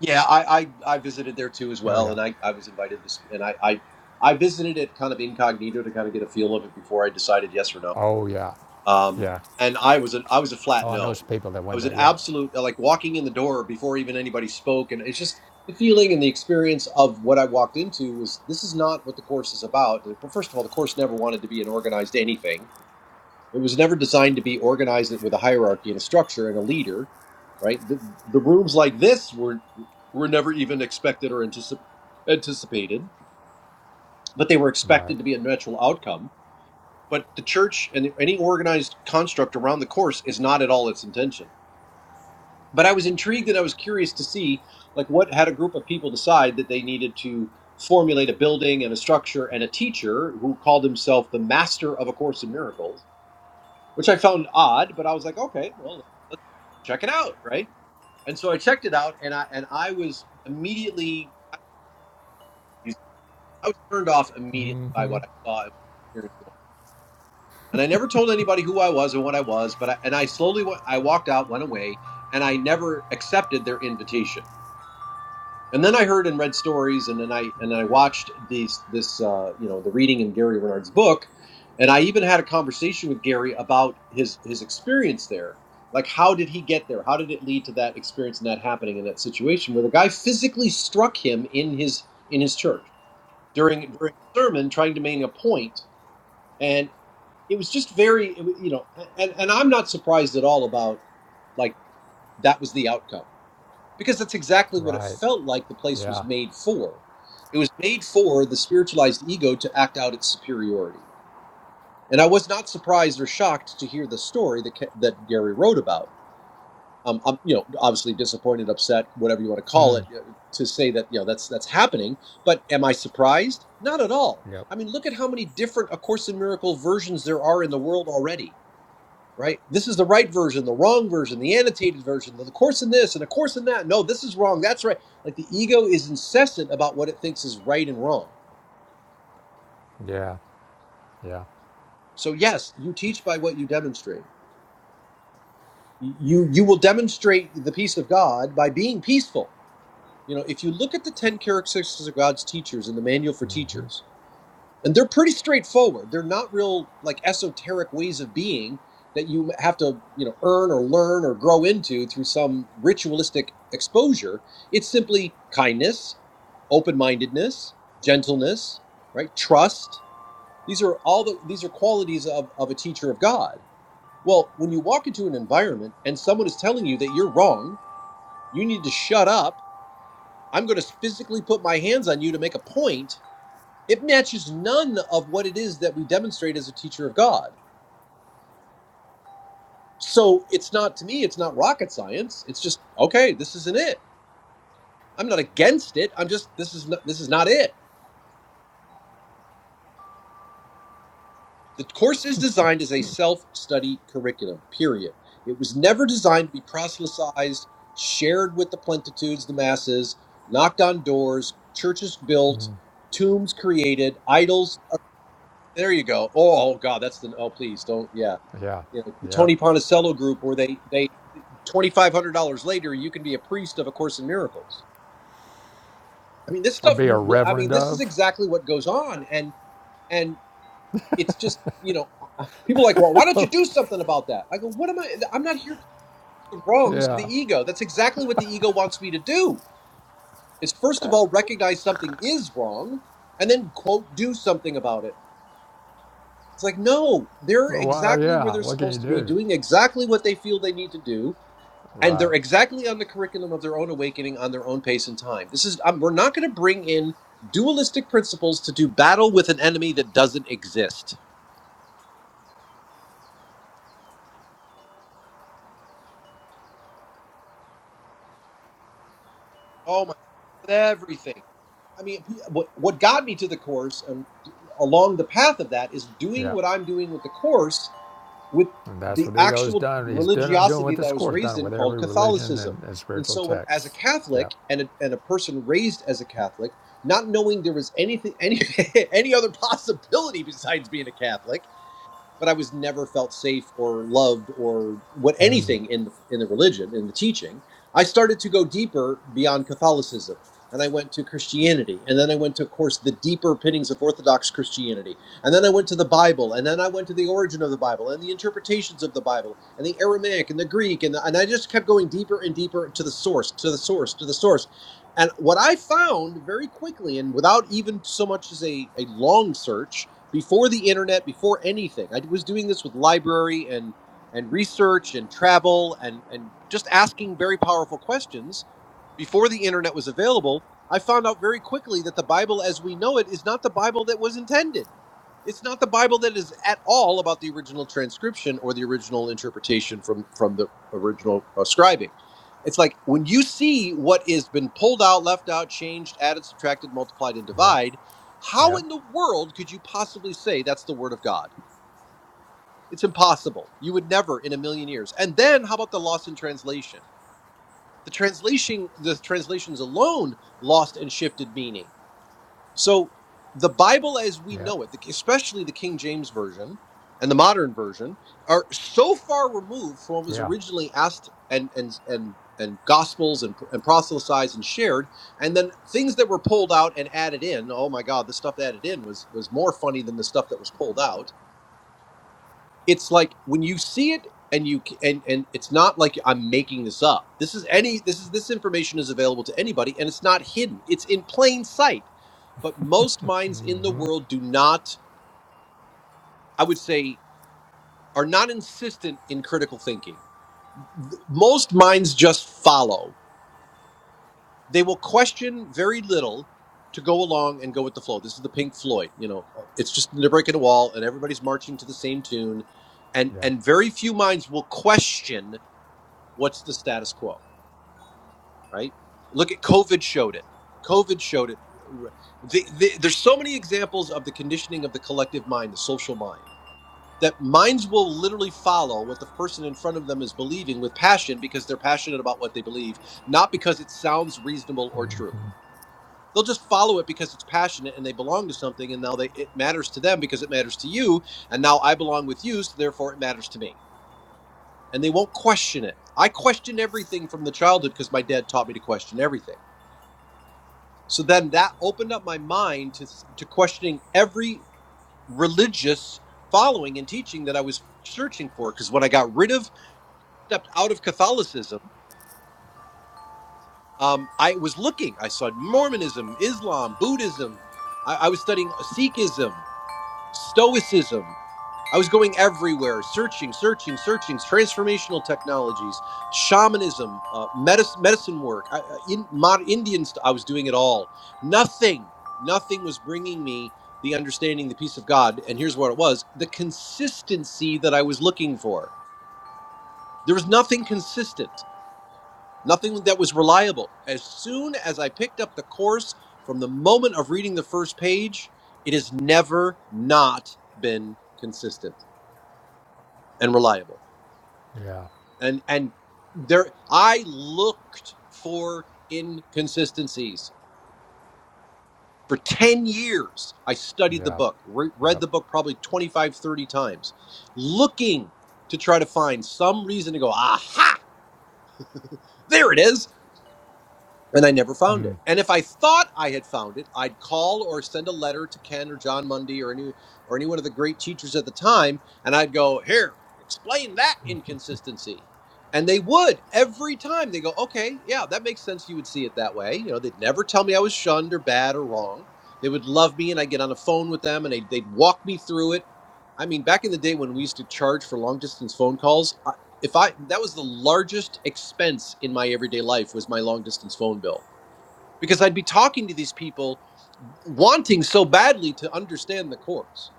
Speaker 4: Yeah, I, I I visited there too as
Speaker 2: oh
Speaker 4: well,
Speaker 2: yeah,
Speaker 4: and I, I was invited this, and I, I I visited it kind of incognito to kind of get a feel of it before I decided yes or no.
Speaker 2: oh yeah,
Speaker 4: um,
Speaker 2: yeah.
Speaker 4: and I was an I was a flat
Speaker 2: Oh, I know
Speaker 4: no.
Speaker 2: some people that
Speaker 4: I
Speaker 2: went
Speaker 4: was an
Speaker 2: there. Yeah,
Speaker 4: absolute uh, like walking in the door before even anybody spoke, and it's just the feeling and the experience of what I walked into was this is not what the course is about. The- Well, first of all, the course never wanted to be an organized anything. It was never designed to be organized with a hierarchy and a structure and a leader, right? The, the rooms like this were were never even expected or anticip- anticipated, but they were
Speaker 2: right,
Speaker 4: expected to be a natural outcome but the church and any organized construct around the course is not at all its intention but i was intrigued and i was curious to see like what had a group of people decide that they needed to formulate a building and a structure and a teacher who called himself the master of a course in miracles which i found odd but i was like okay well let's check it out right and so i checked it out and i and i was immediately i was turned off immediately by what i saw and experienced and I never told anybody who I was or what I was, but I, and I slowly went, I walked out, went away, and I never accepted their invitation. And then I heard and read stories, and then I and then I watched these this uh, you know the reading in Gary Renard's book, and I even had a conversation with Gary about his his experience there. Like, how did he get there? How did it lead to that experience and that happening in that situation where the guy physically struck him in his in his church during during a sermon, trying to make a point, and it was just very you know and and i'm not surprised at all about like that was the outcome because that's exactly what it
Speaker 2: right.
Speaker 4: felt like the place was
Speaker 2: Yeah,
Speaker 4: made for it was made for the spiritualized ego to act out its superiority and i was not surprised or shocked to hear the story that Ca- that gary wrote about um, i'm you know obviously disappointed upset whatever you want to call it uh, to say that you know that's that's happening but am i surprised not at all
Speaker 2: yep,
Speaker 4: i mean look at how many different a course in Miracles versions there are in the world already right? This is the right version, the wrong version, the annotated version, the course in this and the course in that. No, this is wrong. That's right. Like the ego is incessant about what it thinks is right and wrong.
Speaker 2: yeah, yeah,
Speaker 4: So yes, you teach by what you demonstrate. You you will demonstrate the peace of God by being peaceful. You know, if you look at the ten characteristics of God's teachers in the manual for teachers, and they're pretty straightforward they're not real like esoteric ways of being that you have to you know earn or learn or grow into through some ritualistic exposure it's simply kindness open-mindedness gentleness right trust these are all the these are qualities of, of a teacher of god well when you walk into an environment and someone is telling you that you're wrong you need to shut up i'm going to physically put my hands on you to make a point it matches none of what it is that we demonstrate as a teacher of God. So it's not to me, it's not rocket science. It's just okay, this isn't it. I'm not against it. I'm just this is not this is not it. The course is designed as a self-study curriculum. Period. It was never designed to be proselytized, shared with the plentitudes, the masses, knocked on doors, churches built, tombs created, idols. uh, There you go. Oh, oh, God, that's the oh please don't. Yeah.
Speaker 2: yeah,
Speaker 4: you know, the
Speaker 2: yep.
Speaker 4: Tony Ponticello group, where they they twenty five hundred dollars later, you can be a priest of A Course in Miracles. I mean, this
Speaker 2: Or
Speaker 4: stuff.
Speaker 2: be a
Speaker 4: I mean,
Speaker 2: reverend
Speaker 4: this is
Speaker 2: of.
Speaker 4: exactly what goes on, and and it's just you know, uh, people are like, well, why don't you do something about that? I go, what am I? I'm not here to do the wrongs of the
Speaker 2: Yeah.
Speaker 4: ego. That's exactly what the ego wants me to do. Is first of all recognize something is wrong, and then quote do something about it. It's like no, they're
Speaker 2: Well,
Speaker 4: exactly where
Speaker 2: yeah.
Speaker 4: they're
Speaker 2: What can you
Speaker 4: supposed to be,
Speaker 2: do?
Speaker 4: doing exactly what they feel they need to do, and they're
Speaker 2: Right.
Speaker 4: exactly on the curriculum of their own awakening on their own pace and time this is um, we're not going to bring in dualistic principles to do battle with an enemy that doesn't exist oh my with everything i mean what, what got me to the course and along the path of that is doing
Speaker 2: Yeah.
Speaker 4: what i'm doing with the course with
Speaker 2: And that's
Speaker 4: the
Speaker 2: what the ego's
Speaker 4: actual
Speaker 2: done. He's doing, doing
Speaker 4: religiosity
Speaker 2: what
Speaker 4: that I
Speaker 2: this
Speaker 4: was
Speaker 2: course
Speaker 4: raised
Speaker 2: done
Speaker 4: in
Speaker 2: with
Speaker 4: called
Speaker 2: every religion and,
Speaker 4: Catholicism.
Speaker 2: and
Speaker 4: And
Speaker 2: spiritual
Speaker 4: so, when, as a
Speaker 2: text. Yeah.
Speaker 4: Catholic and a, and a person raised as a Catholic, not knowing there was anything any any other possibility besides being a Catholic, but I was never felt safe or loved or what anything in the in the religion in the teaching. I started to go deeper beyond Catholicism, and I went to Christianity, and then I went to, of course, the deeper pinnings of Orthodox Christianity, and then I went to the Bible, and then I went to the origin of the Bible and the interpretations of the Bible and the Aramaic and the Greek, and the, and I just kept going deeper and deeper to the source, to the source, to the source. And what I found very quickly, and without even so much as a, a long search, before the internet, before anything. I was doing this with library and and research and travel and and just asking very powerful questions before the internet was available. I found out very quickly that the Bible as we know it is not the Bible that was intended. It's not the Bible that is at all about the original transcription or the original interpretation from from the original uh, scribing. It's like when you see what has been pulled out, left out, changed, added, subtracted, multiplied, and
Speaker 2: Yep.
Speaker 4: divided how
Speaker 2: Yep.
Speaker 4: in the world could you possibly say that's the word of God? It's impossible. You would never in a million years. And then how about the loss in translation? The translation the translations alone lost and shifted meaning. So the Bible as we
Speaker 2: Yep.
Speaker 4: know it, especially the King James version and the modern version, are so far removed from what was
Speaker 2: Yeah.
Speaker 4: originally asked and and and and gospels and, and proselytized and shared and then things that were pulled out and added in oh my god the stuff added in was was more funny than the stuff that was pulled out it's like when you see it and you c- and and it's not like i'm making this up this is any this is this information is available to anybody and it's not hidden it's in plain sight but most minds in the world do not i would say are not insistent in critical thinking Th- most minds just follow they will question very little to go along and go with the flow this is the pink floyd you know uh, it's just they're breaking a wall and everybody's marching to the same tune and
Speaker 2: Yeah.
Speaker 4: and very few minds will question what's the status quo right look at covid showed it covid showed it the, the, there's so many examples of the conditioning of the collective mind the social mind that minds will literally follow what the person in front of them is believing with passion because they're passionate about what they believe not because it sounds reasonable or true they'll just follow it because it's passionate and they belong to something and now they it matters to them because it matters to you and now i belong with you so therefore it matters to me and they won't question it. I questioned everything from the childhood because my dad taught me to question everything. So then that opened up my mind to to questioning every religious following and teaching that I was searching for. Because when I got rid of, stepped out of Catholicism, um, I was looking. I saw Mormonism, Islam, Buddhism. I, I was studying Sikhism. Stoicism. I was going everywhere, searching, searching, searching, transformational technologies, shamanism, uh, medicine, medicine work, I, I- in, mod, Indian st- I was doing it all. Nothing, nothing was bringing me the understanding, the peace of God. And here's what it was the consistency that I was looking for. There was nothing consistent nothing that was reliable. As soon as I picked up the course from the moment of reading the first page, it has never not been consistent and reliable.
Speaker 2: Yeah.
Speaker 4: And and there I looked for inconsistencies for 10 years. I studied the
Speaker 2: Yeah.
Speaker 4: book, re- read
Speaker 2: Yep.
Speaker 4: the book probably 25, 30 times, looking to try to find some reason to go, "Aha, there it is." and I never found it. And if I thought I had found it, I'd call or send a letter to Ken or John Mundy or any or any one of the great teachers at the time, and I'd go, "Here, explain that inconsistency." And they would every time. They go, "Okay, yeah, that makes sense. You would see it that way." You know, they'd never tell me I was shunned or bad or wrong. They would love me, and I'd get on the phone with them, and they'd, they'd walk me through it. I mean, back in the day when we used to charge for long distance phone calls, if i that was the largest expense in my everyday life was my long distance phone bill because i'd be talking to these people wanting so badly to understand the course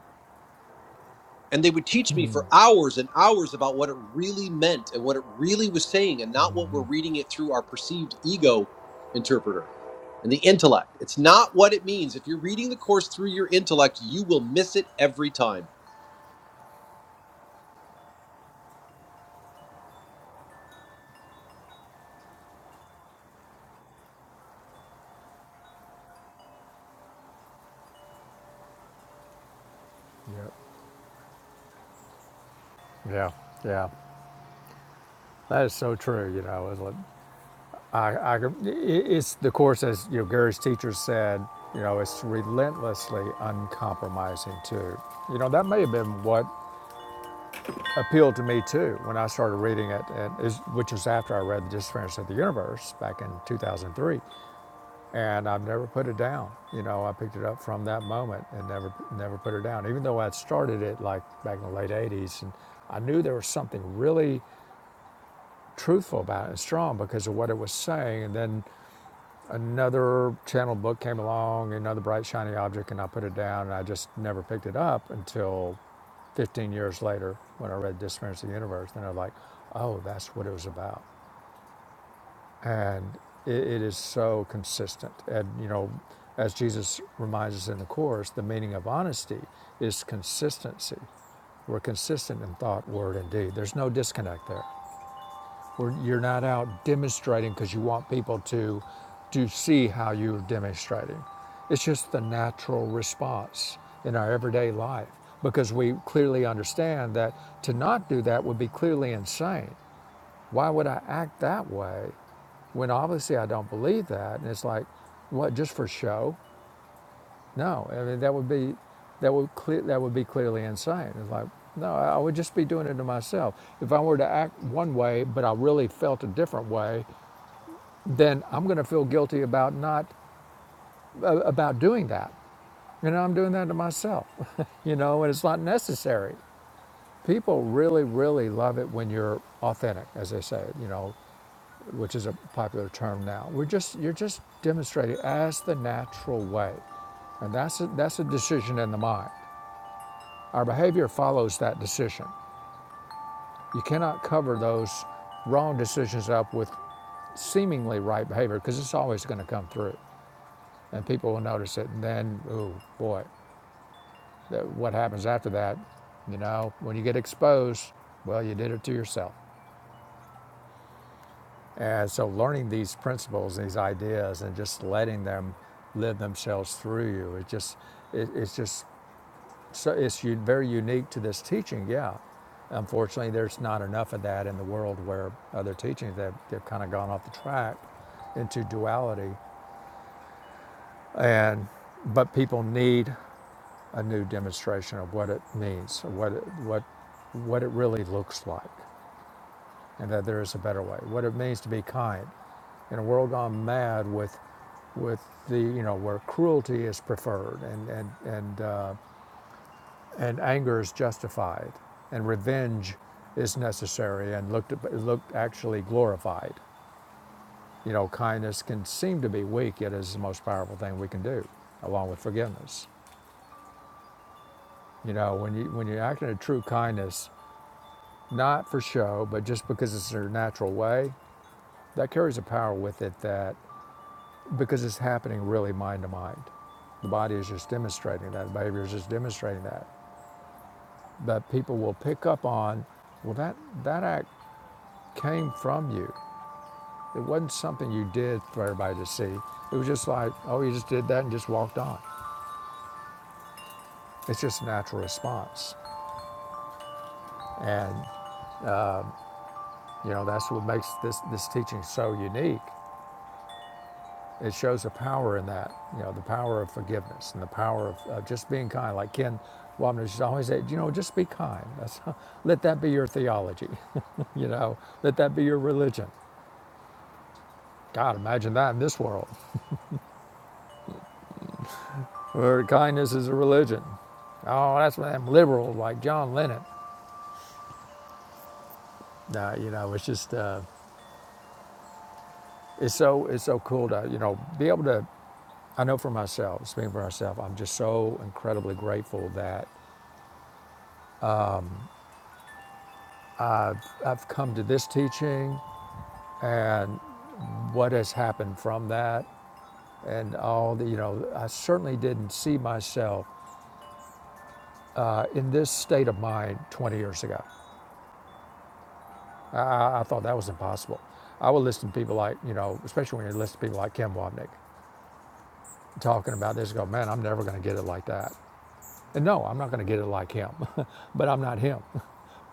Speaker 4: and they would teach me for hours and hours about what it really meant and what it really was saying and not what we're reading it through our perceived ego interpreter and the intellect it's not what it means if you're reading the course through your intellect you will miss it every time
Speaker 2: Yep. Yeah. Yeah. That is so true. You know, it's like, I, I, could- i- it's the course as you know, Gary's teacher said. You know, it's relentlessly uncompromising too. You know, that may have been what appealed to me too when I started reading it, and is, which was after I read The Disappearance of the Universe back in 2003. And I've never put it down. You know, I picked it up from that moment and never never put it down, even though I'd started it like back in the late 80s. And I knew there was something really truthful about it and strong because of what it was saying. And then another channel book came along, another bright, shiny object, and I put it down. And I just never picked it up until 15 years later when I read Disappearance of the Universe, and I'm like, oh, that's what it was about. And it, it is so consistent. And, you know, as Jesus reminds us in the Course, the meaning of honesty is consistency. We're consistent in thought, word, and deed. There's no disconnect there. Where you're not out demonstrating because you want people to to see how you're demonstrating. It's just the natural response in our everyday life because we clearly understand that to not do that would be clearly insane. Why would I act that way when obviously I don't believe that? And it's like, what? Just for show? No, I mean that would be that would clear, that would be clearly insane. It's like, no, I would just be doing it to myself. If I were to act one way, but I really felt a different way, then I'm going to feel guilty about not uh, about doing that. You know, I'm doing that to myself. you know, and it's not necessary. People really, really love it when you're authentic, as they say. You know, which is a popular term now. We're just you're just demonstrating as the natural way, and that's a, that's a decision in the mind. Our behavior follows that decision. You cannot cover those wrong decisions up with seemingly right behavior because it's always going to come through. and people will notice it. And then, oh boy, that, what happens after that? You know, when you get exposed, well, you did it to yourself. And so, learning these principles, these ideas, and just letting them live themselves through you, it just, it, it's just, so it's very unique to this teaching. Yeah, unfortunately, there's not enough of that in the world where other teachings they've, they've kind of gone off the track into duality, and but people need. a new demonstration of what it means, what it, what what it really looks like, and that there is a better way. What it means to be kind in a world gone mad with with the you know where cruelty is preferred and and and uh, and anger is justified and revenge is necessary and looked looked actually glorified. You know, kindness can seem to be weak, yet it is the most powerful thing we can do, along with forgiveness. You know, when you when you act in a true kindness, not for show, but just because it's their natural way, that carries a power with it that because it's happening really mind to mind. The body is just demonstrating that, the behavior is just demonstrating that. But people will pick up on, well, that, that act came from you. It wasn't something you did for everybody to see. It was just like, oh, you just did that and just walked on. It's just a natural response. And, you know, that's what makes this, this teaching so unique It shows the power in that, you know, the power of forgiveness and the power of, of just being kind. Like Ken Wapner just always said, you know, just be kind. That's, let that be your theology, you know, let that be your religion. God, imagine that in this world where kindness is a religion. Oh, that's what them liberals like John Lennon. No, you know, it's just, uh, it's so, it's so cool to, you know, be able to, I know for myself, speaking for myself, I'm just so incredibly grateful that I've come to this teaching and what has happened from that and all the, you know, I certainly didn't see myself uh, in this state of mind 20 years ago. I, I thought that was impossible. I would listen to people like, you know, especially when you listen to people like Kim Wapnick talking about this, go, man, I'm never going to get it like that. And no, I'm not going to get it like him, but I'm not him.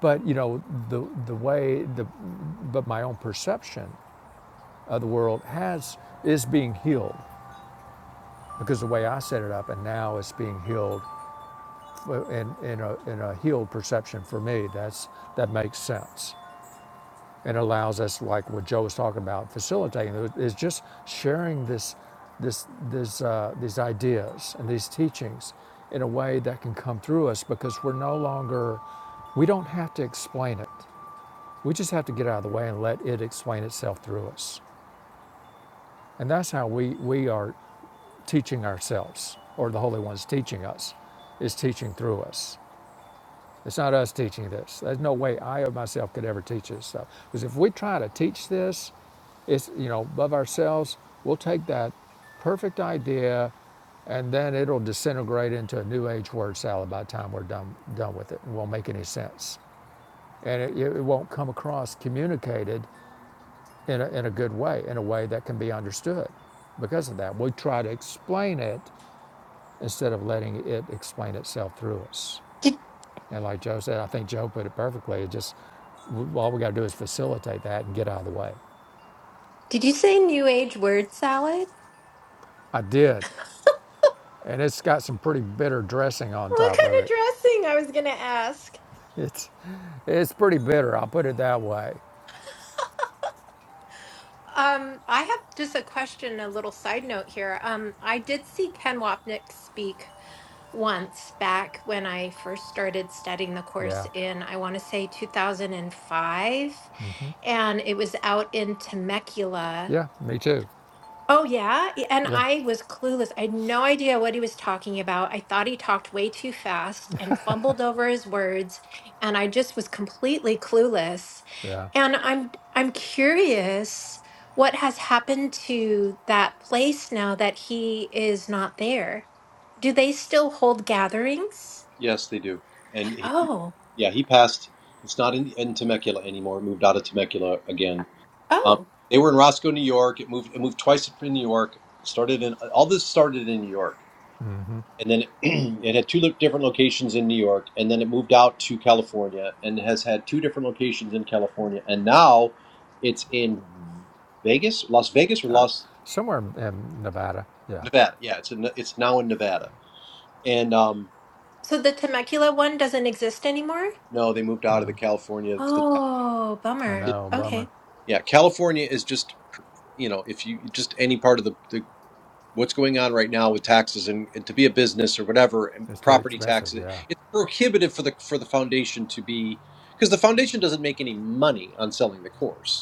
Speaker 2: But you know, the the way the but my own perception of the world has is being healed because the way I set it up and now it's being healed Well, in, in, a, in a healed perception for me that's that makes sense and allows us like what joe was talking about facilitating is just sharing this this this uh, these ideas and these teachings in a way that can come through us because we're no longer we don't have to explain it we just have to get out of the way and let it explain itself through us and that's how we we are teaching ourselves or the holy one's teaching us is teaching through us It's not us teaching this. There's no way I or myself could ever teach this stuff. Because if we try to teach this, it's you know above ourselves. We'll take that perfect idea, and then it'll disintegrate into a new age word salad by the time we're done done with it. It won't make any sense, and it, it won't come across communicated in a, in a good way, in a way that can be understood. Because of that, we try to explain it instead of letting it explain itself through us.
Speaker 3: Did
Speaker 2: And like Joe said, I think Joe put it perfectly. It just all we got to do is facilitate that and get out of the way.
Speaker 3: did you say new age word salad?
Speaker 2: I did, and it's got some pretty bitter dressing on
Speaker 3: What
Speaker 2: top
Speaker 3: kind
Speaker 2: of
Speaker 3: of
Speaker 2: it.
Speaker 3: dressing? I was going to ask.
Speaker 2: It's it's pretty bitter. I'll put it that way.
Speaker 3: Um, I have just a question, a little side note here. Um, I did see Ken Wapnick speak once back when I first started studying the
Speaker 2: Yeah,
Speaker 3: course in, I want to say 2005, and it was out in Temecula.
Speaker 2: yeah, me too.
Speaker 3: Oh, yeah. Y- And
Speaker 2: Yeah,
Speaker 3: I was clueless. I had no idea what he was talking about. I thought he talked way too fast and fumbled over his words, and I just was completely clueless.
Speaker 2: yeah,
Speaker 3: And I'm I'm curious what has happened to that place now that he is not there. Do they still hold gatherings?
Speaker 4: yes they do and he
Speaker 3: Oh.
Speaker 4: Yeah, he passed. It's not in, in Temecula anymore. It moved out of Temecula again. Um,
Speaker 3: Oh.
Speaker 4: they were in Roscoe, New York. It moved. It moved twice in New York. Started in all this started in New York, and then it had two lo- different locations in New York, and then it moved out to California, and has had two different locations in California, and now it's in Vegas, Las Vegas, or Las
Speaker 2: somewhere in Nevada. Yeah,
Speaker 4: Nevada. Yeah, it's in, it's now in Nevada, and um,
Speaker 3: So the Temecula one doesn't exist anymore?
Speaker 4: no, they moved out of the California. The
Speaker 3: Oh,
Speaker 2: I
Speaker 3: bummer.
Speaker 2: know. Bummer.
Speaker 3: Okay.
Speaker 4: Yeah, California is just, you know, if you just any part of the, the what's going on right now with taxes and, and to be a business or whatever and
Speaker 2: It's too
Speaker 4: property
Speaker 2: expensive.
Speaker 4: taxes,
Speaker 2: Yeah.
Speaker 4: it's prohibitive for the for the foundation to be because the foundation doesn't make any money on selling the course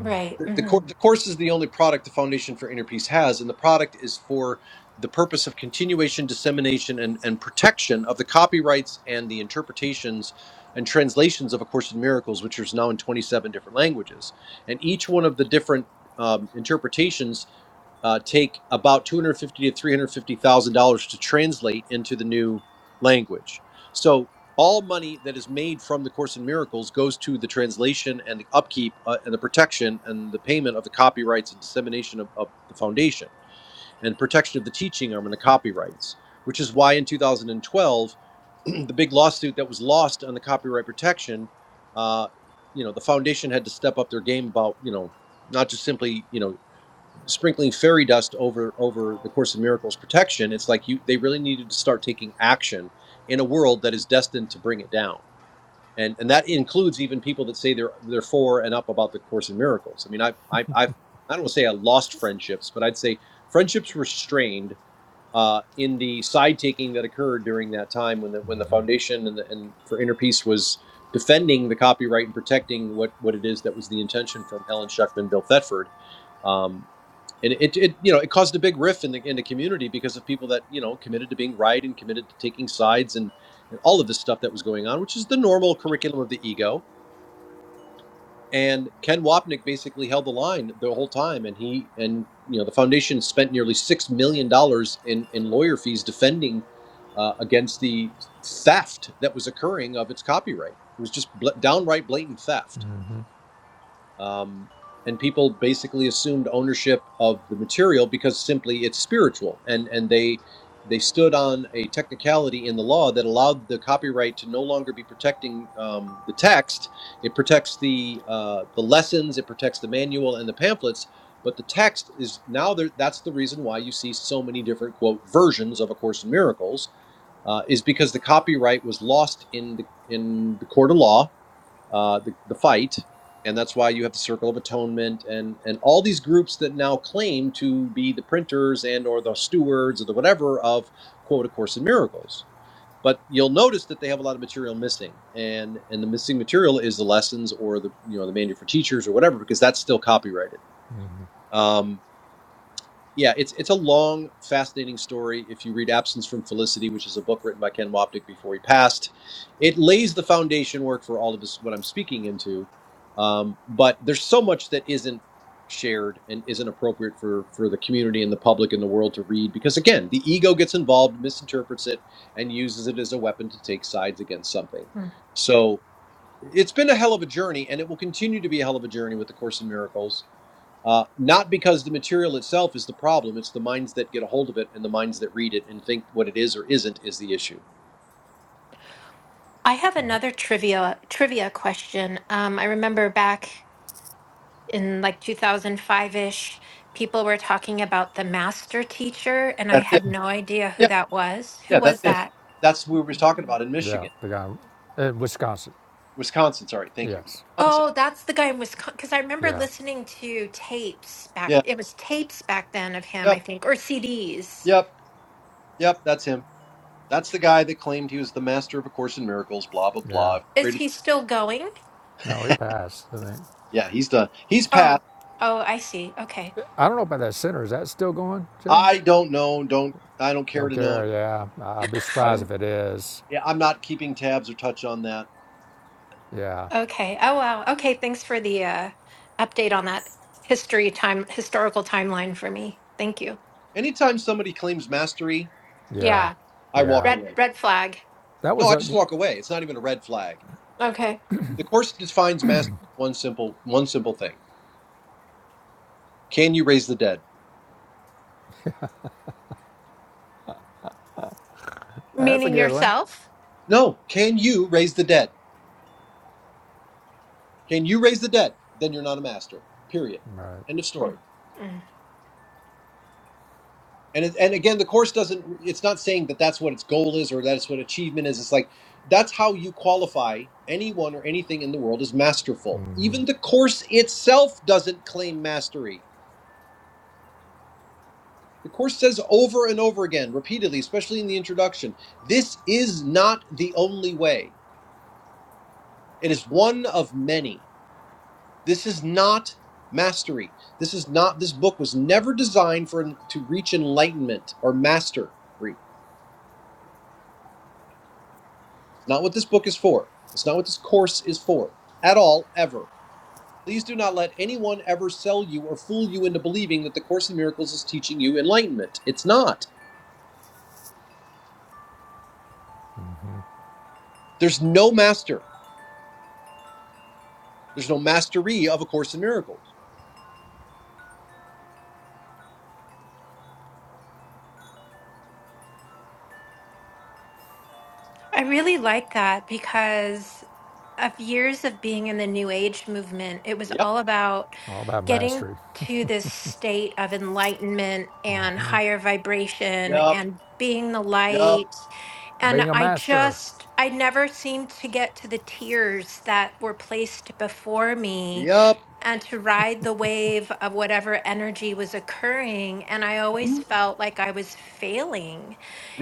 Speaker 3: Right.
Speaker 4: the, cour
Speaker 3: hmm
Speaker 4: the course is the only product the foundation for inner peace has and the product is for the purpose of continuation dissemination and, and protection of the copyrights and the interpretations and translations of a course in miracles which is now in 27 different languages and each one of the different um, interpretations uh, take about two hundred fifty thousand dollars to three hundred fifty thousand dollars to translate into the new language. So all money that is made from the Course in Miracles goes to the translation and the upkeep uh, and the protection and the payment of the copyrights and dissemination of, of the foundation and protection of the teaching arm and the copyrights. Which is why in 2012, the big lawsuit that was lost on the copyright protection, uh, you know, the foundation had to step up their game about, you know, not just simply, you know, sprinkling fairy dust over over the course of miracles protection it's like you they really needed to start taking action in a world that is destined to bring it down and and that includes even people that say they're they're for and up about the course in miracles i mean i i I've, i don't want to say i lost friendships but i'd say friendships were strained uh, in the side taking that occurred during that time when the when the foundation and the, and for inner peace was defending the copyright and protecting what what it is that was the intention from helen schuckman bill thetford um, and it, it you know it caused a big rift in the in the community because of people that you know committed to being right and committed to taking sides and and all of this stuff that was going on, which is the normal curriculum of the ego. And Ken Wapnick basically held the line the whole time, and he and you know the foundation spent nearly six million dollars in in lawyer fees defending uh, against the theft that was occurring of its copyright. It was just bl- downright blatant theft um, and people basically assumed ownership of the material because simply it's spiritual and and they they stood on a technicality in the law that allowed the copyright to no longer be protecting um, the text it protects the uh, the lessons it protects the manual and the pamphlets but the text is now there, that's the reason why you see so many different quote versions of a course in miracles uh, is because the copyright was lost in the in the court of law uh, the, the fight, and that's why you have the Circle of Atonement and and all these groups that now claim to be the printers and or the stewards or the whatever of quote A Course in Miracles. But you'll notice that they have a lot of material missing, and and the missing material is the lessons or the you know the manual for teachers or whatever because that's still copyrighted. Um, yeah, it's it's a long, fascinating story. If you read Absence from Felicity, which is a book written by Ken Wapnick before he passed, it lays the foundation work for all of this what I'm speaking into. Um, but there's so much that isn't shared and isn't appropriate for for the community and the public and the world to read because again, the ego gets involved, misinterprets it, and uses it as a weapon to take sides against something. So it's been a hell of a journey, and it will continue to be a hell of a journey with the Course in Miracles uh, not because the material itself is the problem, it's the minds that get a hold of it and the minds that read it and think what it is or isn't is the issue.
Speaker 3: I have
Speaker 2: Yep.
Speaker 3: another trivia trivia question. Um, I remember back in like 2005-ish, people were talking about the master teacher, and I
Speaker 4: That's it.
Speaker 3: had no idea who
Speaker 4: Yeah,
Speaker 3: that was. Who
Speaker 4: yeah, that's
Speaker 3: was
Speaker 4: it.
Speaker 3: that?
Speaker 4: That's what we were talking about in
Speaker 2: Yeah,
Speaker 4: Michigan,
Speaker 2: the guy in Wisconsin.
Speaker 4: Wisconsin. Sorry, thank you.
Speaker 2: Yes.
Speaker 4: Wisconsin.
Speaker 3: Oh, that's the guy in Wisconsin. Because I remember
Speaker 2: Yeah.
Speaker 3: listening to tapes back.
Speaker 4: Yeah,
Speaker 3: It was tapes back then of him, I
Speaker 4: yep,
Speaker 3: think, or CDs.
Speaker 4: yep, yep, that's him. That's the guy that claimed he was the master of A Course in Miracles, blah, blah,
Speaker 2: Yeah.
Speaker 4: blah.
Speaker 3: Is
Speaker 4: Created,
Speaker 3: he still going?
Speaker 2: No, he passed. I think.
Speaker 4: yeah, he's done. He's
Speaker 3: Oh,
Speaker 4: passed.
Speaker 3: oh, I see. Okay,
Speaker 2: I don't know about that center. Is that still going, Joe?
Speaker 4: I don't know. Don't I don't care
Speaker 2: Don't
Speaker 4: to know.
Speaker 2: care. Yeah, I-
Speaker 4: It-
Speaker 2: would be
Speaker 4: I
Speaker 2: surprised
Speaker 4: don't.
Speaker 2: if it is.
Speaker 4: Yeah, I'm not keeping tabs or touch on that.
Speaker 2: Yeah,
Speaker 3: okay. Oh, wow. Okay, thanks for the uh, update on that history time historical timeline for me. Thank you.
Speaker 4: Anytime somebody claims mastery,
Speaker 2: yeah,
Speaker 3: Yeah.
Speaker 4: I walk
Speaker 2: yeah.
Speaker 3: Red
Speaker 4: away.
Speaker 3: red flag.
Speaker 2: That
Speaker 4: No,
Speaker 2: was
Speaker 4: I
Speaker 2: a
Speaker 4: just walk away. It's not even a red flag.
Speaker 3: Okay.
Speaker 4: The course defines mastery as one simple one simple thing. Can you raise the dead?
Speaker 2: That's a
Speaker 3: Meaning
Speaker 2: good one.
Speaker 3: yourself?
Speaker 4: No. Can you raise the dead? Can you raise the dead? Then you're not a master. Period.
Speaker 2: right.
Speaker 4: End of story.
Speaker 3: Mm. Mm.
Speaker 4: And it, and again, the course doesn't. It's not saying that that's what its goal is or that's what achievement is. It's like that's how you qualify anyone or anything in the world as masterful. Even the course itself doesn't claim mastery. The Course says over and over again, repeatedly, especially in the introduction, this is not the only way. It is one of many. This is not mastery. This is not, this book was never designed for to reach enlightenment or mastery. It's not what this book is for. It's not what this course is for at all, ever. Please do not let anyone ever sell you or fool you into believing that the Course in Miracles is teaching you enlightenment. It's not. There's no master. There's no mastery of a Course in Miracles.
Speaker 3: I really like that because of years of being in the new age movement it was
Speaker 4: Yep.
Speaker 3: all about
Speaker 2: All about
Speaker 3: getting
Speaker 2: mastery,
Speaker 3: to this state of enlightenment and higher vibration
Speaker 4: Yep.
Speaker 3: and being the
Speaker 4: Yep.
Speaker 3: light and
Speaker 2: being a
Speaker 3: i
Speaker 2: master.
Speaker 3: just i never seemed to get to the tiers that were placed before me
Speaker 4: Yup.
Speaker 3: and to ride the wave of whatever energy was occurring and i always felt like i was failing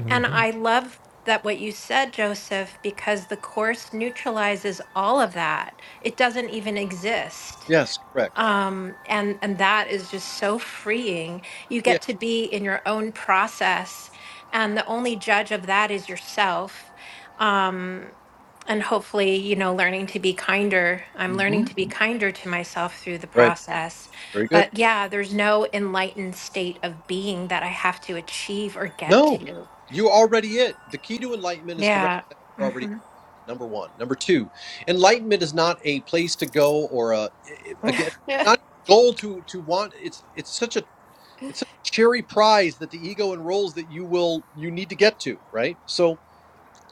Speaker 3: and I love that what you said, Joseph, because the course neutralizes all of that. It doesn't even exist.
Speaker 4: Yes, correct.
Speaker 3: Um, and and that is just so freeing. You
Speaker 4: Yeah.
Speaker 3: get to be in your own process, and the only judge of that is yourself. Um, and hopefully, you know, learning to be kinder. I'm learning to
Speaker 4: hmm
Speaker 3: be kinder to myself through the
Speaker 4: Right.
Speaker 3: process.
Speaker 4: Very good.
Speaker 3: But yeah, there's no enlightened state of being that I have to achieve or get
Speaker 4: No,
Speaker 3: to.
Speaker 4: you already it. The key to enlightenment is to
Speaker 3: Yeah.
Speaker 4: recognize you're already
Speaker 3: hmm
Speaker 4: number one. Number two, enlightenment is not a place to go or a again
Speaker 3: Yeah.
Speaker 4: not a goal to to want. It's it's such a it's such a cherry prize that the ego enrolls that you will you need to get to right. So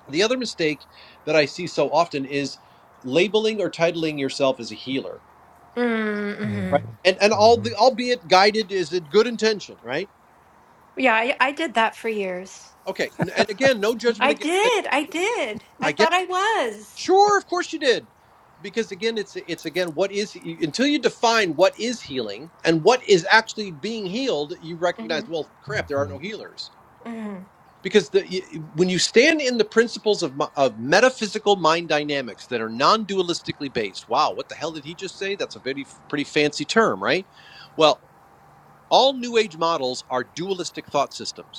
Speaker 4: the other mistake that I see so often is labeling or titling yourself as a healer
Speaker 3: Mm-hmm.
Speaker 4: right and and all the albeit guided is in good intention right
Speaker 3: Yeah, I, I did that for years.
Speaker 4: okay n- and again no judgment
Speaker 3: I
Speaker 4: against it
Speaker 3: did. I did. I
Speaker 4: i get
Speaker 3: thought I
Speaker 4: it
Speaker 3: was.
Speaker 4: sure of course you did because again it's it's again what is until you define what is healing and what is actually being healed you recognize
Speaker 3: hmm
Speaker 4: well crap there are no healers
Speaker 3: hmm
Speaker 4: because the, y- when you stand in the principles of, mi- of metaphysical mind dynamics that are non-dualistically based wow what the hell did he just say that's a pretty, pretty fancy term right well all new age models are dualistic thought systems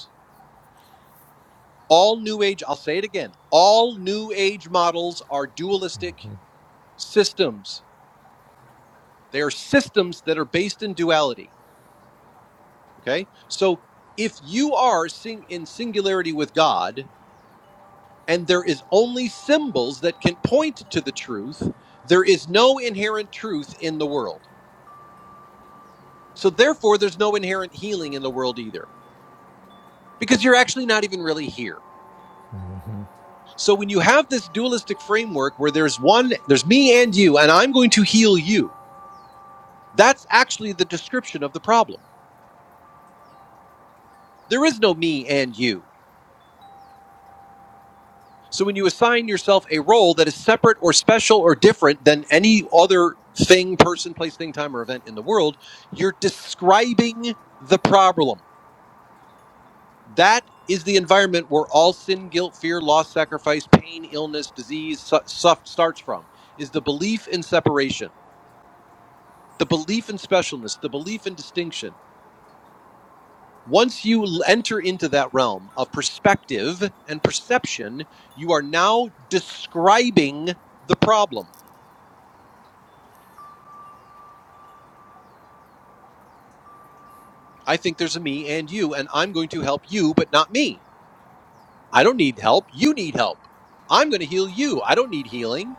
Speaker 4: all new age i'll say it again all new age models are dualistic systems they are systems that are based in duality okay so if you are sing- in singularity with god and there is only symbols that can point to the truth there is no inherent truth in the world so therefore there's no inherent healing in the world either because you're actually not even really here so when you have this dualistic framework where there's one there's me and you and i'm going to heal you That's actually the description of the problem. There is no me and you. So when you assign yourself a role that is separate or special or different than any other thing, person, place, thing, time, or event in the world, you're describing the problem. That is the environment where all sin, guilt, fear, loss, sacrifice, pain, illness, disease su- suff- starts from, is the belief in separation, the belief in specialness, the belief in distinction Once you enter into that realm of perspective and perception, you are now describing the problem. I think there's a me and you, and I'm going to help you, but not me. I don't need help. You need help. I'm going to heal you. I don't need healing.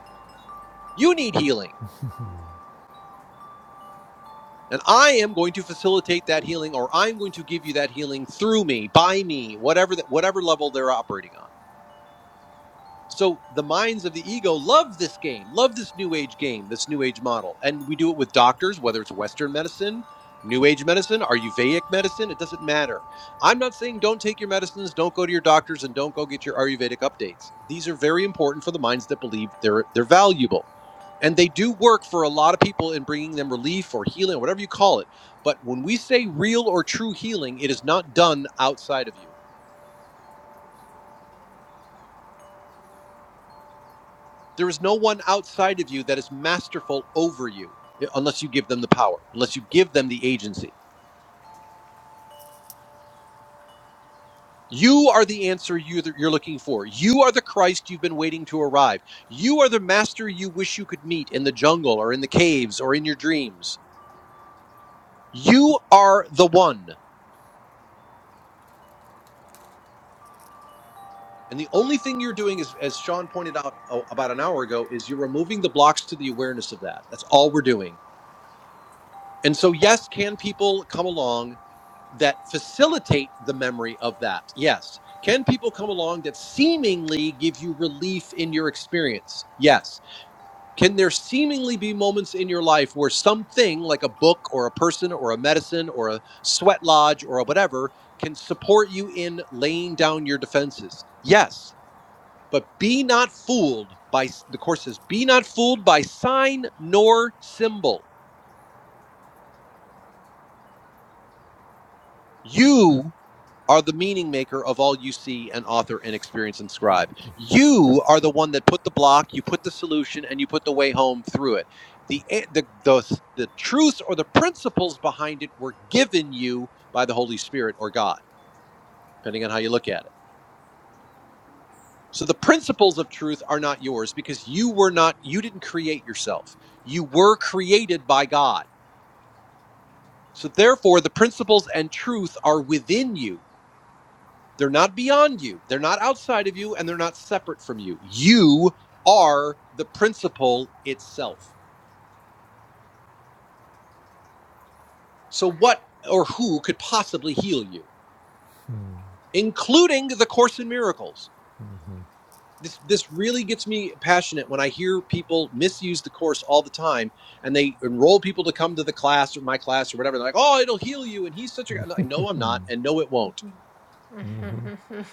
Speaker 4: You need healing. And I am going to facilitate that healing, or I'm going to give you that healing through me, by me, whatever that, whatever level they're operating on. So the minds of the ego love this game, love this new age game, this new age model. And we do it with doctors, whether it's Western medicine, new age medicine, Ayurvedic medicine, it doesn't matter. I'm not saying don't take your medicines, don't go to your doctors, and don't go get your Ayurvedic updates. These are very important for the minds that believe they're they're valuable. And they do work for a lot of people in bringing them relief or healing, or whatever you call it. But when we say real or true healing, it is not done outside of you. There is no one outside of you that is masterful over you eh, unless you give them the power, unless you give them the agency. You are the answer you- are looking for. You are the Christ you've been waiting to arrive. You are the master you wish you could meet in the jungle or in the caves or in your dreams. You are the one. And the only thing you're doing is, as Sean pointed out oh, about an hour ago, is you're removing the blocks to the awareness of that. That's all we're doing. And so, yes, can people come along that facilitate the memory of that? Yes. Can people come along that seemingly give you relief in your experience? Yes. Can there seemingly be moments in your life where something like a book or a person or a medicine or a sweat lodge or a whatever can support you in laying down your defenses? Yes. But be not fooled by, the course says, be not fooled by sign nor symbol. You are the meaning maker of all you see and author and experience and scribe. You are the one that put the block, you put the solution, and you put the way home through it. The the the, the truths or the principles behind it were given you by the Holy Spirit or God, depending on how you look at it. So the principles of truth are not yours because you were not you didn't create yourself. You were created by God. So therefore the principles and truth are within you They're not beyond you. They're not outside of you and they're not separate from you. You are the principle itself. So what or who could possibly heal you, including the course in miracles? This this really gets me passionate when I hear people misuse the course all the time and they enroll people to come to the class or my class or whatever. They're like, "Oh, it'll heal you," and he's such a. I'm like, no, I'm not, and no, it won't.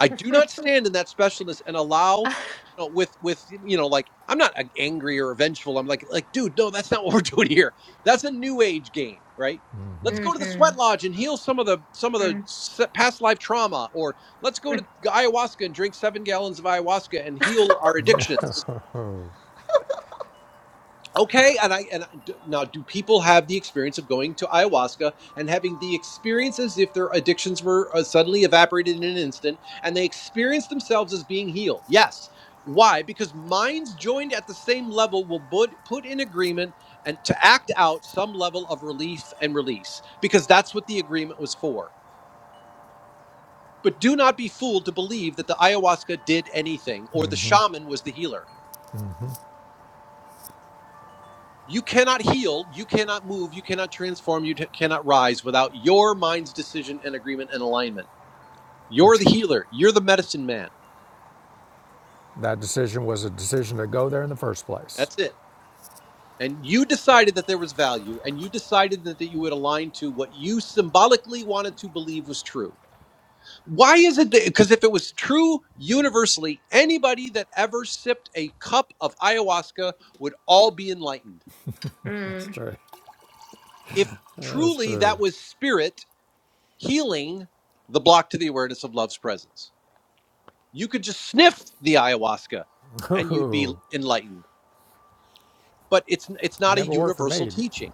Speaker 4: I do not stand in that specialness and allow you know, with with you know like I'm not a- angry or vengeful. I'm like like dude, no, that's not what we're doing here. That's a new age game, right? Let's go to the sweat lodge and heal some of the some of the s- past life trauma, or let's go to ayahuasca and drink seven gallons of ayahuasca and heal our addictions Okay, and I and I, d- now do people have the experience of going to ayahuasca and having the experience as if their addictions were uh, suddenly evaporated in an instant and they experience themselves as being healed? Yes. Why? Because minds joined at the same level will put, put in agreement and to act out some level of relief and release because that's what the agreement was for. But do not be fooled to believe that the ayahuasca did anything or the shaman was the healer. You cannot heal, you cannot move, you cannot transform, you t- cannot rise without your mind's decision and agreement and alignment. You're
Speaker 2: Which
Speaker 4: the healer, you're the medicine man.
Speaker 2: that decision was a decision to go there in the first place.
Speaker 4: That's it. And you decided that there was value, and you decided that, that you would align to what you symbolically wanted to believe was true. Why is it Because if it was true universally, anybody that ever sipped a cup of ayahuasca would all be enlightened.
Speaker 2: That's
Speaker 3: Mm.
Speaker 2: true.
Speaker 4: If
Speaker 2: That's
Speaker 4: truly
Speaker 2: true.
Speaker 4: that was spirit healing the block to the awareness of love's presence you could just sniff the ayahuasca and you'd be
Speaker 2: Ooh,
Speaker 4: enlightened but it's it's not a
Speaker 2: never worked for
Speaker 4: universal
Speaker 2: me.
Speaker 4: teaching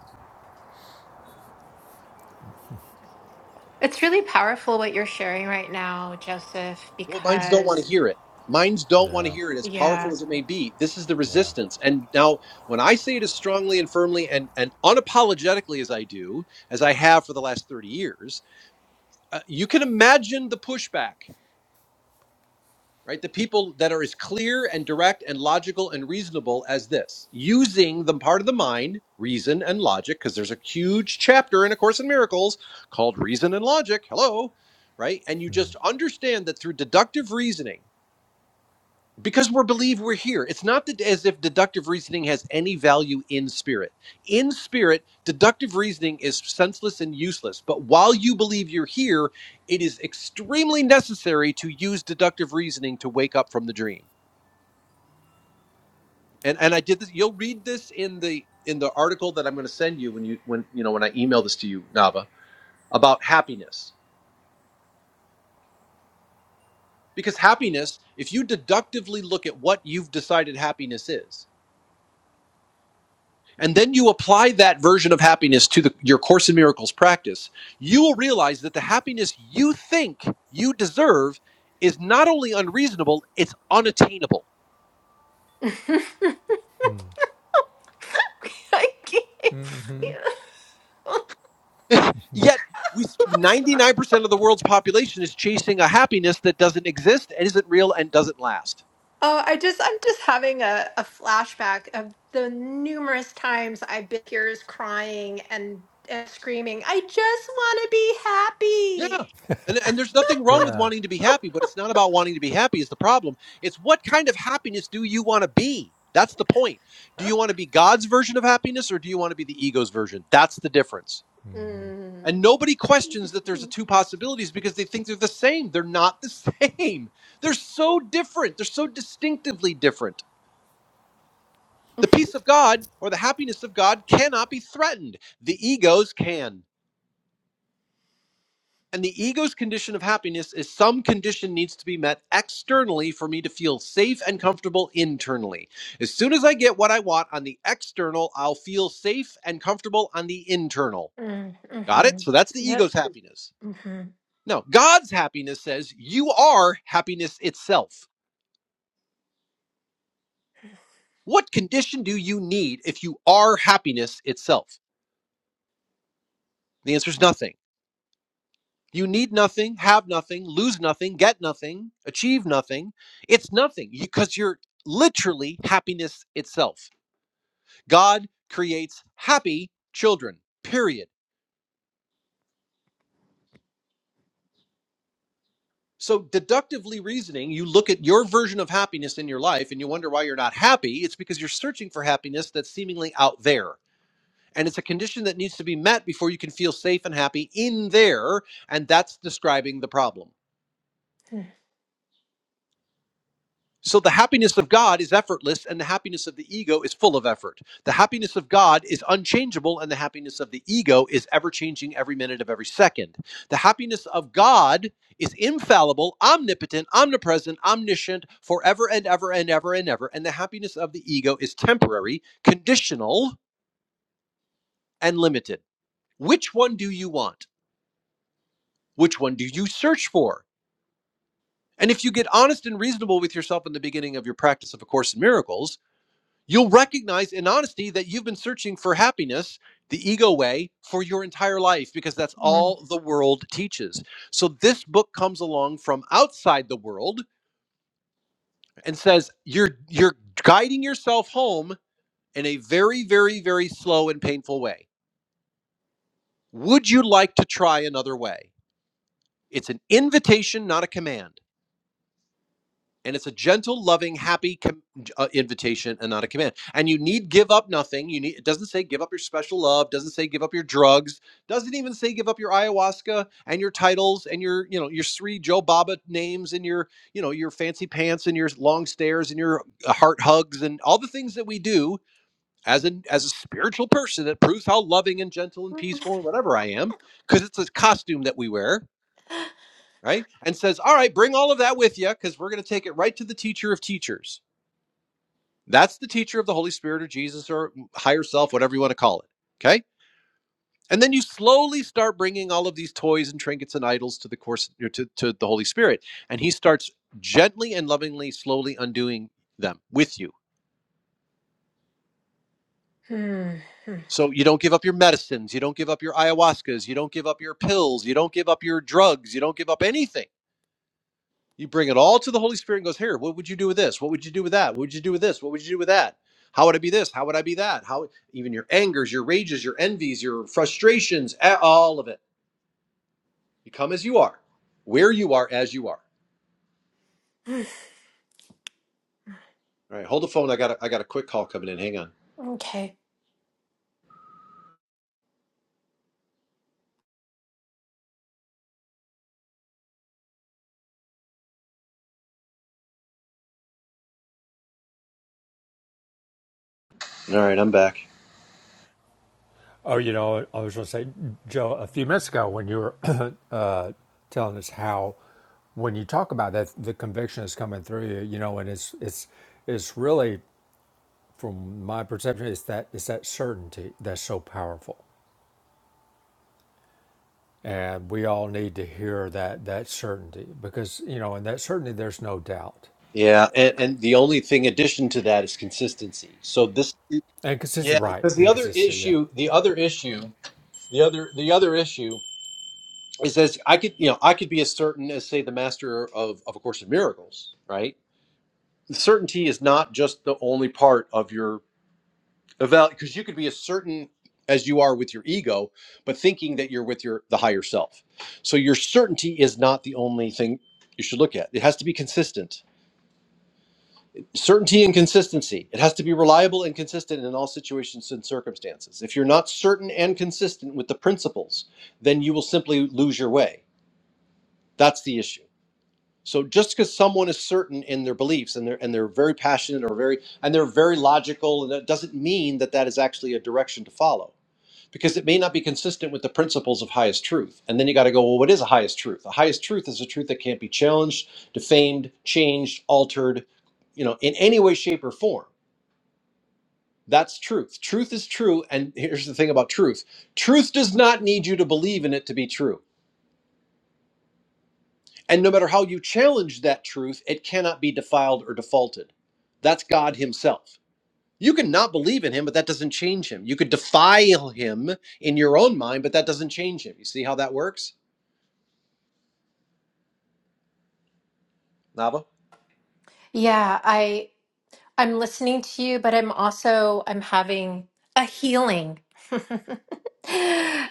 Speaker 3: It's really powerful what you're sharing right now, Joseph,
Speaker 4: well minds don't want to
Speaker 3: because
Speaker 4: hear it minds don't want to
Speaker 2: Yeah,
Speaker 4: hear it as powerful
Speaker 3: yeah.
Speaker 4: as it may be this is the
Speaker 2: yeah,
Speaker 4: resistance and now when i say it as strongly and firmly and and unapologetically as i do as i have for the last 30 years uh, you can imagine the pushback right? The people that are as clear and direct and logical and reasonable as this, using the part of the mind, reason and logic, because there's a huge chapter in A Course in Miracles called Reason and Logic. Hello, right? And you just understand that through deductive reasoning, because we believe we're here it's not that as if deductive reasoning has any value in spirit in spirit deductive reasoning is senseless and useless but while you believe you're here it is extremely necessary to use deductive reasoning to wake up from the dream and and i did this you'll read this in the in the article that i'm going to send you when you when you know when i email this to you nava about happiness because happiness if you deductively look at what you've decided happiness is and then you apply that version of happiness to the, your Course in Miracles practice, you will realize that the happiness you think you deserve is not only unreasonable, it's unattainable.
Speaker 3: I can't.
Speaker 4: Yet, we, 99% of the world's population is chasing a happiness that doesn't exist and isn't real and doesn't last.
Speaker 3: Oh, I just I'm just having a, a flashback of the numerous times I've been tears crying and, and screaming, I just want to be
Speaker 4: Yeah.
Speaker 3: happy.
Speaker 4: And, and there's nothing wrong with
Speaker 2: yeah.
Speaker 4: wanting to be happy, but it's not about wanting to be happy is the problem. It's what kind of happiness do you want to be? That's the point. Do you want to be God's version of happiness or do you want to be the ego's version? That's the difference.
Speaker 3: Mm.
Speaker 4: And nobody questions that there's the two possibilities because they think they're the same. They're not the same. They're so different. They're so distinctively different. The peace of God or the happiness of God cannot be threatened. The egos can. And the ego's condition of happiness is some condition needs to be met externally for me to feel safe and comfortable internally. As soon as I get what I want on the external, I'll feel safe and comfortable on the internal.
Speaker 3: Mm,
Speaker 4: Got it?
Speaker 3: mhm.
Speaker 4: So that's the
Speaker 3: Yep.
Speaker 4: ego's happiness.
Speaker 3: Mhm.
Speaker 4: No, God's happiness says you are happiness itself. What condition do you need if you are happiness itself? The answer is nothing. You need nothing, have nothing, lose nothing, get nothing, achieve nothing. It's nothing because you're literally happiness itself. God creates happy children, period. So, deductively reasoning, you look at your version of happiness in your life and you wonder why you're not happy. It's because you're searching for happiness that's seemingly out there. And it's a condition that needs to be met before you can feel safe and happy in there. And that's describing the problem.
Speaker 3: Mm,
Speaker 4: So the happiness of God is effortless, and the happiness of the ego is full of effort. The happiness of God is unchangeable, and the happiness of the ego is ever changing every minute of every second. The happiness of God is infallible, omnipotent, omnipresent, omniscient, forever and ever and ever and ever. And the happiness of the ego is temporary, conditional, and limited. Which one do you want? Which one do you search for? And if you get honest and reasonable with yourself in the beginning of your practice of A Course in Miracles, You'll recognize in honesty that you've been searching for happiness the ego way for your entire life because that's
Speaker 3: mm.
Speaker 4: all the world teaches. So this book comes along from outside the world and says you're you're guiding yourself home in a very very very slow and painful way. Would you like to try another way? It's an invitation, not a command. and it's a gentle loving happy com- uh, invitation and not a command and you need give up nothing you need it doesn't say give up your special love doesn't say give up your drugs doesn't even say give up your ayahuasca and your titles and your you know your three joe baba names and your you know your fancy pants and your long stares and your uh, heart hugs and all the things that we do as an as a spiritual person that proves how loving and gentle and peaceful and whatever i am because it's a costume that we wear right? And says, All right, bring all of that with you because we're going to take it right to the teacher of teachers. That's the teacher of the Holy Spirit or Jesus or higher self, whatever you want to call it. Okay. And then you slowly start bringing all of these toys and trinkets and idols to the course, to, to the Holy Spirit. And he starts gently and lovingly, slowly undoing them with you.
Speaker 3: Mm,
Speaker 4: So you don't give up your medicines. You don't give up your ayahuascas. You don't give up your pills. You don't give up your drugs. You don't give up anything You bring it all to the Holy Spirit and goes, Here, what would you do with this? What would you do with that? What would you do with this? What would you do with that? How would I be this? How would I be that? How even your angers, your rages, your envies, your frustrations, a- all of it. You come as you are, where you are as you are.
Speaker 3: mm.
Speaker 4: All right, hold the phone. I got a, I got a quick call coming in. Hang on.
Speaker 3: Okay.
Speaker 4: All right, I'm back.
Speaker 2: Oh, you know, I was going to say, Joe, a few minutes ago when you were uh, telling us how, when you talk about that, the conviction is coming through you, you know, and it's it's it's really, from my perception, it's that it's that certainty that's so powerful, and we all need to hear that that certainty because you know, in that certainty, there's no doubt
Speaker 4: Yeah, and, and the only thing addition to that is consistency. So this,
Speaker 2: and consistency,
Speaker 4: yeah,
Speaker 2: right?
Speaker 4: because the
Speaker 2: And
Speaker 4: other
Speaker 2: consistency, yeah.
Speaker 4: issue, the other issue, the other the other issue. It says I could, you know, I could be as certain as say the master of of a course in miracles, right? Certainty is not just the only part of your eval because you could be as certain as you are with your ego, but thinking that you're with your the higher self. So your certainty is not the only thing you should look at. It has to be consistent. Certainty and consistency. It has to be reliable and consistent in all situations and circumstances. If you're not certain and consistent with the principles, then you will simply lose your way. That's the issue So just because someone is certain in their beliefs and they're and they're very passionate or very and they're very logical, and that doesn't mean that that is actually a direction to follow, because it may not be consistent with the principles of highest truth. And then you got to go, well, what is a highest truth? A highest truth is a truth that can't be challenged, defamed, changed, altered, you know, in any way, shape, or form. That's truth. Truth is true. And here's the thing about truth: truth does not need you to believe in it to be true. And no matter how you challenge that truth, it cannot be defiled or defaulted. That's God Himself. You can not believe in Him, but that doesn't change Him. You could defile Him in your own mind, but that doesn't change Him. You see how that works, Nava?
Speaker 3: Yeah, I I'm listening to you, but I'm also I'm having a healing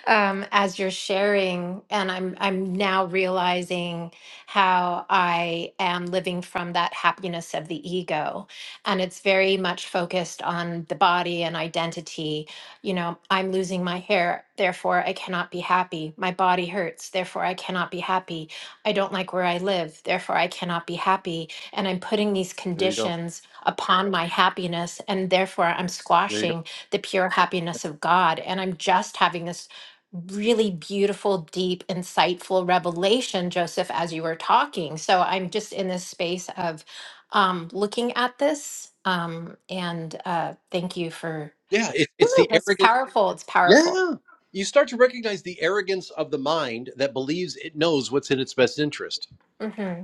Speaker 3: um, as you're sharing, and I'm I'm now realizing how I am living from that happiness of the ego, and it's very much focused on the body and identity. You know, I'm losing my hair, therefore I cannot be happy. My body hurts, therefore I cannot be happy. I don't like where I live, therefore I cannot be happy. And I'm putting these
Speaker 4: There you go.
Speaker 3: conditions upon my happiness, and therefore I'm
Speaker 4: There you go.
Speaker 3: squashing the pure happiness of God. And I'm just having this really beautiful, deep, insightful revelation, Joseph, as you were talking. So I'm just in this space of um, looking at this. Um, and uh, thank you for
Speaker 4: Yeah, it, it's
Speaker 3: Woo,
Speaker 4: the
Speaker 3: that's
Speaker 4: arrogance.
Speaker 3: powerful. It's powerful.
Speaker 4: Yeah. You start to recognize the arrogance of the mind that believes it knows what's in its best interest.
Speaker 3: hmm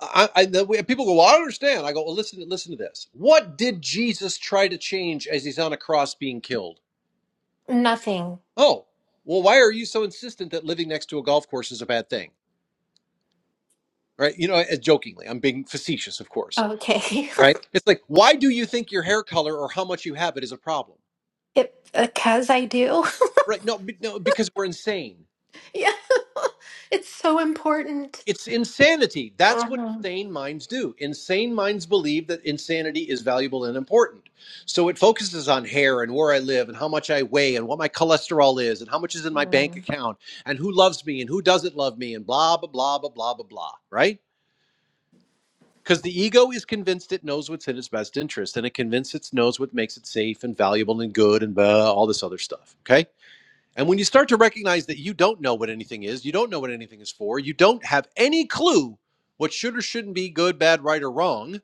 Speaker 4: I, I, the way, people go, well, I don't understand. I go, well, listen, listen to this. What did Jesus try to change as he's on a cross being killed?
Speaker 3: Nothing.
Speaker 4: Oh, well, why are you so insistent that living next to a golf course is a bad thing? Right? You know, uh, jokingly, I'm being facetious, of course.
Speaker 3: Okay.
Speaker 4: Right? It's like, why do you think your hair color or how much you have it is a problem?
Speaker 3: it, because I do.
Speaker 4: Right? No, be- no, because we're insane.
Speaker 3: yeah. it's so important.
Speaker 4: It's insanity. That's what
Speaker 3: Mhm.
Speaker 4: insane minds do. Insane minds believe that insanity is valuable and important. So it focuses on hair and where I live and how much I weigh and what my cholesterol is and how much is in my bank account and who loves me and who doesn't love me and blah, blah, blah, blah, blah, blah, blah. Right? Because the ego is convinced it knows what's in its best interest, and it convinced it knows what makes it safe and valuable and good and blah, all this other stuff. Okay. And when you start to recognize that you don't know what anything is, you don't know what anything is for, you don't have any clue what should or shouldn't be good, bad, right, or wrong,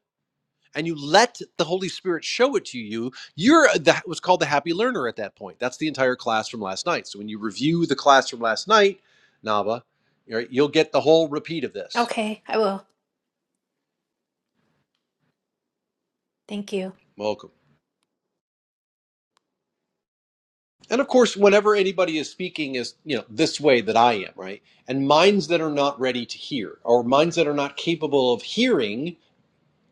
Speaker 4: and you let the Holy Spirit show it to you, you're that was called the happy learner at that point. That's the entire class from last night. So when you review the class from last night, Nava, you're- right, you'll get the whole repeat of this.
Speaker 3: Okay, I will. Thank you.
Speaker 4: Welcome. And of course, whenever anybody is speaking is, you know, this way that I am, right? And minds that are not ready to hear or minds that are not capable of hearing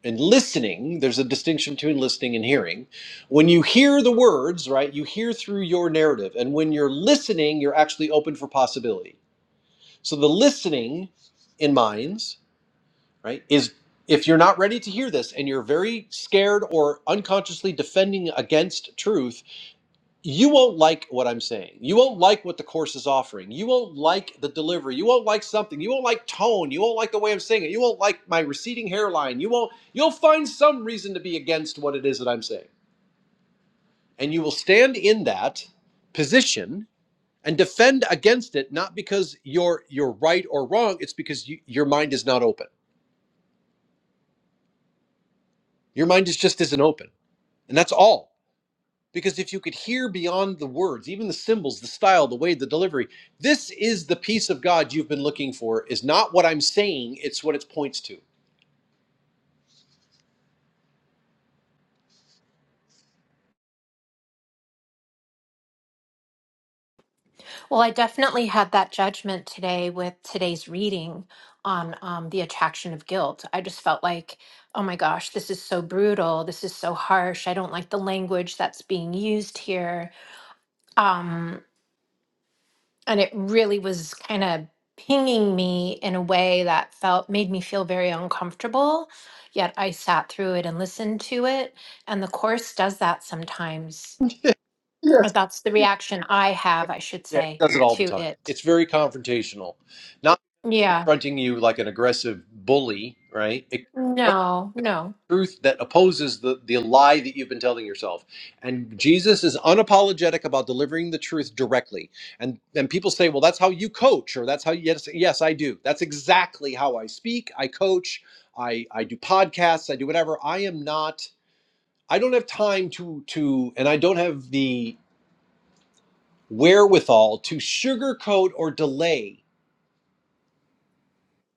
Speaker 4: and listening, there's a distinction between listening and hearing. When you hear the words, right, you hear through your narrative. And when you're listening, you're actually open for possibility. So the listening in minds, right, is if you're not ready to hear this and you're very scared or unconsciously defending against truth, you won't like what I'm saying. You won't like what the course is offering. You won't like the delivery. You won't like something. You won't like tone. You won't like the way I'm saying it. You won't like my receding hairline. You won't you'll find some reason to be against what it is that I'm saying. And you will stand in that position and defend against it not because you're you're right or wrong, it's because you, your mind is not open. Your mind is just isn't open. And that's all Because if you could hear beyond the words, even the symbols, the style, the way, the delivery, this is the peace of God you've been looking for, is not what I'm saying, it's what it points to.
Speaker 3: Well, I definitely had that judgment today with today's reading on um, the attraction of guilt. I just felt like, oh my gosh, this is so brutal. This is so harsh. I don't like the language that's being used here. Um, and it really was kind of pinging me in a way that felt made me feel very uncomfortable. Yet I sat through it and listened to it. And the course does that sometimes.
Speaker 4: Yes.
Speaker 3: But that's the reaction I have, I should
Speaker 4: Yeah, he
Speaker 3: say,
Speaker 4: does it all
Speaker 3: to
Speaker 4: the time.
Speaker 3: it.
Speaker 4: It's very confrontational, not
Speaker 3: Yeah.
Speaker 4: confronting you like an aggressive bully, right? It
Speaker 3: No, no.
Speaker 4: truth that opposes the, the lie that you've been telling yourself. And Jesus is unapologetic about delivering the truth directly. And and people say, well, that's how you coach, or that's how yes, yes, I do. That's exactly how I speak. I coach, I, I do podcasts, I do whatever. I am not, I don't have time to to and I don't have the wherewithal to sugarcoat or delay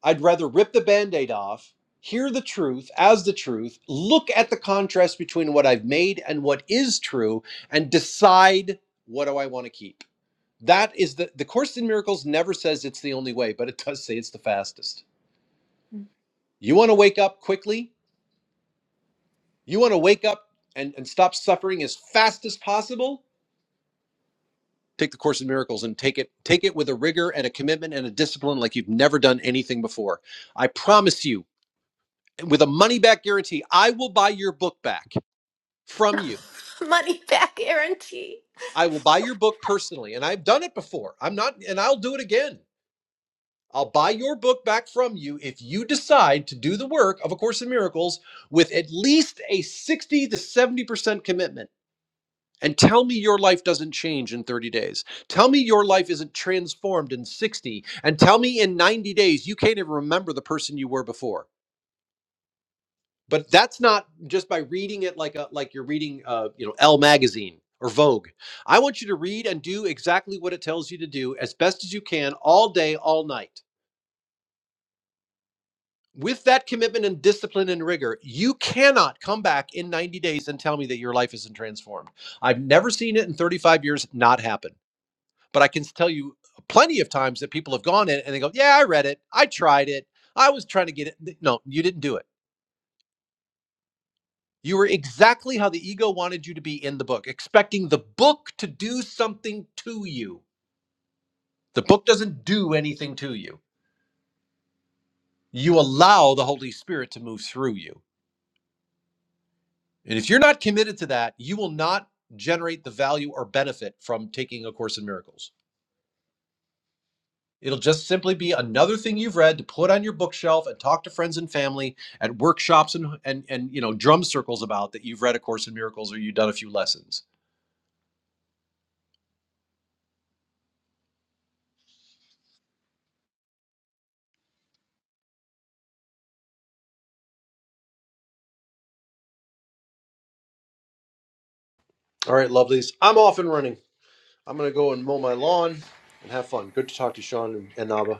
Speaker 4: I'd rather rip the band aid off, hear the truth as the truth, look at the contrast between what I've made and what is true, and decide what do I want to keep. That is the, the Course in Miracles never says it's the only way, but it does say it's the fastest. You want to wake up quickly? You want to wake up and, and stop suffering as fast as possible? Take the Course in Miracles and take it take it with a rigor and a commitment and a discipline like you've never done anything before. I promise you with a money back guarantee. I will buy your book back from you.
Speaker 3: Money back guarantee.
Speaker 4: I will buy your book personally. And I've done it before. I'm not, and I'll do it again. I'll buy your book back from you if you decide to do the work of A Course in Miracles with at least a 60 to 70% commitment. And tell me your life doesn't change in 30 days. Tell me your life isn't transformed in 60. And tell me in 90 days you can't even remember the person you were before. but that's not just by reading it like a like you're reading uh you know L magazine or Vogue. I want you to read and do exactly what it tells you to do as best as you can all day all night. With that commitment and discipline and rigor, you cannot come back in 90 days and tell me that your life isn't transformed. I've never seen it in 35 years not happen. But I can tell you plenty of times that people have gone in and they go, "Yeah, I read it. I tried it. I was trying to get it." No, you didn't do it You were exactly how the ego wanted you to be in the book, expecting the book to do something to you. The book doesn't do anything to you. You allow the Holy Spirit to move through you. And if you're not committed to that, you will not generate the value or benefit from taking A Course in Miracles. It'll just simply be another thing you've read to put on your bookshelf and talk to friends and family at workshops and, and, and you know drum circles about that you've read A Course in Miracles or you've done a few lessons. All right, lovelies, I'm off and running. I'm gonna go and mow my lawn and have fun. Good to talk to you, Sean and, and Nava.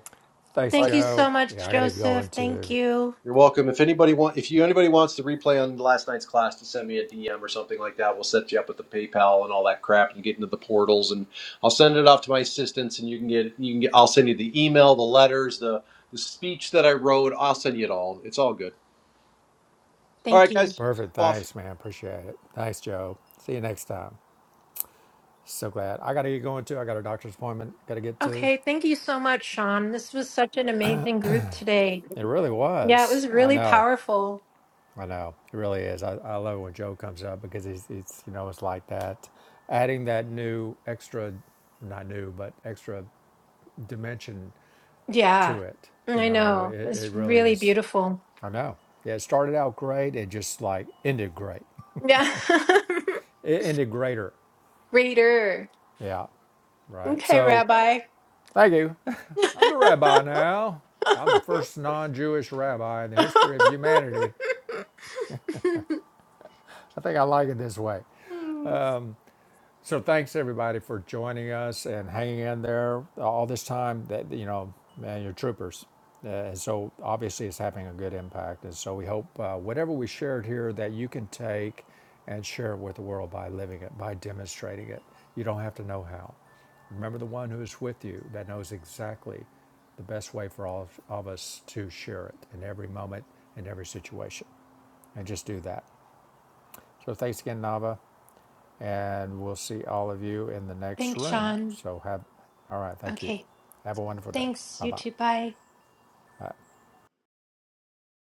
Speaker 2: Thanks,
Speaker 4: All right,
Speaker 3: Thank you
Speaker 2: Joe.
Speaker 3: so
Speaker 2: Yeah,
Speaker 3: much,
Speaker 2: I got to go
Speaker 3: Joseph. Thank
Speaker 2: into
Speaker 3: you.
Speaker 4: you're welcome. If anybody want, if you anybody wants the replay on last night's class, to send me a DM or something like that. We'll set you up with the PayPal and all that crap, and get into the portals. And I'll send it off to my assistants, and you can get you can get. I'll send you the email, the letters, the the speech that I wrote. I'll send you it all. It's all good. All
Speaker 3: Thank
Speaker 4: right,
Speaker 3: you.
Speaker 4: guys,
Speaker 2: perfect.
Speaker 4: I'm off.
Speaker 2: Thanks, man. Appreciate it. Thanks, Joe. See you next time. So glad. I got to get going too. I got a doctor's appointment. Got to get to.
Speaker 3: Okay. Thank you so much, Sean. This was such an amazing group today.
Speaker 2: It really
Speaker 3: Yeah, it
Speaker 2: was.
Speaker 3: was
Speaker 2: I
Speaker 3: really
Speaker 2: know.
Speaker 3: powerful.
Speaker 2: I know. It really is. I, I love when Joe comes up because he's, he's, you know, it's like that. Adding that new extra, not new, but extra dimension
Speaker 3: Yeah.
Speaker 2: to it. You
Speaker 3: I
Speaker 2: know, it,
Speaker 3: know.
Speaker 2: it
Speaker 3: It's
Speaker 2: really
Speaker 3: really
Speaker 2: is.
Speaker 3: beautiful.
Speaker 2: I know. Yeah, it started out great. It just like ended great.
Speaker 3: Yeah.
Speaker 2: It ended greater.
Speaker 3: Reader.
Speaker 2: Yeah. Right.
Speaker 3: Okay,
Speaker 2: So
Speaker 3: Rabbi.
Speaker 2: thank you. I'm the rabbi now. I'm the first non Jewish rabbi in the history of humanity. I think I like it this way.
Speaker 3: Hmm.
Speaker 2: So thanks everybody for joining us and hanging in there all this time. That you know, man, you're troopers. Uh, and so obviously it's having a good impact. And so we hope uh, whatever we shared here that you can take and share it with the world by living it, by demonstrating it. You don't have to know how. Remember the one who is with you that knows exactly the best way for all of of us to share it in every moment, in every situation. And just do that. So thanks again, Nava and we'll see all of you in the next
Speaker 3: Thanks,
Speaker 2: room.
Speaker 3: Sean.
Speaker 2: So have, all right, thank you.
Speaker 3: Okay.
Speaker 2: Have a wonderful day.
Speaker 3: Thanks, you
Speaker 2: Bye-bye.
Speaker 3: too. Bye.
Speaker 2: Bye.